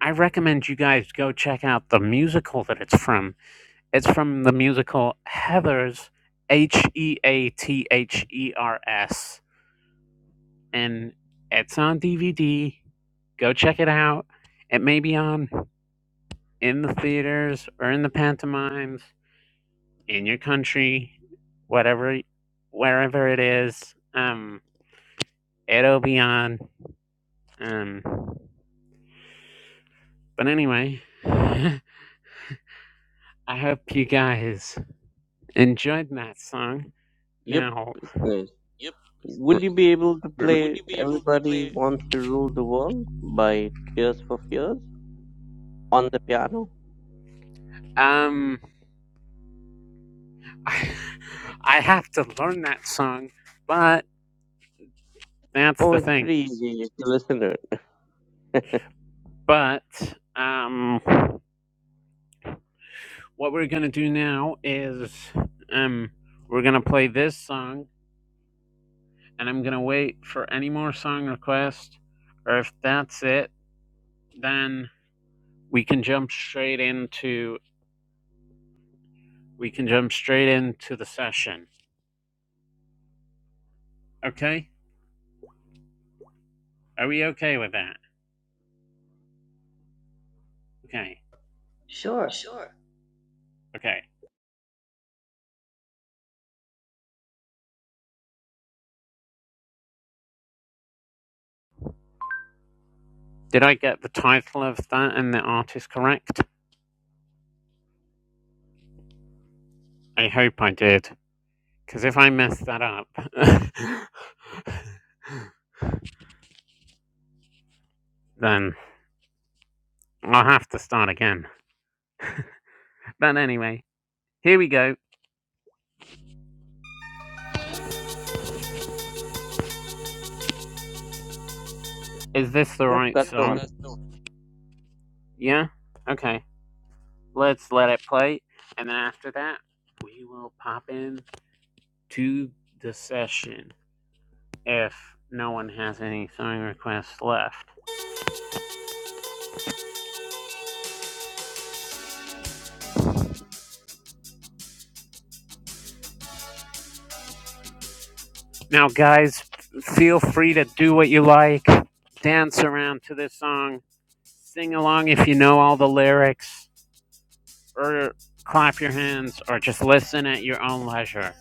A: I recommend you guys go check out the musical that it's from. It's from the musical Heathers, H E A T H E R S. And it's on DVD. Go check it out. It may be on in the theaters or in the pantomimes in your country, whatever, wherever it is. Um, it'll be on. Um, But anyway, I hope you guys enjoyed that song.
K: Yep,
A: Now,
K: it's nice. Would you be able to play Everybody Wants to Rule the World by Tears for Fears on the piano?
A: um, I, I have to learn that song, but that's
K: Oh,
A: the
K: it's
A: thing.
K: pretty easy if you listen to it.
A: But um, what we're gonna do now is um, we're gonna play this song, and I'm gonna wait for any more song requests, or if that's it, then we can jump straight into we can jump straight into the session. Okay? Are we okay with that? Okay.
E: Sure.
A: Okay. Did I get the title of that and the artist correct? I hope I did. Because if I mess that up, then I'll have to start again. But anyway, here we go. Is this the
K: Yep,
A: right Yeah,
K: that's the
A: song?
K: one.
A: that's Yeah? Okay. Let's let it play. And then after that, we will pop in to the session if no one has any song requests left. Now, guys, feel free to do what you like. Dance around to this song. Sing along if you know all the lyrics, or clap your hands, or just listen at your own leisure.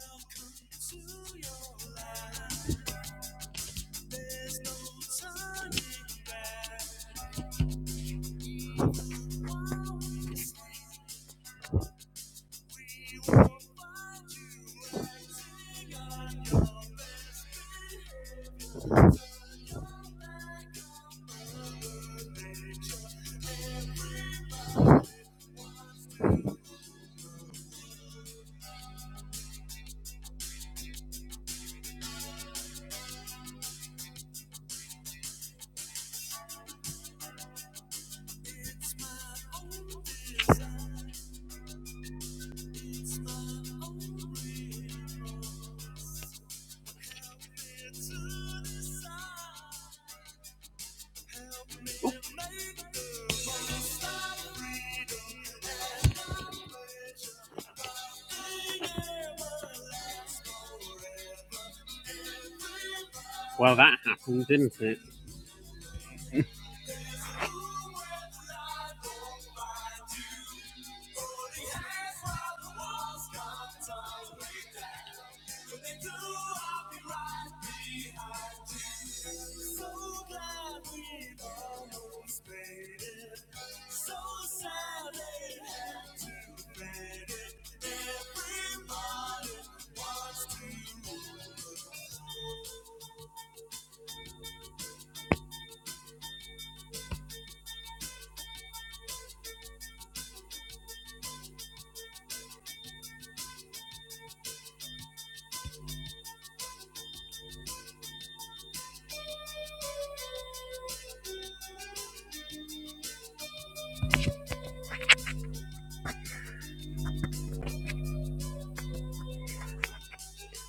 A: Well, that happened, didn't it?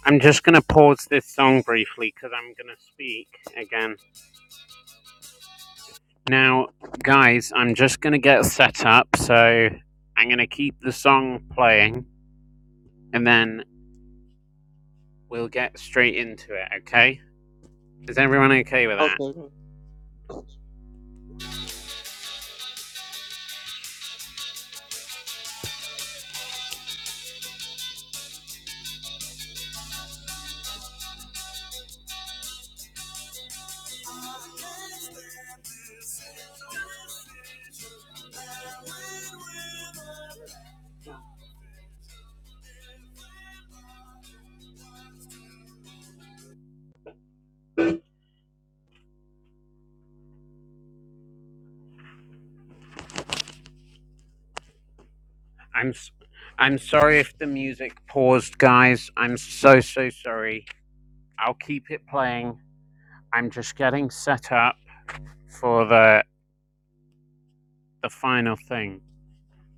A: I'm just going to pause this song briefly because I'm going to speak again. Now, guys, I'm just going to get set up, so I'm going to keep the song playing and then we'll get straight into it, okay? Is everyone okay with that?
K: Okay,
A: I'm s- I'm sorry if the music paused, guys. I'm so so sorry. I'll keep it playing. I'm just getting set up for the the final thing,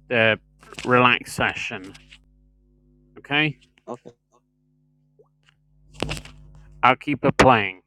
A: the relax session. Okay,
K: okay.
A: I'll keep it playing.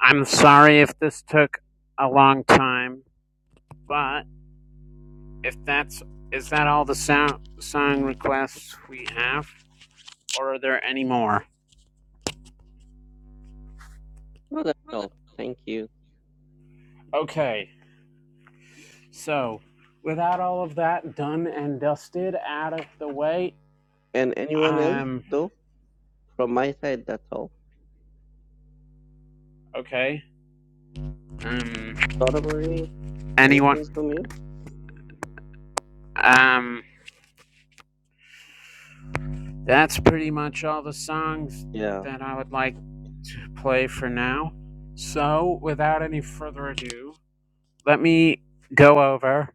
A: I'm sorry if this took a long time, but if that's is that all the sound song requests we have, or are there any more?
K: Well, that's all. Thank you.
A: Okay, so without all of that done and dusted out of the way,
K: And anyone else,
A: Um,
K: though? From my side, that's all.
A: okay. Um,
K: Donna Marie, anything
A: anyone?
K: from you?
A: Um, that's pretty much all the songs
K: Yeah,
A: that I would like to play for now. So, without any further ado, let me go over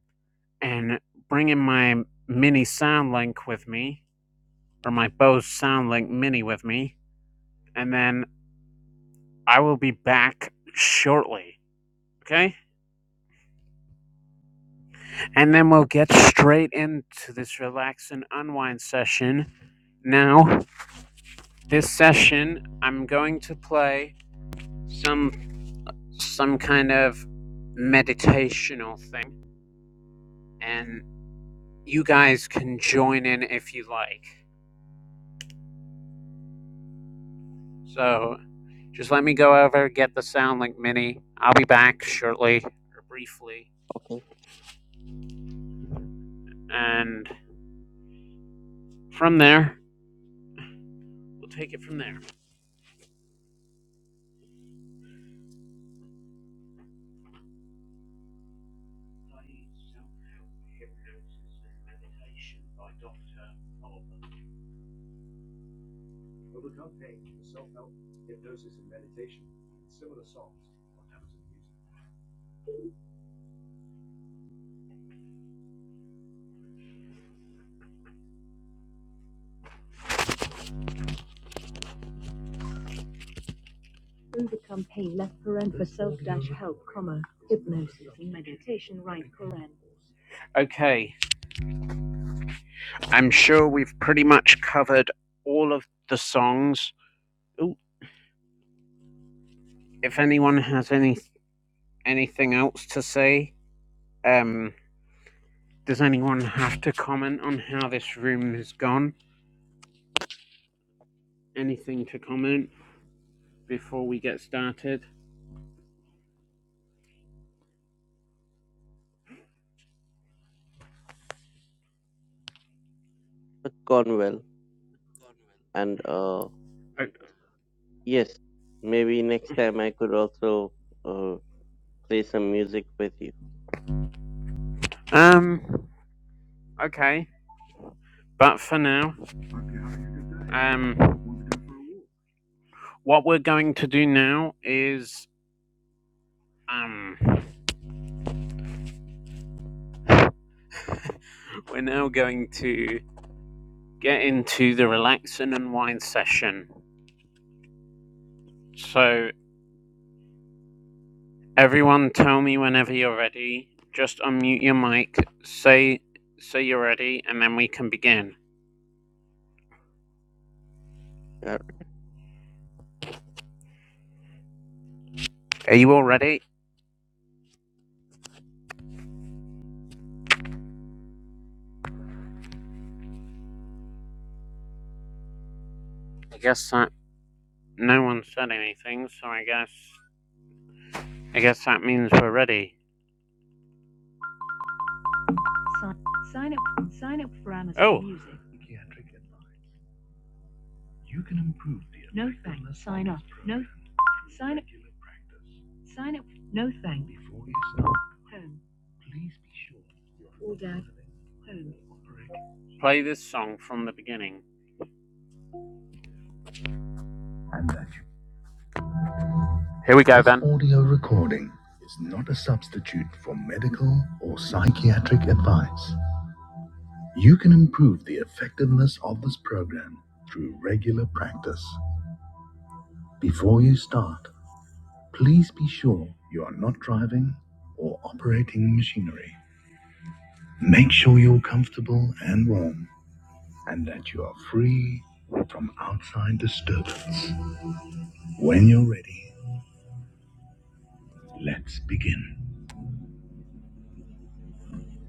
A: and bring in my mini soundlink with me, or my Bose Soundlink mini with me, and then I will be back shortly. Okay? And then we'll get straight into this relax and unwind session. Now, this session I'm going to play some some kind of meditational thing and you guys can join in if you like. So just let me go over get the Soundlink mini. I'll be back shortly or briefly
K: okay.
A: and from there we'll take it from there. Okay, I'm sure we've pretty much covered all of the songs. Ooh, if anyone has any anything else to say, um Does anyone have to comment on how this room has gone? Anything to comment before we get started?
K: It's gone well. And, uh, yes, maybe next time I could also uh, play some music with you.
A: Um, okay. But for now, um, what we're going to do now is, um, we're now going to get into the relax and unwind session. So, everyone, tell me whenever you're ready. Just unmute your mic, say say you're ready, and then we can begin. Are you all ready? I guess I No one said anything, so I guess I guess that means we're ready. Oh, play this song from the beginning. And that Here we go then. audio recording is not a substitute for medical or psychiatric advice. You can improve the effectiveness of this program through regular practice. Before you start, please be sure you are not driving or operating machinery. Make sure you're comfortable and warm. and that you are free from outside disturbance. When you're ready, let's begin.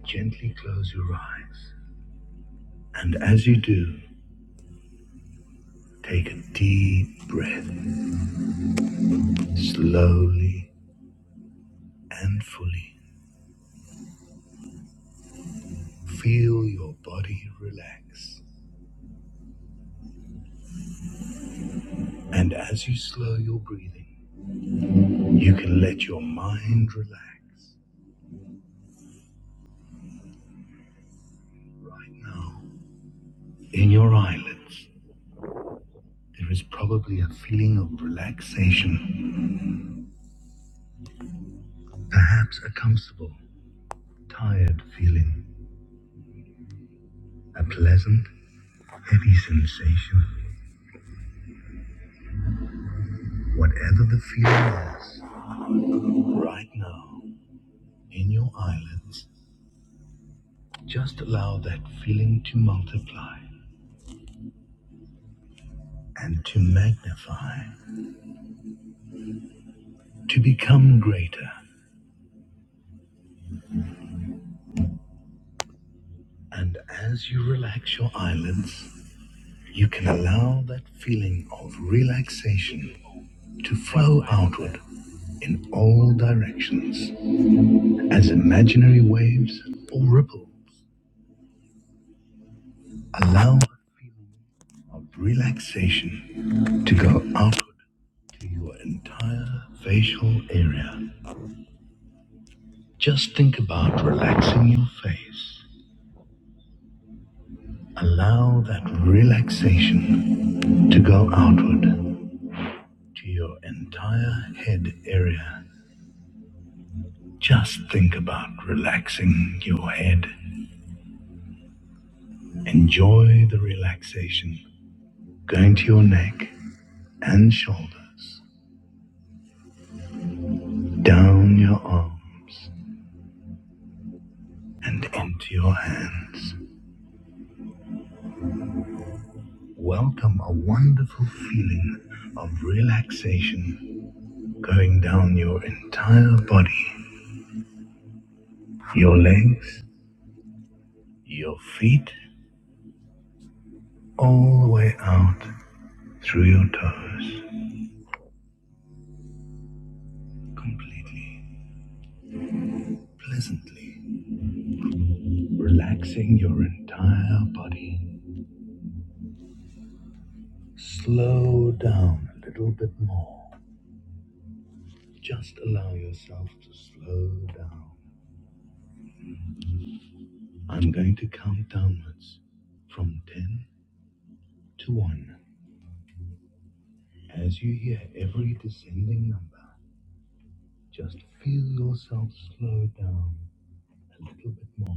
A: Gently close your eyes, and as you do, take a deep breath slowly and fully. Feel your body relax, and as you slow your breathing, you can let your mind relax. Right now, in your eyelids, there is probably a feeling of relaxation, perhaps a comfortable tired feeling, a pleasant, heavy sensation, whatever the feeling is. Right now, in your eyelids, just allow that feeling to multiply and to magnify, to become greater. And as you relax your eyelids, you can allow that feeling of relaxation to flow outward in all directions as imaginary waves or ripple. Allow of relaxation to go outward to your entire facial area. Just think about relaxing your face. Allow that relaxation to go outward to your entire head area. Just think about relaxing your head. Enjoy the relaxation going to your neck and shoulders, down your arms and into your hands. Welcome a wonderful feeling of relaxation going down your entire body, your legs, your feet, all the way out through your toes, completely, pleasantly, relaxing your entire body. Slow down a little bit more. Just allow yourself to slow down. I'm going to count downwards from 10 to 1. As you hear every descending number, just feel yourself slow down a little bit more.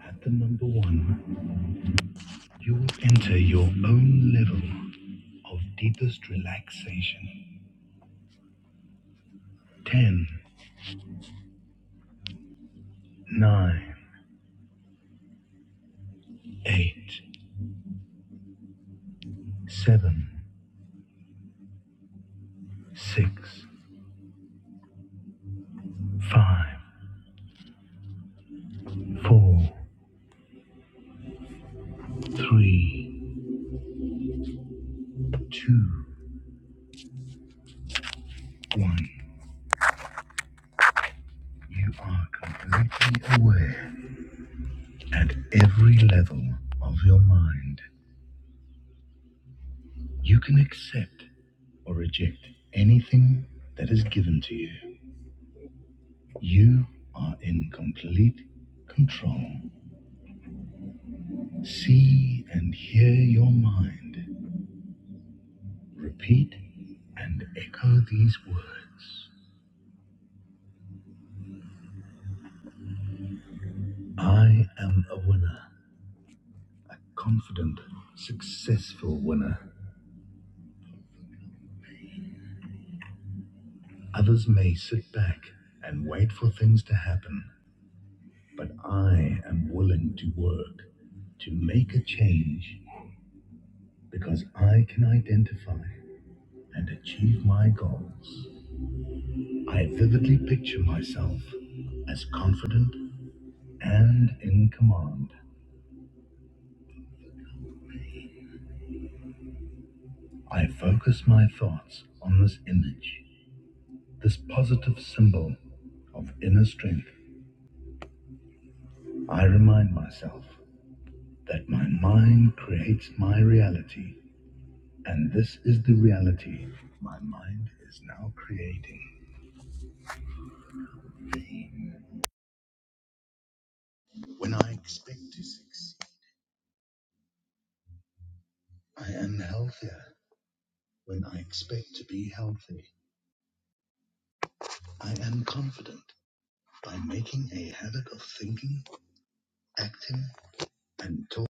A: At the number one, you will enter your own level of deepest relaxation. Ten, nine, eight, seven, six, five, four, three, two, one. You are completely aware at every level of your mind. You can accept or reject anything that is given to you. You are in complete control. See and hear your mind. Repeat and echo these words I am a winner, a confident, successful winner. Others may sit back and wait for things to happen, but I am willing to work to make a change because I can identify and achieve my goals. I vividly picture myself as confident and in command. I focus my thoughts on this image, this positive symbol of inner strength. I remind myself that my mind creates my reality, and this is the reality my mind is now creating. When I expect to succeed, I am healthier. When I expect to be healthy, I am confident by making a habit of thinking, acting, and talking.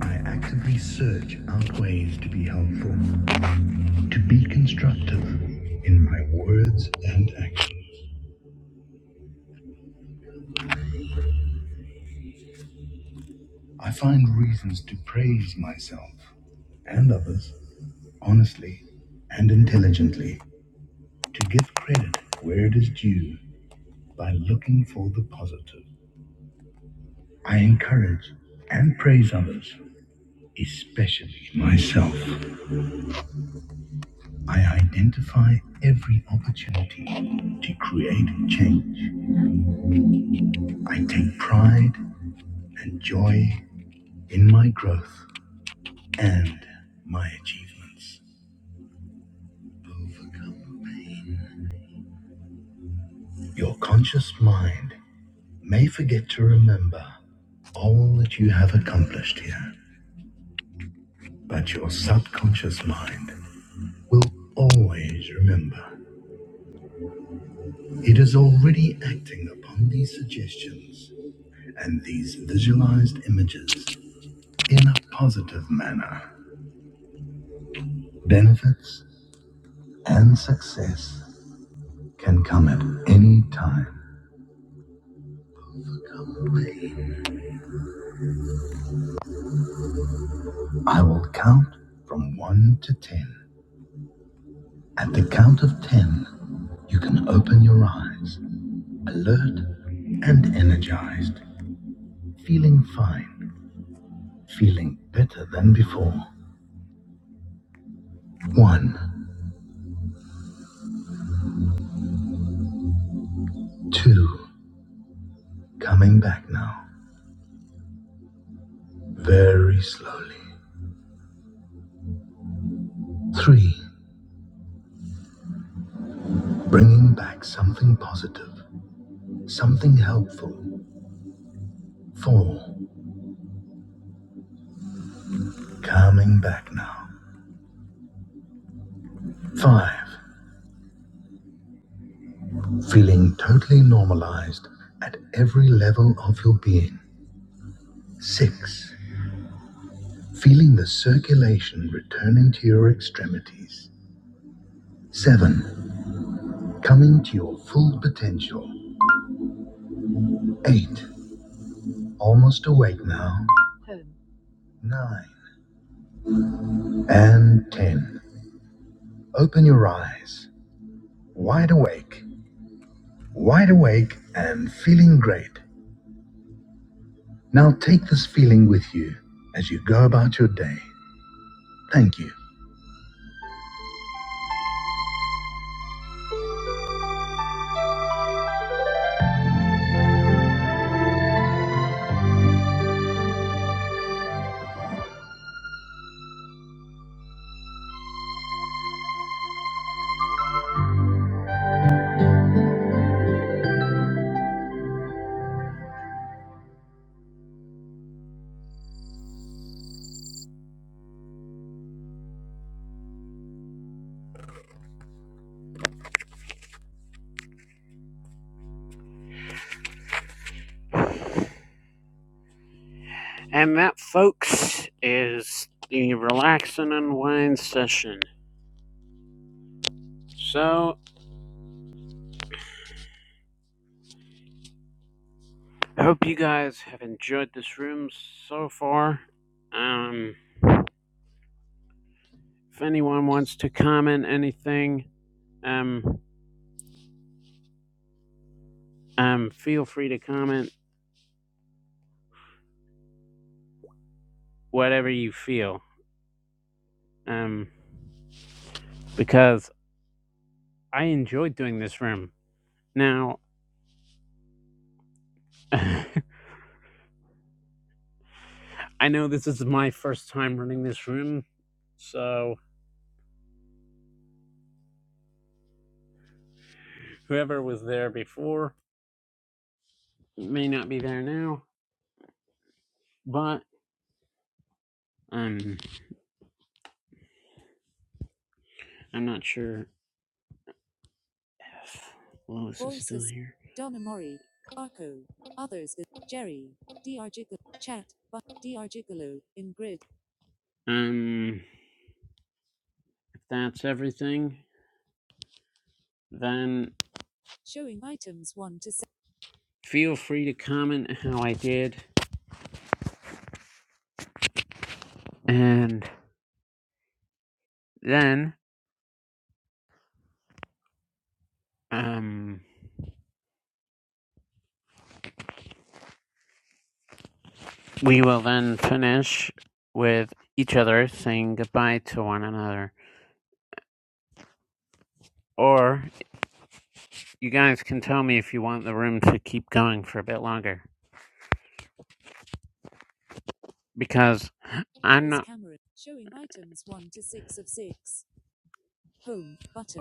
A: I actively search out ways to be helpful, to be constructive in my words and actions. I find reasons to praise myself and others honestly and intelligently, to give credit where it is due by looking for the positive. I encourage and praise others, especially myself. I identify every opportunity to create change. I take pride and joy in my growth and my achievements. Overcome pain. Your conscious mind may forget to remember all that you have accomplished here, but your subconscious mind will always remember. It is already acting upon these suggestions and these visualized images in a positive manner. Benefits and success can come at any time. I will count from 1 to 10. At the count of 10, you can open your eyes, alert and energized, feeling fine, feeling better than before. 1, 2, coming back now, very slowly. 3, bringing back something positive, something helpful, Four, calming back now. Five, feeling totally normalized at every level of your being. Six, feeling the circulation returning to your extremities. Seven, coming to your full potential. Eight, almost awake now. Nine, and ten. Open your eyes, wide awake, wide awake, and feeling great. Now take this feeling with you as you go about your day. Thank you. And that, folks, is the Relax and Unwind session. So, I hope you guys have enjoyed this room so far. Um, if anyone wants to comment anything, um, um, feel free to comment whatever you feel. Um, because I enjoyed doing this room. Now, I know this is my first time running this room, so whoever was there before may not be there now, but I'm. I'm not sure if Lois is is still here. Um, if that's everything, then feel free to comment how I did, and then um, we will then finish with each other saying goodbye to one another. Or you guys can tell me if you want the room to keep going for a bit longer, because I'm not.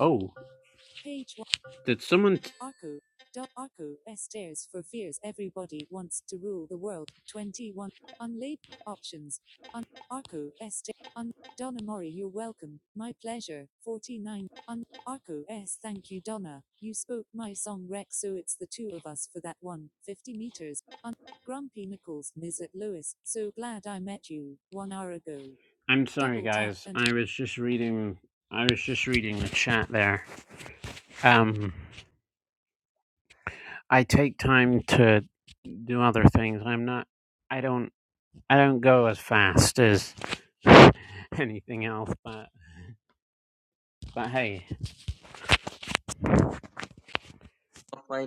A: Oh, did someone? t- I'm sorry, Something's guys. happened. I enter. was just reading. I was just reading the chat there. Um, I take time to do other things. I'm not. I don't. I don't go as fast as anything else. But but hey,
K: Yeah.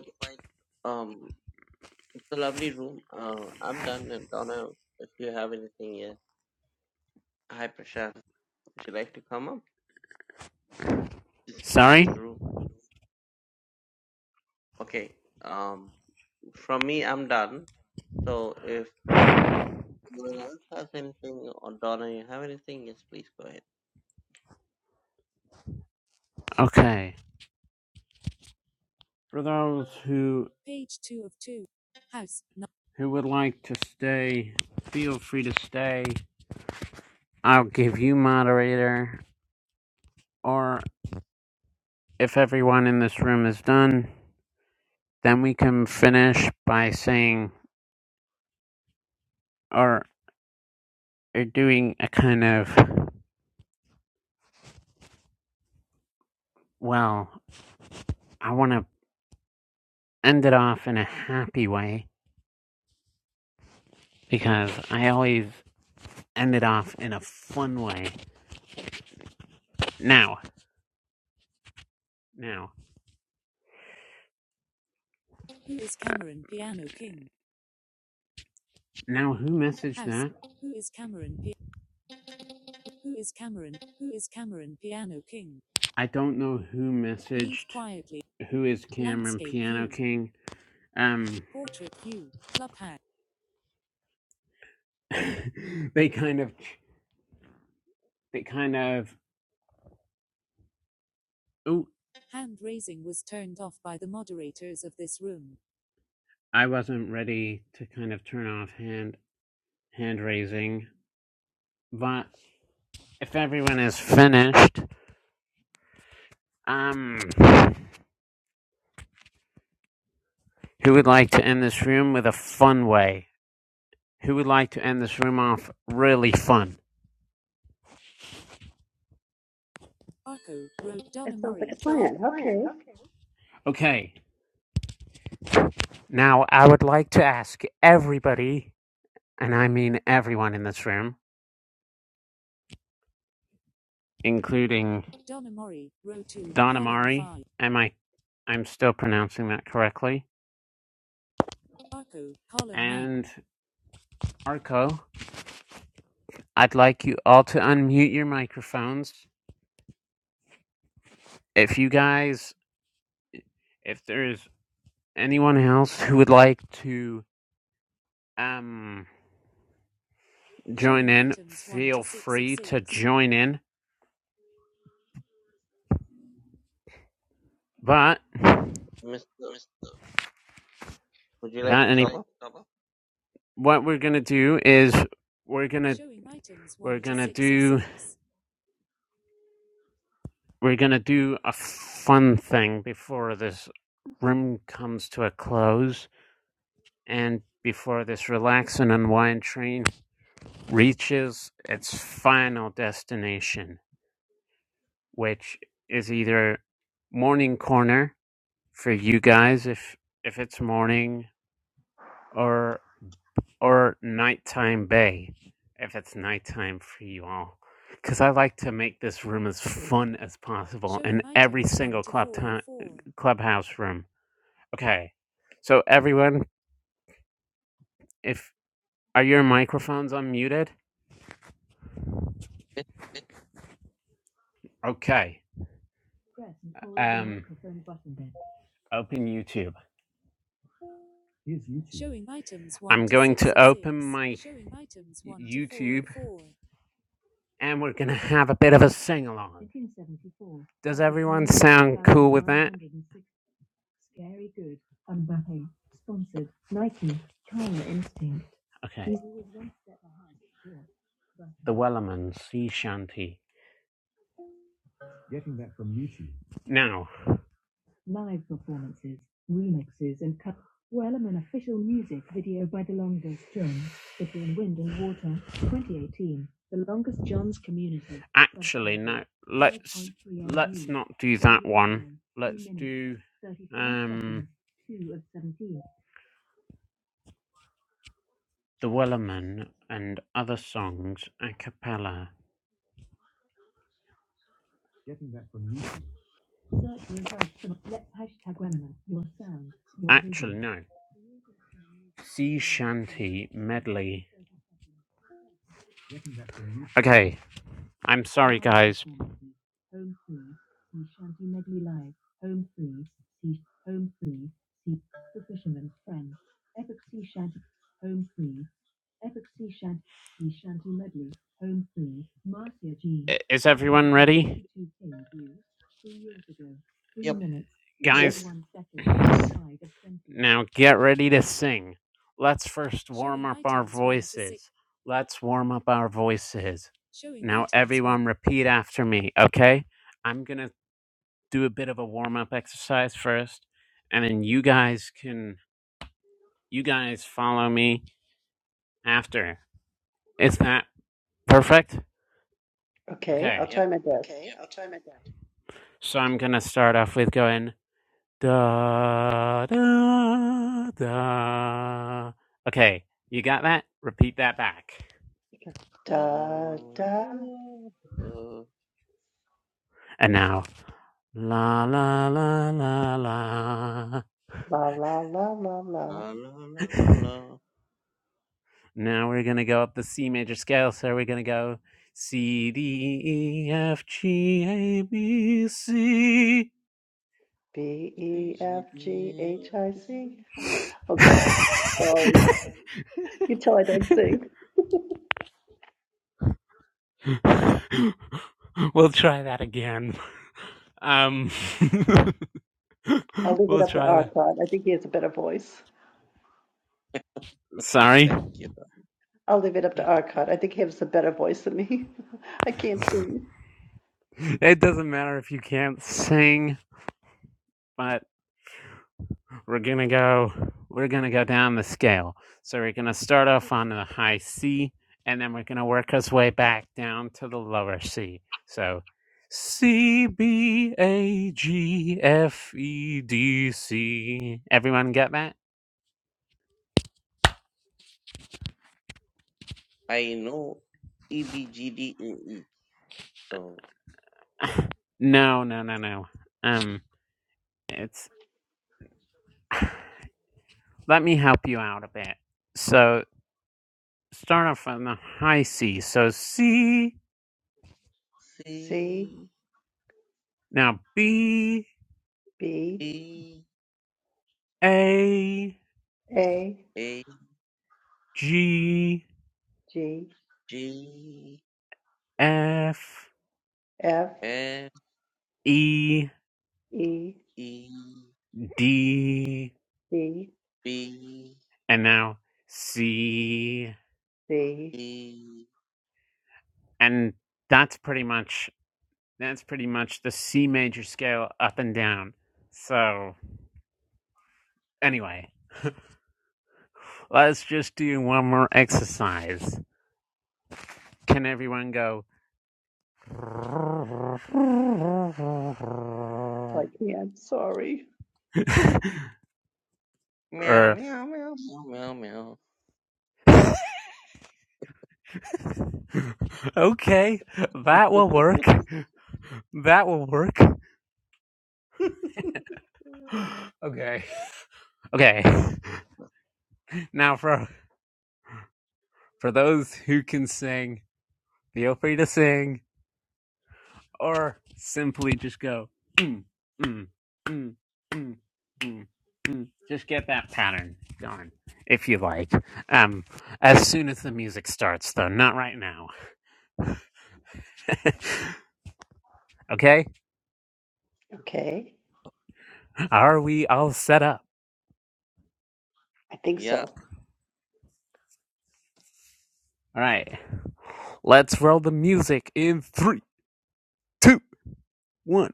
K: Um, it's a lovely room. Uh, I'm done. And Donna, if you have anything, yeah. Hi, Prashant. Would you like to come up?
A: sorry.
K: the room? Okay. Um, from me, I'm done. So if uh, anyone else has anything, or Donna, you have anything, yes, please go ahead.
A: Okay. For those who who would like to stay, feel free to stay. I'll give you moderator. Or if everyone in this room is done, then we can finish by saying or are doing a kind of, well, I want to end it off in a happy way because I always end it off in a fun way. Now, now, now, who messaged that? I don't know who messaged who is Cameron Piano King. Um, they kind of, they kind of. Oh, I wasn't ready to kind of turn off hand hand raising, but if everyone is finished, um, Who would like to end this room with a fun way? Who would like to end this room off really fun?
E: That sounds like a plan. Okay.
A: Okay, now I would like to ask everybody, and I mean everyone in this room, including Don Amari. Am I? I'm still pronouncing that correctly. And Arco, I'd like you all to unmute your microphones. If you guys, if there's anyone else who would like to um join in, feel free to join in. But
K: Mr. Would you like
A: without
K: to
A: any,
K: come up?
A: what we're gonna do is we're gonna we're gonna do we're gonna do a fun thing before this room comes to a close and before this relax and unwind train reaches its final destination, which is either morning corner for you guys if if it's morning, or. or nighttime bay if it's nighttime for you all. Because I like to make this room as fun as possible So in every single club time, clubhouse room. Okay, so everyone, if are your microphones unmuted?
K: Yes.
A: Okay. Um, open YouTube. i I'm going to open my YouTube and we're gonna have a bit of a sing along. Does everyone sound cool with that? Okay. The Wellerman Sea Shanty. Now, actually, no. Let's let's not do that one. Let's do um the Wellerman and other songs a cappella. Actually, no. Sea Shanty medley. Okay, I'm sorry, guys. Is everyone ready?
K: Yep.
A: Guys,
E: Yes.
A: now get ready to sing. Let's first warm up our voices. Let's warm up our voices. Now, everyone, repeat after me, okay? I'm gonna do a bit of a warm up exercise first, and then you guys can, you guys follow me after. Is that perfect?
E: Okay. I'll
A: Okay,
K: Yep.
E: try my best.
A: so I'm gonna start off with going. Da da da. Okay, you got that? Repeat that back.
E: Da, da,
A: And now, la la la la la.
E: la, la, la, la, la.
K: Da, la la, la, la, la.
A: now we're gonna go up the C major scale. So we're gonna go C D E F G A B C.
E: B, E, F, G,
K: TGBA.
E: H, I, C. Oh, God. Sorry. You tell I don't sing.
A: we'll try that again. Um,
E: I'll leave it
A: we'll
E: up to
A: try that.
E: Arcot. I think he has a better voice.
A: Sorry.
K: Thank you. Donna.
E: I'll leave it up to Arcot. I think he has a better voice than me. I can't sing.
A: it doesn't matter if you can't sing, but we're gonna go we're gonna go down the scale. So we're gonna start off on the high C and then we're gonna work us way back down to the lower C. So C B A G F E D C. Everyone get that?
K: I know EBGDAE. So
A: No, no, no, no. Um it's let me help you out a bit. So start off on the high C. So C
E: C
K: C
A: now B
E: B
K: E
A: A
E: A
K: A
A: G
E: G
K: G
A: F
E: F
K: F
A: E
E: E
K: E
A: D
E: D
K: B
A: and now C
E: C.
K: E
A: and that's pretty much that's pretty much the C major scale up and down. So anyway, let's just do one more exercise. Can everyone go
E: I can't, sorry.
K: meow
A: Er,
K: meow meow meow meow meow.
A: okay, that will work. That will work. okay. Okay. Now for for those who can sing, feel free to sing or simply just go mm, mm, mm, mm, mm, mm. Just get that pattern going if you like. Um as soon as the music starts though, not right now. okay?
E: Okay,
A: Are we all set up?
E: I think
K: Yeah,
E: so.
A: All right. Let's roll the music in three, two, one.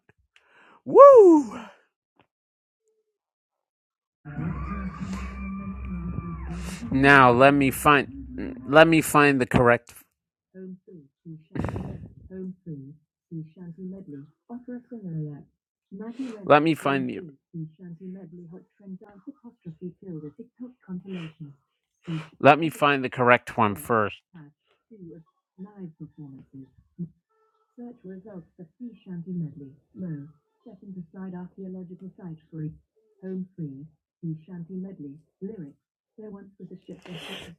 A: Woo! Now let me find let me find the correct let me find you. Let me find the correct one first.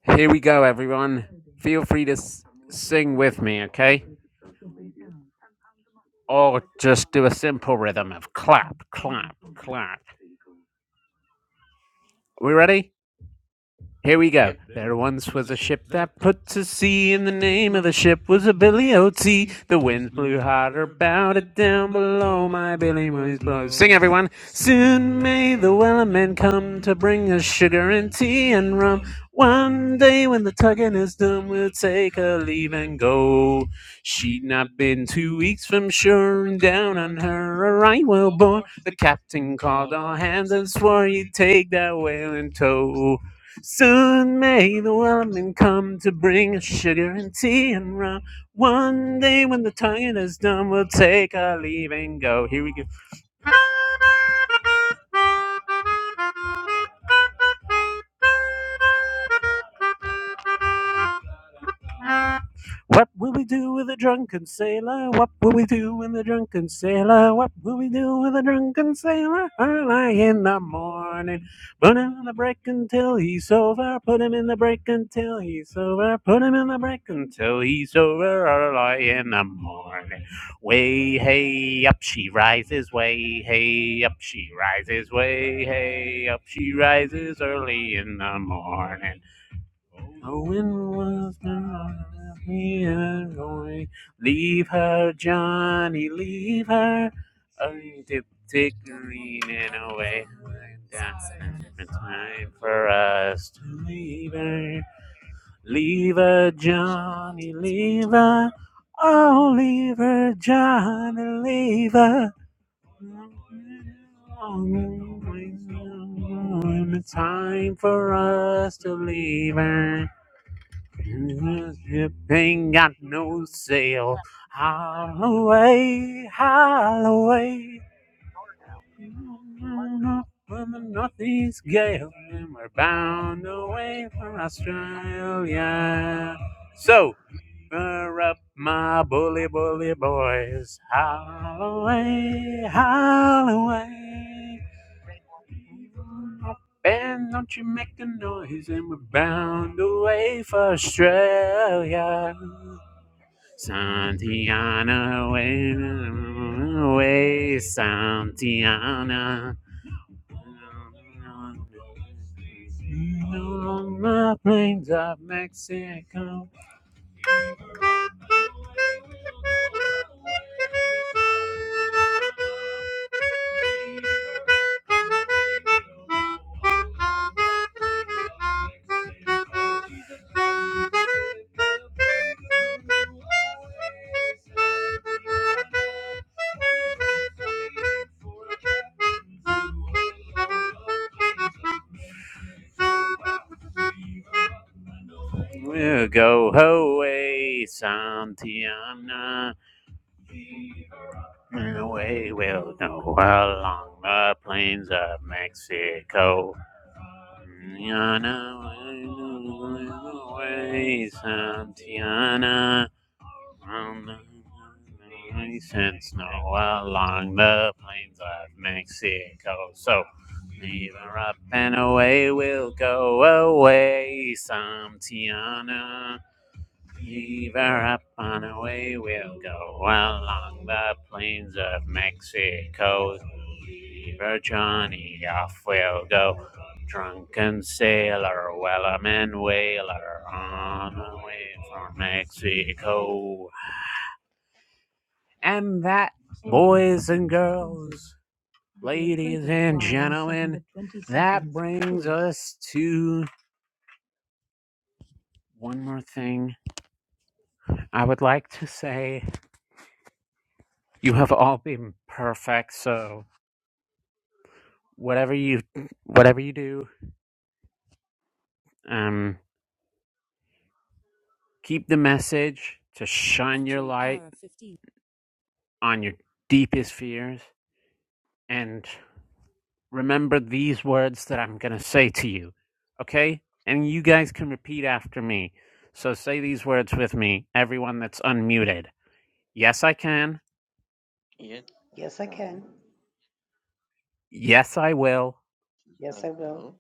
A: Here we go, everyone. Feel free to s- sing with me, okay? Or just do a simple rhythm of clap, clap, clap. We ready? Here we go.
K: yep,
A: There once was a ship that put to sea, and the name of the ship was a Billy O.T. The winds blew hotter, bowed it down below my Billy was blow. Sing everyone. Soon may the weller men come to bring us sugar and tea and rum. One day when the tugging is done, we'll take a leave and go. She'd not been two weeks from shore, and down on her a right whale bore. The captain called all hands and swore he'd take that whale in tow. Soon may the woman come to bring us sugar and tea and rum. One day when the tonguing is done, we'll take our leave and go. Here we go. What will we do with a drunken sailor? What will we do with a drunken sailor? What will we do with a drunken sailor? Early in the morning. Put him in the break until he's sober. Put him in the break until he's sober. Put him in the break until he's sober. Early in the morning. Way hey up she rises. Way hey up she rises. Way hey up she rises. Early in the morning. The wind was blowing and going. Leave her, Johnny, leave her. I dip tick leaning away. Dancing. It's time for us to leave her. Leave her, Johnny, leave her. Oh, leave her, Johnny, leave her. It's time for us to leave her. Ship ain't got no sail. Howl away, howl away. Up With the northeast gale, and we're bound away for Australia. So, fur up my bully, bully boys. Howl away, howl away. Ben, don't you make a noise, and we're bound away for Australia. Santiana, away, away, Santiana. Along the plains of Mexico, we'll go away, Santiana. We will know along the plains of Mexico. Tiana, way, Santiana, on the ice and snow along the plains of Mexico. So, leave her up and away, we'll go away, Santiana. Beaver up and away we'll go along the plains of Mexico. Beaver Johnny off we'll go. Drunken sailor, wellerman whaler, on away from Mexico. And that, boys and girls, ladies and gentlemen, that brings us to one more thing I would like to say. You have all been perfect, so. whatever you whatever you do, um, keep the message to shine your light on your deepest fears and remember these words that I'm going to say to you. Okay? And you guys can repeat after me. So say these words with me, everyone that's unmuted. Yes, I can.
K: yep.
E: Yes, I
K: Okay,
E: can.
A: Yes, I will.
E: Yes,
K: I
E: I will.
K: you.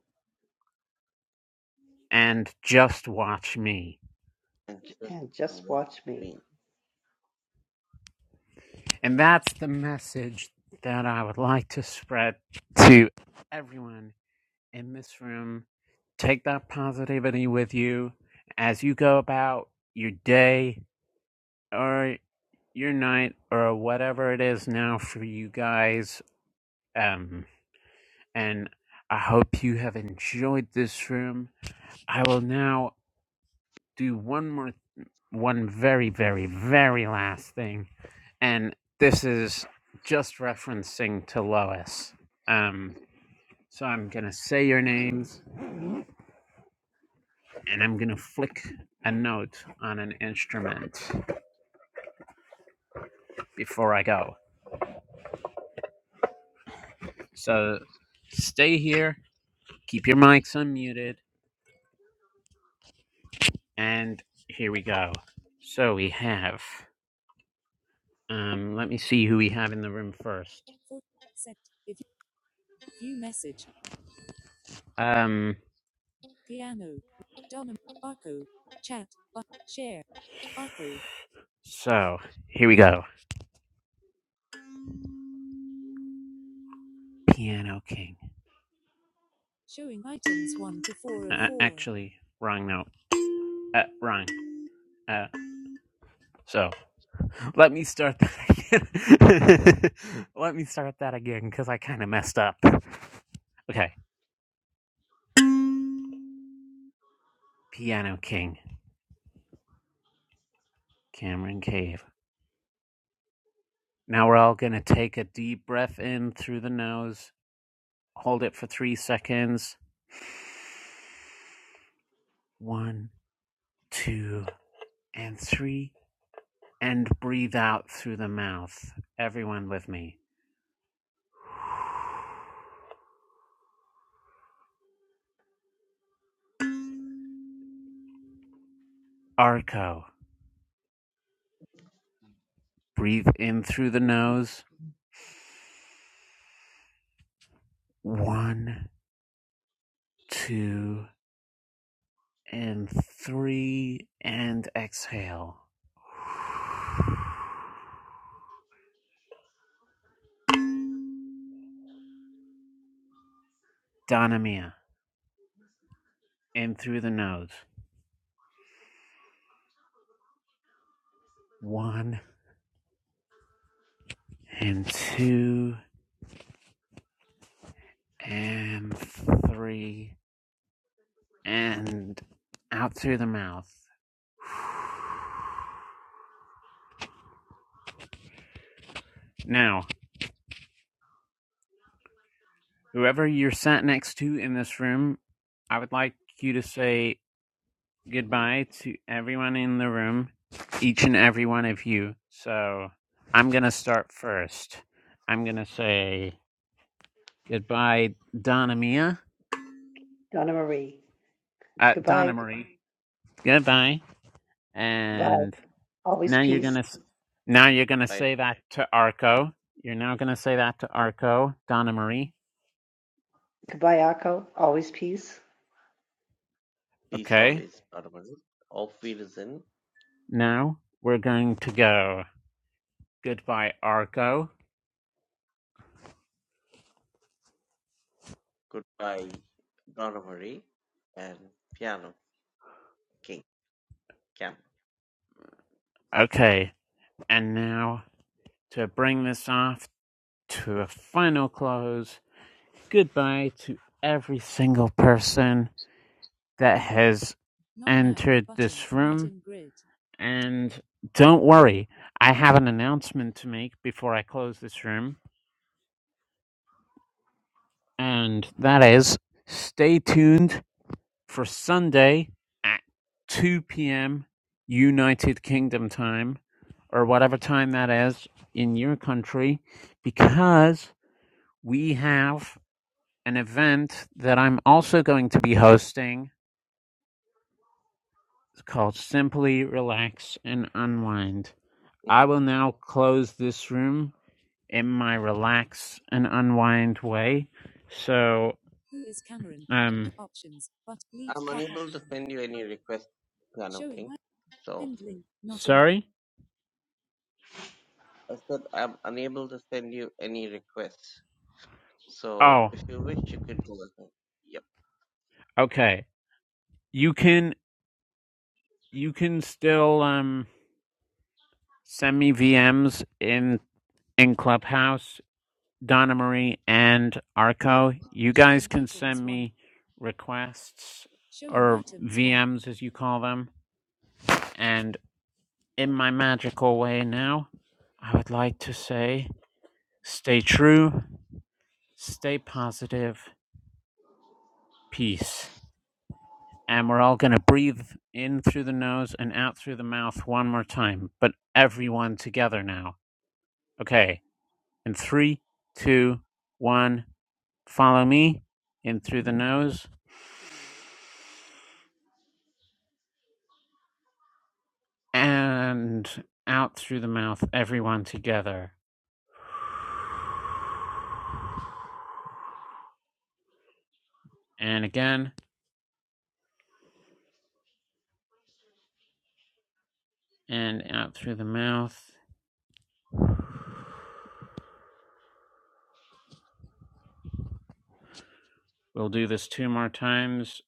A: And just watch me.
K: And
E: J-
K: just
E: And just
K: what
E: watch me.
K: me.
A: And that's the message that I would like to spread to everyone in this room. Take that positivity with you as you go about your day or your night or whatever it is now for you guys. Um, and I hope you have enjoyed this room. I will now do one more, one very, very, very last thing. And this is just referencing to Lois. Um, so I'm going to say your names and I'm gonna flick a note on an instrument before I go. So stay here, keep your mics unmuted, and here we go. So we have um let me see who we have in the room first. Um so here we go. Piano King. Uh, actually wrong note. Uh wrong. Uh so let me start that again. let me start that again cuz I kind of messed up. Okay. Piano King. Cameron Cave. Now we're all going to take a deep breath in through the nose, hold it for three seconds. One, two, and three. And breathe out through the mouth. Everyone with me. Arco. Breathe in through the
E: Mhm.
A: nose. One, two, and three. And exhale. Donna Mia. In through the nose. One, and two and three and out through the mouth. Now, whoever you're sat next to in this room, I would like you to say goodbye to everyone in the room, each and every one of you. So I'm going to start first. I'm going to say goodbye, Donna Mia,
E: Donna Marie.
A: uh, Donna
E: Goodbye.
A: Marie. Goodbye.
E: Goodbye.
A: And
E: Always
A: Now you're
E: peace.
A: gonna s- now you're gonna
K: I
A: say that to Arco. You're now gonna say that to Arco, Donna Marie.
E: Goodbye, Akko. Always peace.
K: peace
A: Okay.
K: always, Donovan. Auf Wiedersehen.
A: Now we're going to go. Goodbye, Arco.
K: Goodbye, Donovan. And Piano King. Cam.
A: Okay. And now to bring this off to a final close. Goodbye to every single person that has entered this room. And don't worry, I have an announcement to make before I close this room And that is stay tuned for Sunday at 2 p.m. United Kingdom time, or whatever time that is in your country, because we have an event that I'm also going to be hosting. It's called Simply Relax and Unwind. I
K: Mhm.
A: will now close this room. in my relax and unwind way. So, um,
K: I'm unable to send you any request, Piano King. So.
A: sorry.
K: I said I'm unable to send you any requests. So
A: Oh,
K: if you wish, you could go ahead. Yep.
A: okay. You can you can still um send me VMs in in Clubhouse, Donna Marie and
K: Not
A: Arco. You guys can send me requests or VMs as you call them. And in my magical way now, I would like to say Stay true, stay positive, peace. And we're all going to breathe in through the nose and out through the mouth one more time, but everyone together now. Okay. In three, two, one, follow me in through the nose and out through the mouth, everyone together. And again, and out through the mouth. We'll do this two more times.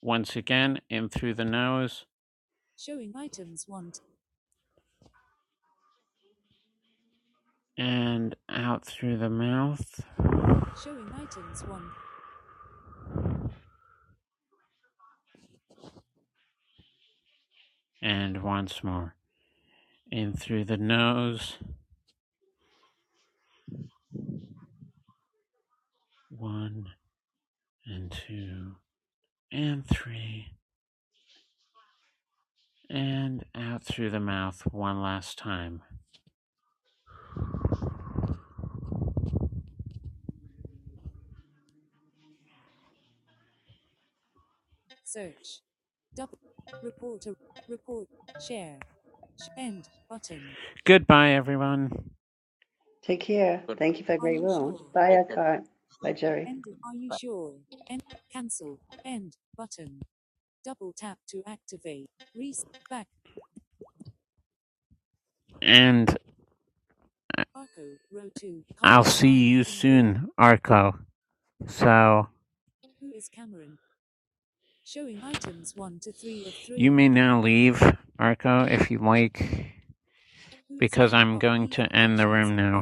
A: Once again, in through the nose and out through the mouth. and once more. In through the nose, one and two and three, and out through the mouth one last time. Goodbye, everyone,
E: Take care. Thank
K: goodbye.
E: you for a great room. Bye,
K: Take care.
E: Akko. Bye,
K: Thank
E: Jerry.
K: you.
A: and I'll see you soon, Arco. So you may now leave, Arco, if you like, because I'm going to end the room now.